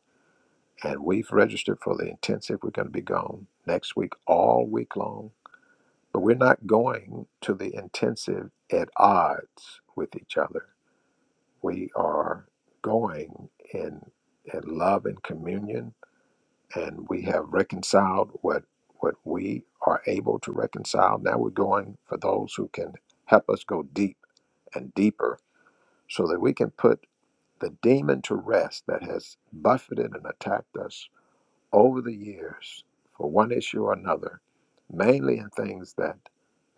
And we've registered for the intensive. We're going to be gone next week, all week long. But we're not going to the intensive at odds with each other. We are going in, in love and communion and we have reconciled what what we are able to reconcile. Now we're going for those who can help us go deep and deeper so that we can put the demon to rest that has buffeted and attacked us over the years for one issue or another, mainly in things that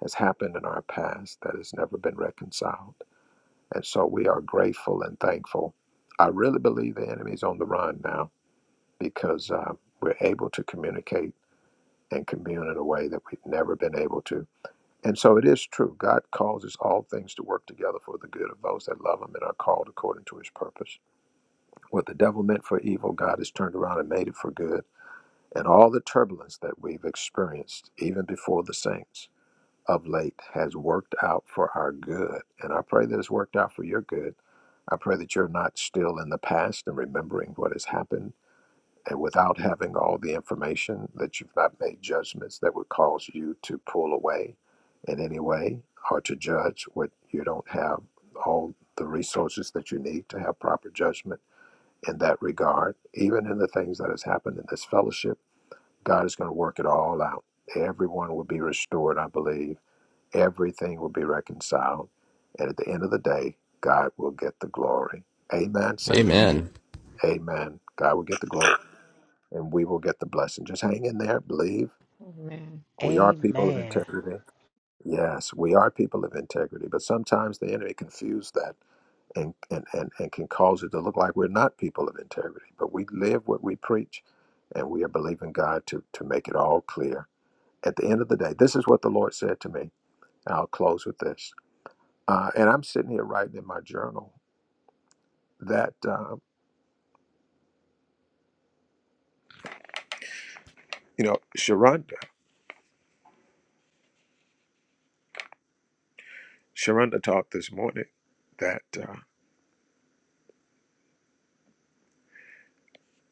has happened in our past that has never been reconciled. And so we are grateful and thankful. I really believe the enemy's on the run now because uh, we're able to communicate and commune in a way that we've never been able to. And so it is true. God causes all things to work together for the good of those that love Him and are called according to His purpose. What the devil meant for evil, God has turned around and made it for good. And all the turbulence that we've experienced, even before the saints of late, has worked out for our good. And I pray that it's worked out for your good. I pray that you're not still in the past and remembering what has happened and without having all the information, that you've not made judgments that would cause you to pull away in any way or to judge what you don't have all the resources that you need to have proper judgment in that regard. Even in the things that has happened in this fellowship, God is going to work it all out. Everyone will be restored, I believe. Everything will be reconciled. And at the end of the day, God will get the glory. Amen, saints. Amen. Amen. God will get the glory and we will get the blessing. Just hang in there, believe. Amen. We are people of amen integrity. Yes, we are people of integrity, but sometimes the enemy confuses that and, and, and, and can cause it to look like we're not people of integrity, but we live what we preach and we are believing God to, to make it all clear. At the end of the day, this is what the Lord said to me. I'll close with this. Uh, and I'm sitting here writing in my journal that, uh, you know, Sharonda, Sharonda talked this morning that. uh,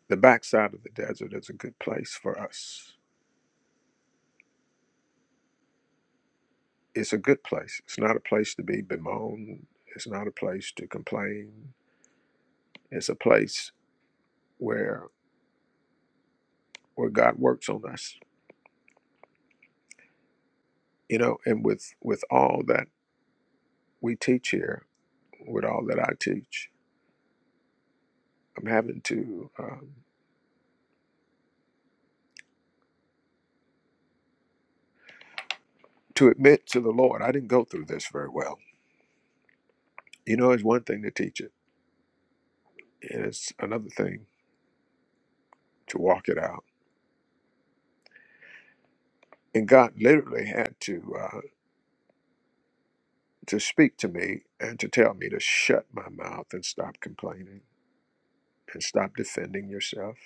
The backside of the desert is a good place for us. It's a good place. It's not a place to be bemoaned. It's not a place to complain. It's a place where where God works on us. You know, and with with all that we teach here, with all that I teach, I'm having to um, to admit to the Lord, I didn't go through this very well. You know, it's one thing to teach it, and it's another thing to walk it out. And God literally had to. uh, to speak to me and to tell me to shut my mouth and stop complaining and stop defending yourself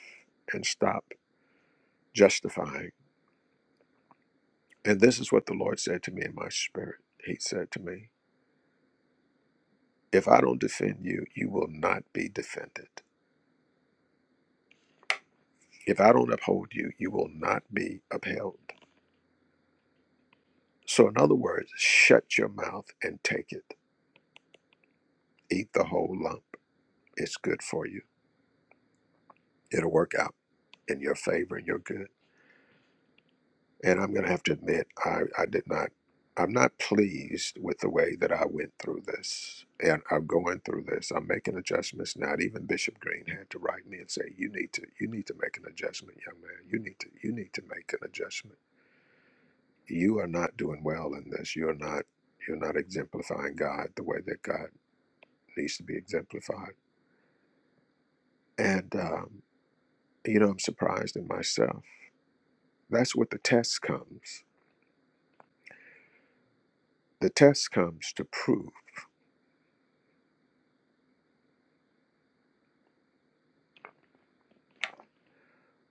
and stop justifying. And this is what the Lord said to me in my spirit. He said to me, If I don't defend you, you will not be defended. If I don't uphold you, you will not be upheld. So, in other words, shut your mouth and take it. Eat the whole lump. It's good for you, it'll work out in your favor and your good. And I'm going to have to admit, I, I did not, I'm not pleased with the way that I went through this. And I'm going through this. I'm making adjustments now. And even Bishop Green had to write me and say, you need to, you need to make an adjustment, young man. You need to, you need to make an adjustment. You are not doing well in this. You're not, you're not exemplifying God the way that God needs to be exemplified. And, um, you know, I'm surprised in myself. That's what the test comes. The test comes to prove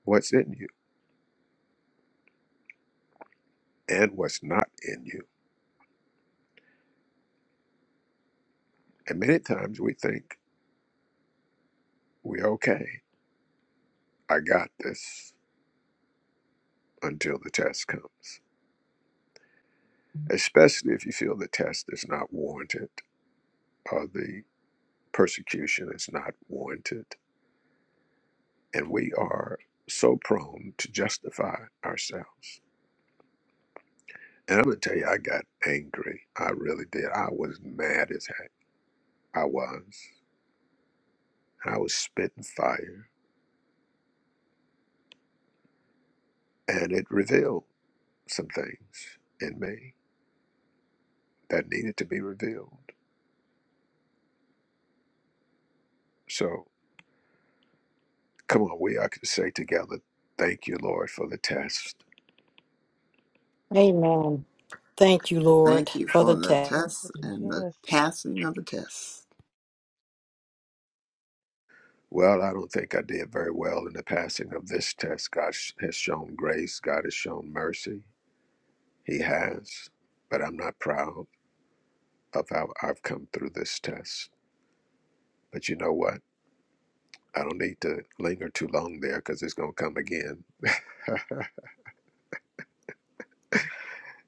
what's in you and what's not in you. And many times we think we're okay. I got this until the test comes, Mhm. especially if you feel the test is not warranted or the persecution is not warranted. And we are so prone to justify ourselves. And I'm going to tell you, I got angry. I really did. I was mad as heck. I was. I was spitting fire. And it revealed some things in me that needed to be revealed So come on, we all can say together, Thank you, Lord, for the test. Amen. Thank you, Lord, Thank you for the for Thank the you, text. Lord, for test the and the test. passing of the test. Well, I don't think I did very well in the passing of this test. God sh- has shown grace, God has shown mercy. He has. But I'm not proud of how I've come through this test. But you know what? I don't need to linger too long there because it's going to come again.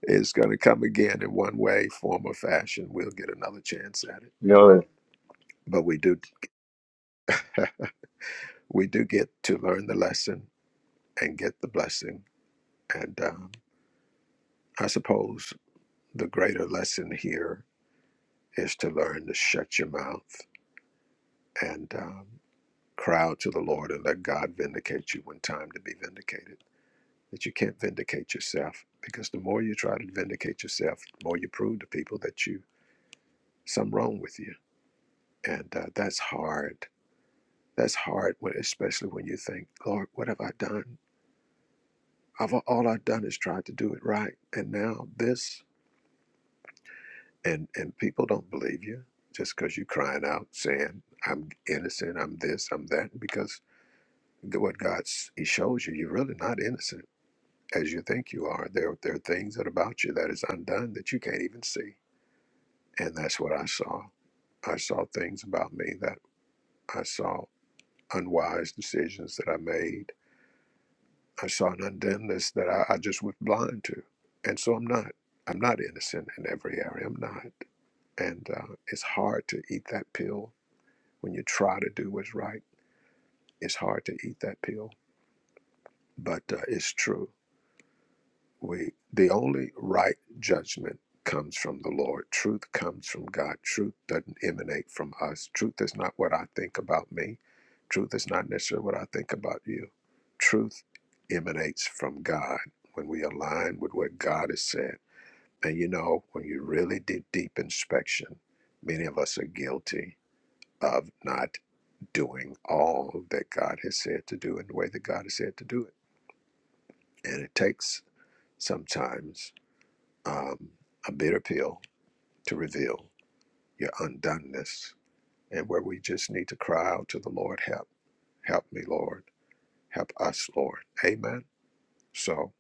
It's going to come again in one way, form, or fashion. We'll get another chance at it. You know, But we do, [LAUGHS] we do get to learn the lesson and get the blessing and um, I suppose the greater lesson here is to learn to shut your mouth and um, cry out to the Lord and let God vindicate you when time to be vindicated. That you can't vindicate yourself because the more you try to vindicate yourself, the more you prove to people that you some wrong with you, and uh, that's hard. That's hard, when, especially when you think, Lord, what have I done? I've, all I've done is tried to do it right, and now this. and and people don't believe you just because you're crying out saying i'm innocent i'm this i'm that because the- what god's he shows you you're really not innocent as you think you are there there are things that about you that is undone that you can't even see and that's what i saw i saw things about me that i saw unwise decisions that i made i saw an undoneness that i, I just was blind to and so i'm not i'm not innocent in every area i'm not and uh, it's hard to eat that pill When you try to do what's right, it's hard to eat that pill, but uh, it's true. We the only right judgment comes from the Lord. Truth comes from God. Truth doesn't emanate from us. Truth is not what I think about me. Truth is not necessarily what I think about you. Truth emanates from God when we align with what God has said. And you know, when you really do deep inspection, many of us are guilty of not doing all that God has said to do in the way that God has said to do it. And it takes sometimes um, a bitter pill to reveal your undoneness and where we just need to cry out to the Lord, help, help me, Lord, help us, Lord. Amen. So,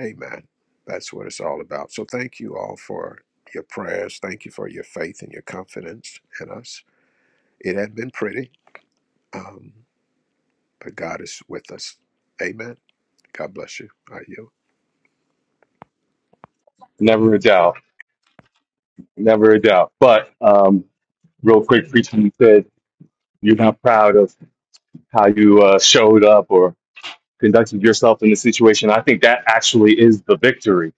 amen. That's what it's all about. So, thank you all for your prayers. Thank you for your faith and your confidence in us. It had been pretty, um, but God is with us. Amen. God bless you. I yield. never a doubt, never a doubt. But um, real quick, preacher, you said you're not proud of how you uh, showed up or. conducted yourself in the situation. I think that actually is the victory,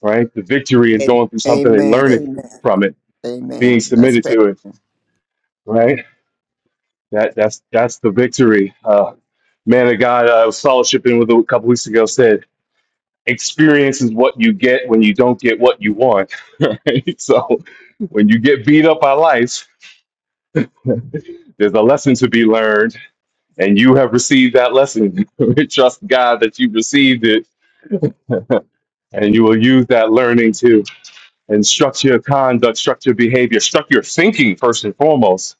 right? The victory is A- going through something and Amen. learning Amen. from it, being Amen. That's submitted fair. to it, right? That that's that's the victory. Uh, man of God, I was fellowshipping with a couple weeks ago said, experience is what you get when you don't get what you want. [LAUGHS] Right? So when you get beat up by life, there's a lesson to be learned, and you have received that lesson. [LAUGHS] Trust God that you received it, and you will use that learning to. and structure your conduct, structure your behavior, structure your thinking first and foremost,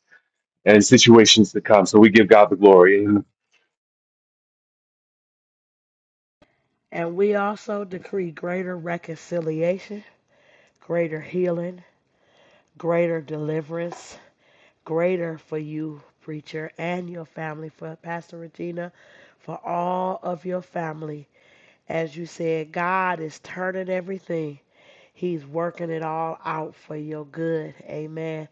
and situations to come. So we give God the glory. And and we also decree greater reconciliation greater healing greater deliverance, greater for you, preacher, and your family, for Pastor Regina, for all of your family. As you said, God is turning everything. He's working it all out for your good. Amen.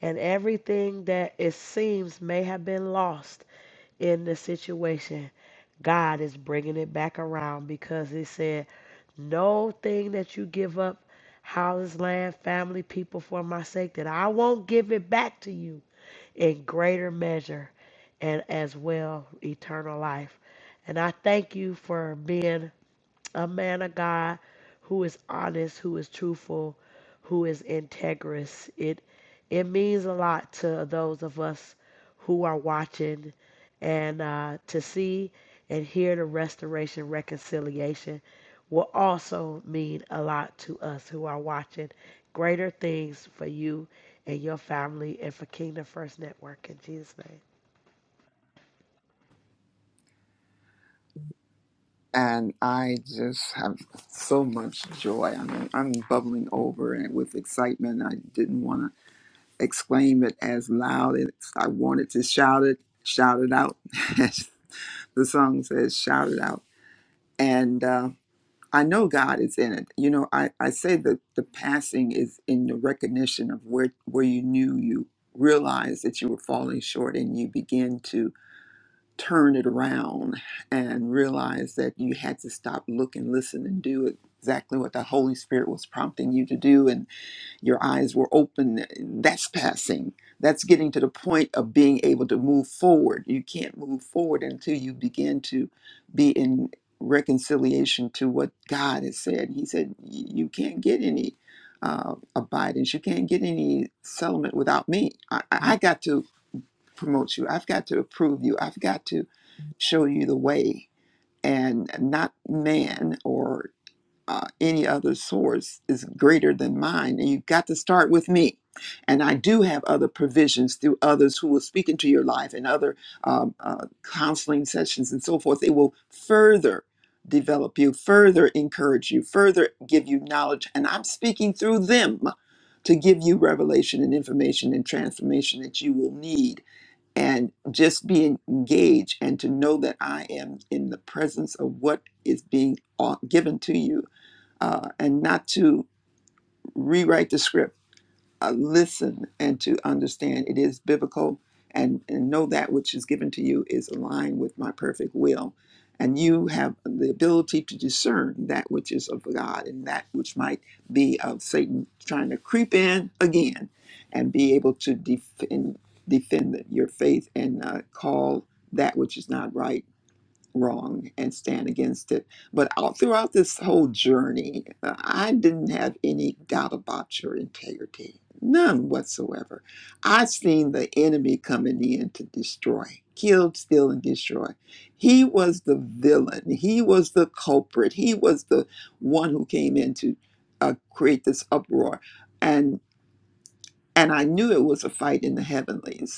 And everything that it seems may have been lost in the situation, God is bringing it back around because He said, no thing that you give up, houses, land, family, people for my sake, that I won't give it back to you in greater measure and as well eternal life. And I thank you for being a man of God who is honest, who is truthful, who is integrous. It it means a lot to those of us who are watching and uh, to see and hear the restoration reconciliation will also mean a lot to us who are watching greater things for you and your family and for Kingdom First Network in Jesus' name. And I just have so much joy. I mean, I'm bubbling over and with excitement. I didn't want to exclaim it as loud as I wanted to shout it, shout it out. [LAUGHS] the song says, shout it out. And uh, I know God is in it. You know, I, I say that the passing is in the recognition of where, where you knew you realized that you were falling short and you begin to turn it around and realize that you had to stop, look, and listen and do exactly what the Holy Spirit was prompting you to do and. Your eyes were open. That's passing. That's getting to the point of being able to move forward. You can't move forward until you begin to be in reconciliation to what God has said. He said, "Y- You can't get any uh, abidance. You can't get any settlement without me. I, I I got to promote you. I've got to approve you. I've got to show you the way and not man or uh, any other source is greater than mine. And you've got to start with me. And I do have other provisions through others who will speak into your life and other um, uh, counseling sessions and so forth. It will further develop you, further encourage you, further give you knowledge. And I'm speaking through them to give you revelation and information and transformation that you will need. And just be engaged and to know that I am in the presence of what is being uh, given to you uh, and not to rewrite the script. Uh, listen and to understand it is biblical and, and know that which is given to you is aligned with my perfect will. And you have the ability to discern that which is of God and that which might be of Satan trying to creep in again and be able to defend, defend your faith and uh, call that which is not right wrong and stand against it. But all throughout this whole journey, uh, I didn't have any doubt about your integrity, none whatsoever. I seen the enemy coming in to destroy, kill, steal, and destroy. He was the villain. He was the culprit. He was the one who came in to uh, create this uproar, and and I knew it was a fight in the heavenlies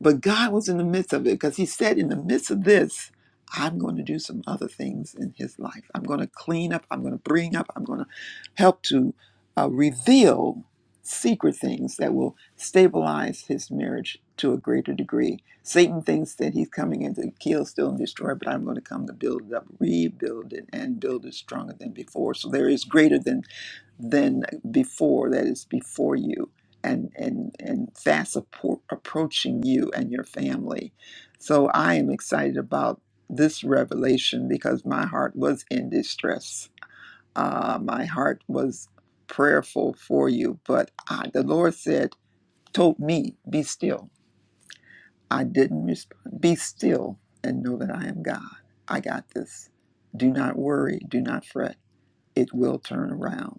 but God was in the midst of it because He said, in the midst of this, I'm going to do some other things in His life. I'm going to clean up. I'm going to bring up. I'm going to help to uh, reveal secret things that will stabilize His marriage to a greater degree. Satan thinks that he's coming in to kill, steal, and destroy, but I'm going to come to build it up, rebuild it, and build it stronger than before. So there is greater than than before that is before you and and and fast appro- approaching you and your family so i am excited about this revelation because my heart was in distress uh, my heart was prayerful for you but I, the lord said told me be still i didn't respond be still and know that i am god i got this do not worry do not fret it will turn around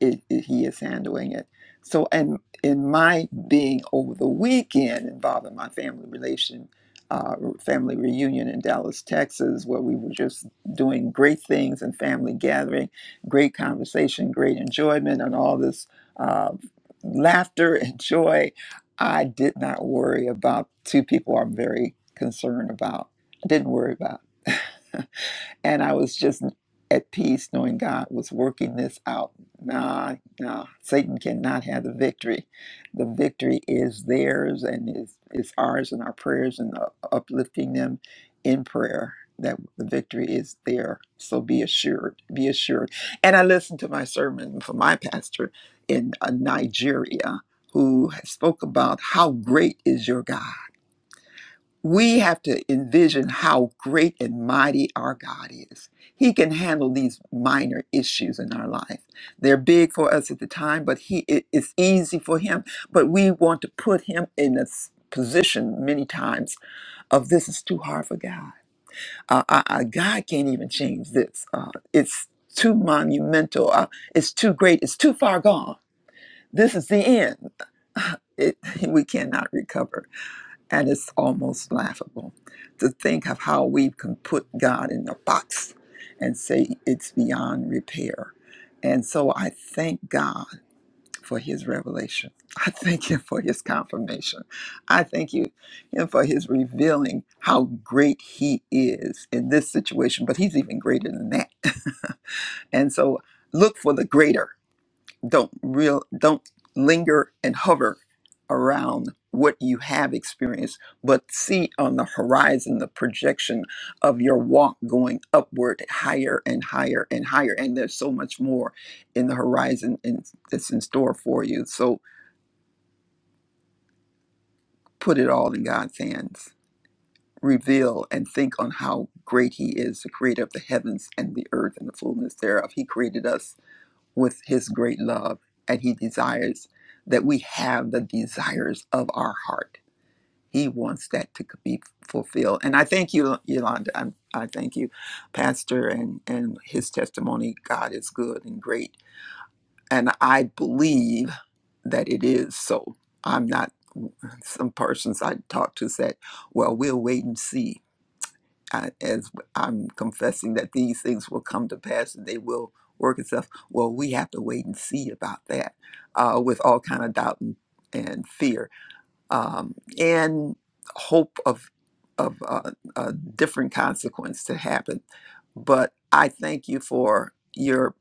it, it- he is handling it. So, and in my being over the weekend involved in my family relation, uh, family reunion in Dallas, Texas, where we were just doing great things and family gathering, great conversation, great enjoyment, and all this uh, laughter and joy. I did not worry about two people I'm very concerned about. I didn't worry about. [LAUGHS] And I was just at peace knowing God was working this out. Nah, nah, Satan cannot have the victory. The victory is theirs and is, is ours in our prayers and uh, uplifting them in prayer that the victory is there. So be assured, be assured. And I listened to my sermon from my pastor in uh, Nigeria who spoke about how great is your God we have to envision how great and mighty our God is. He can handle these minor issues in our life. They're big for us at the time, but he it- it's easy for him. But we want to put him in a s- position many times of this is too hard for God. Uh, uh, uh, God can't even change this. Uh, it's too monumental. Uh, it's too great. It's too far gone. This is the end. [LAUGHS] It, we cannot recover. And it's almost laughable to think of how we can put God in a box and say it's beyond repair. And so I thank God for his revelation. I thank him for his confirmation. I thank you him for his revealing how great he is in this situation, but he's even greater than that. [LAUGHS] And so look for the greater don't real don't linger and hover around what you have experienced but see on the horizon the projection of your walk going upward higher and higher and higher and there's so much more in the horizon and that's in store for you so put it all in god's hands reveal and think on how great he is the creator of the heavens and the earth and the fullness thereof he created us with his great love and he desires that we have the desires of our heart he wants that to be fulfilled and i thank you yolanda i i thank you pastor and and his testimony god is good and great and i believe that it is so i'm not some persons i talk to said well we'll wait and see I, as I'm confessing that these things will come to pass and they will work itself. Well, we have to wait and see about that uh, with all kind of doubt and, and fear um, and hope of of uh, a different consequence to happen. But I thank you for your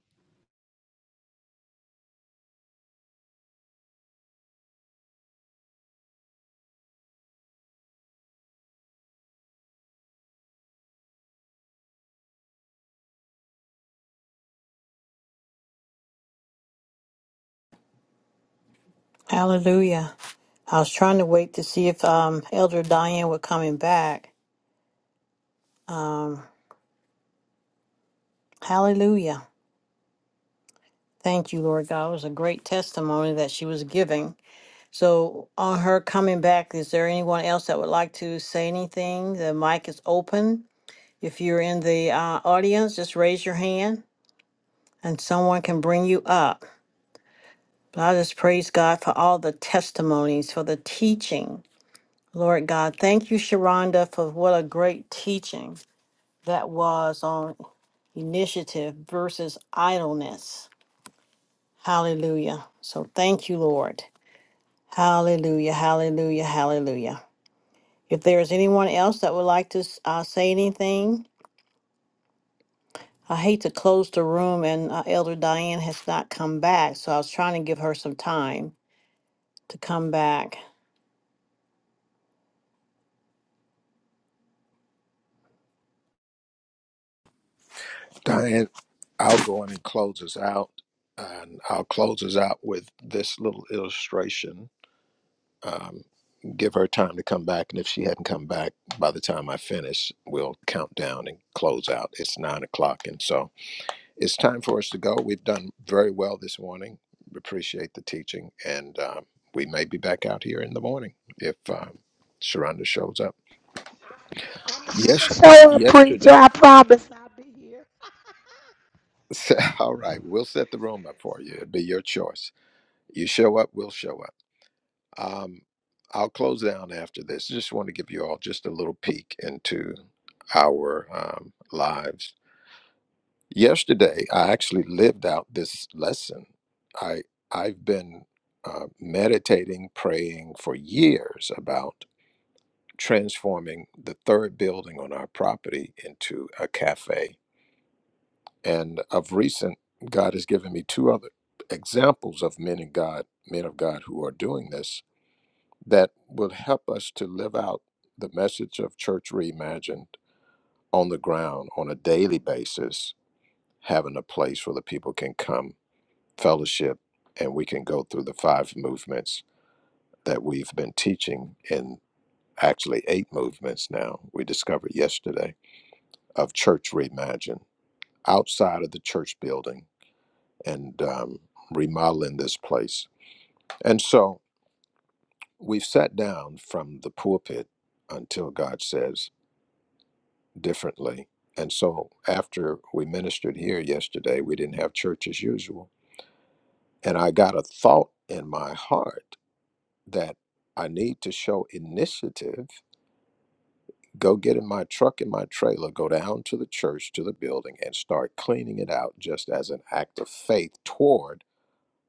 Hallelujah. I was trying to wait to see if um, Elder Diane were coming back. Um, hallelujah. Thank you, Lord God. It was a great testimony that she was giving. So on her coming back, is there anyone else that would like to say anything? The mic is open. If you're in the uh, audience, just raise your hand and someone can bring you up. But I just praise God for all the testimonies, for the teaching. Lord God, thank you, Sharonda, for what a great teaching that was on initiative versus idleness. Hallelujah. So thank you, Lord. Hallelujah, hallelujah, hallelujah. If there is anyone else that would like to uh, say anything, I hate to close the room, and uh, Elder Diane has not come back, so I was trying to give her some time to come back. Diane, I'll go in and close us out. And I'll close us out with this little illustration. Um, give her time to come back. And if she hadn't come back by the time I finish, we'll count down and close out. It's nine o'clock. And so it's time for us to go. We've done very well this morning. Appreciate the teaching. And um, we may be back out here in the morning if um, Sharonda shows up. Yes, yesterday. [LAUGHS] All right. We'll set the room up for you. It'll be your choice. You show up, we'll show up. Um, I'll close down after this. Just want to give you all just a little peek into our um, lives. Yesterday, I actually lived out this lesson. I I've been uh, meditating, praying for years about transforming the third building on our property into a cafe. And of recent, God has given me two other examples of men in God, men of God, who are doing this that will help us to live out the message of Church Reimagined on the ground on a daily basis, having a place where the people can come, fellowship, and we can go through the five movements that we've been teaching in actually eight movements now, we discovered yesterday, of Church Reimagined outside of the church building and um, remodeling this place. And so we've sat down from the pulpit until God says, differently. And so after we ministered here yesterday, we didn't have church as usual. And I got a thought in my heart that I need to show initiative, go get in my truck and my trailer, go down to the church, to the building, and start cleaning it out just as an act of faith toward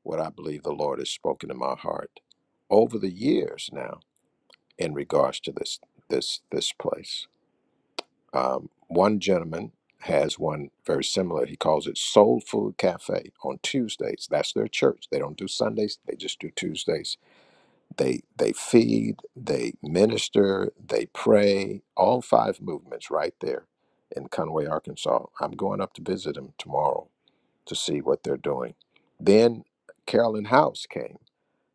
what I believe the Lord has spoken in my heart over the years now in regards to this this this place. Um, one gentleman has one very similar. He calls it Soul Food Cafe on Tuesdays. That's their church. They don't do Sundays. They just do Tuesdays. They they feed, they minister, they pray. All five movements right there in Conway, Arkansas. I'm going up to visit them tomorrow to see what they're doing. Then Carolyn House came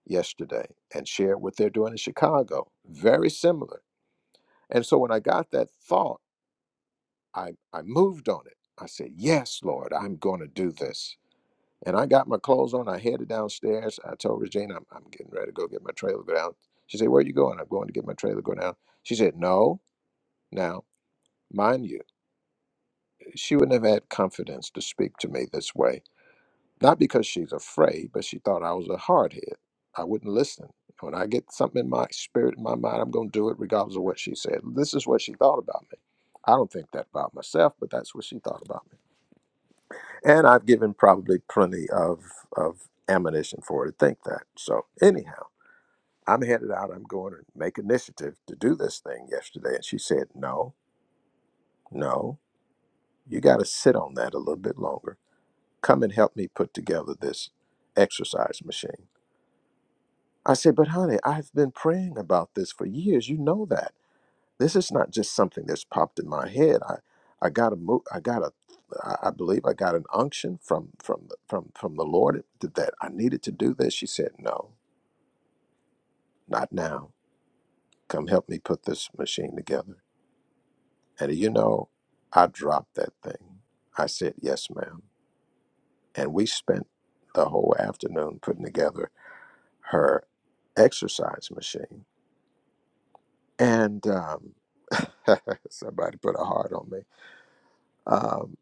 yesterday and shared what they're doing in Chicago. Very similar. And so when I got that thought I, I moved on it. I said, Yes, Lord, I'm going to do this. And I got my clothes on. I headed downstairs. I told Regina, I'm, I'm getting ready to go get my trailer, go down. She said, Where are you going? I'm going to get my trailer, go down. She said, No. Now, mind you, she wouldn't have had confidence to speak to me this way. Not because she's afraid, but she thought I was a hardhead. I wouldn't listen. When I get something in my spirit, in my mind, I'm going to do it regardless of what she said. This is what she thought about me. I don't think that about myself, but that's what she thought about me. and I've given probably plenty of of ammunition for her to think that. So anyhow, I'm headed out. I'm going to make initiative to do this thing yesterday, and she said, "No, no, you got to sit on that a little bit longer. Come and help me put together this exercise machine." I said, "But honey, I've been praying about this for years. You know that." This is not just something that's popped in my head. I, I got a mo- I got a, I I believe I got an unction from from the- from from the Lord that I needed to do this. She said, "No, not now. Come help me put this machine together." And you know, I dropped that thing. I said, "Yes, ma'am," and we spent the whole afternoon putting together her exercise machine. And um, [LAUGHS] somebody put a heart on me. Um,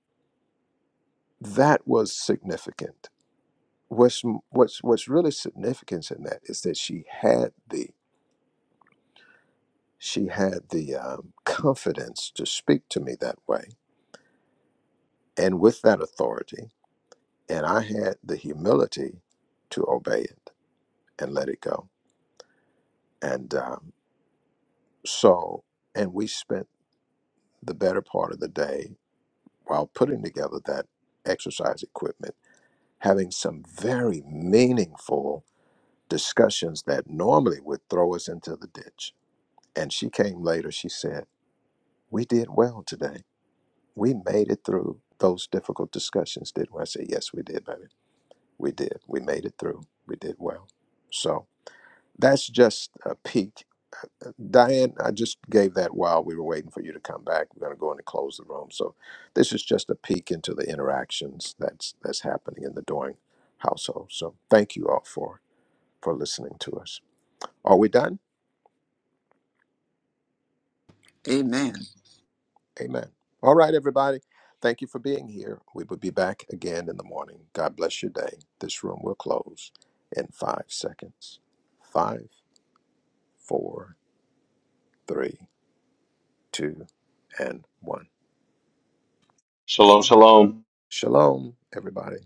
that was significant. What's what's what's really significant in that is that she had the she had the um, confidence to speak to me that way, and with that authority, and I had the humility to obey it and let it go. And um, so, and we spent the better part of the day while putting together that exercise equipment, having some very meaningful discussions that normally would throw us into the ditch And she came later. She said, We did well today. We made it through those difficult discussions, didn't we? I said, Yes, we did, baby. We did. We made it through. We did well. So that's just a peek. Uh, Diane, I just gave that while we were waiting for you to come back. We're going to go in and close the room. So this is just a peek into the interactions that's that's happening in the Doing household. So thank you all for for listening to us. Are we done? amen. Amen. All right, everybody. Thank you for being here. We will be back again in the morning. God bless your day. This room will close in five seconds. Five, four, three, two, and one. shalom, shalom. Shalom, everybody.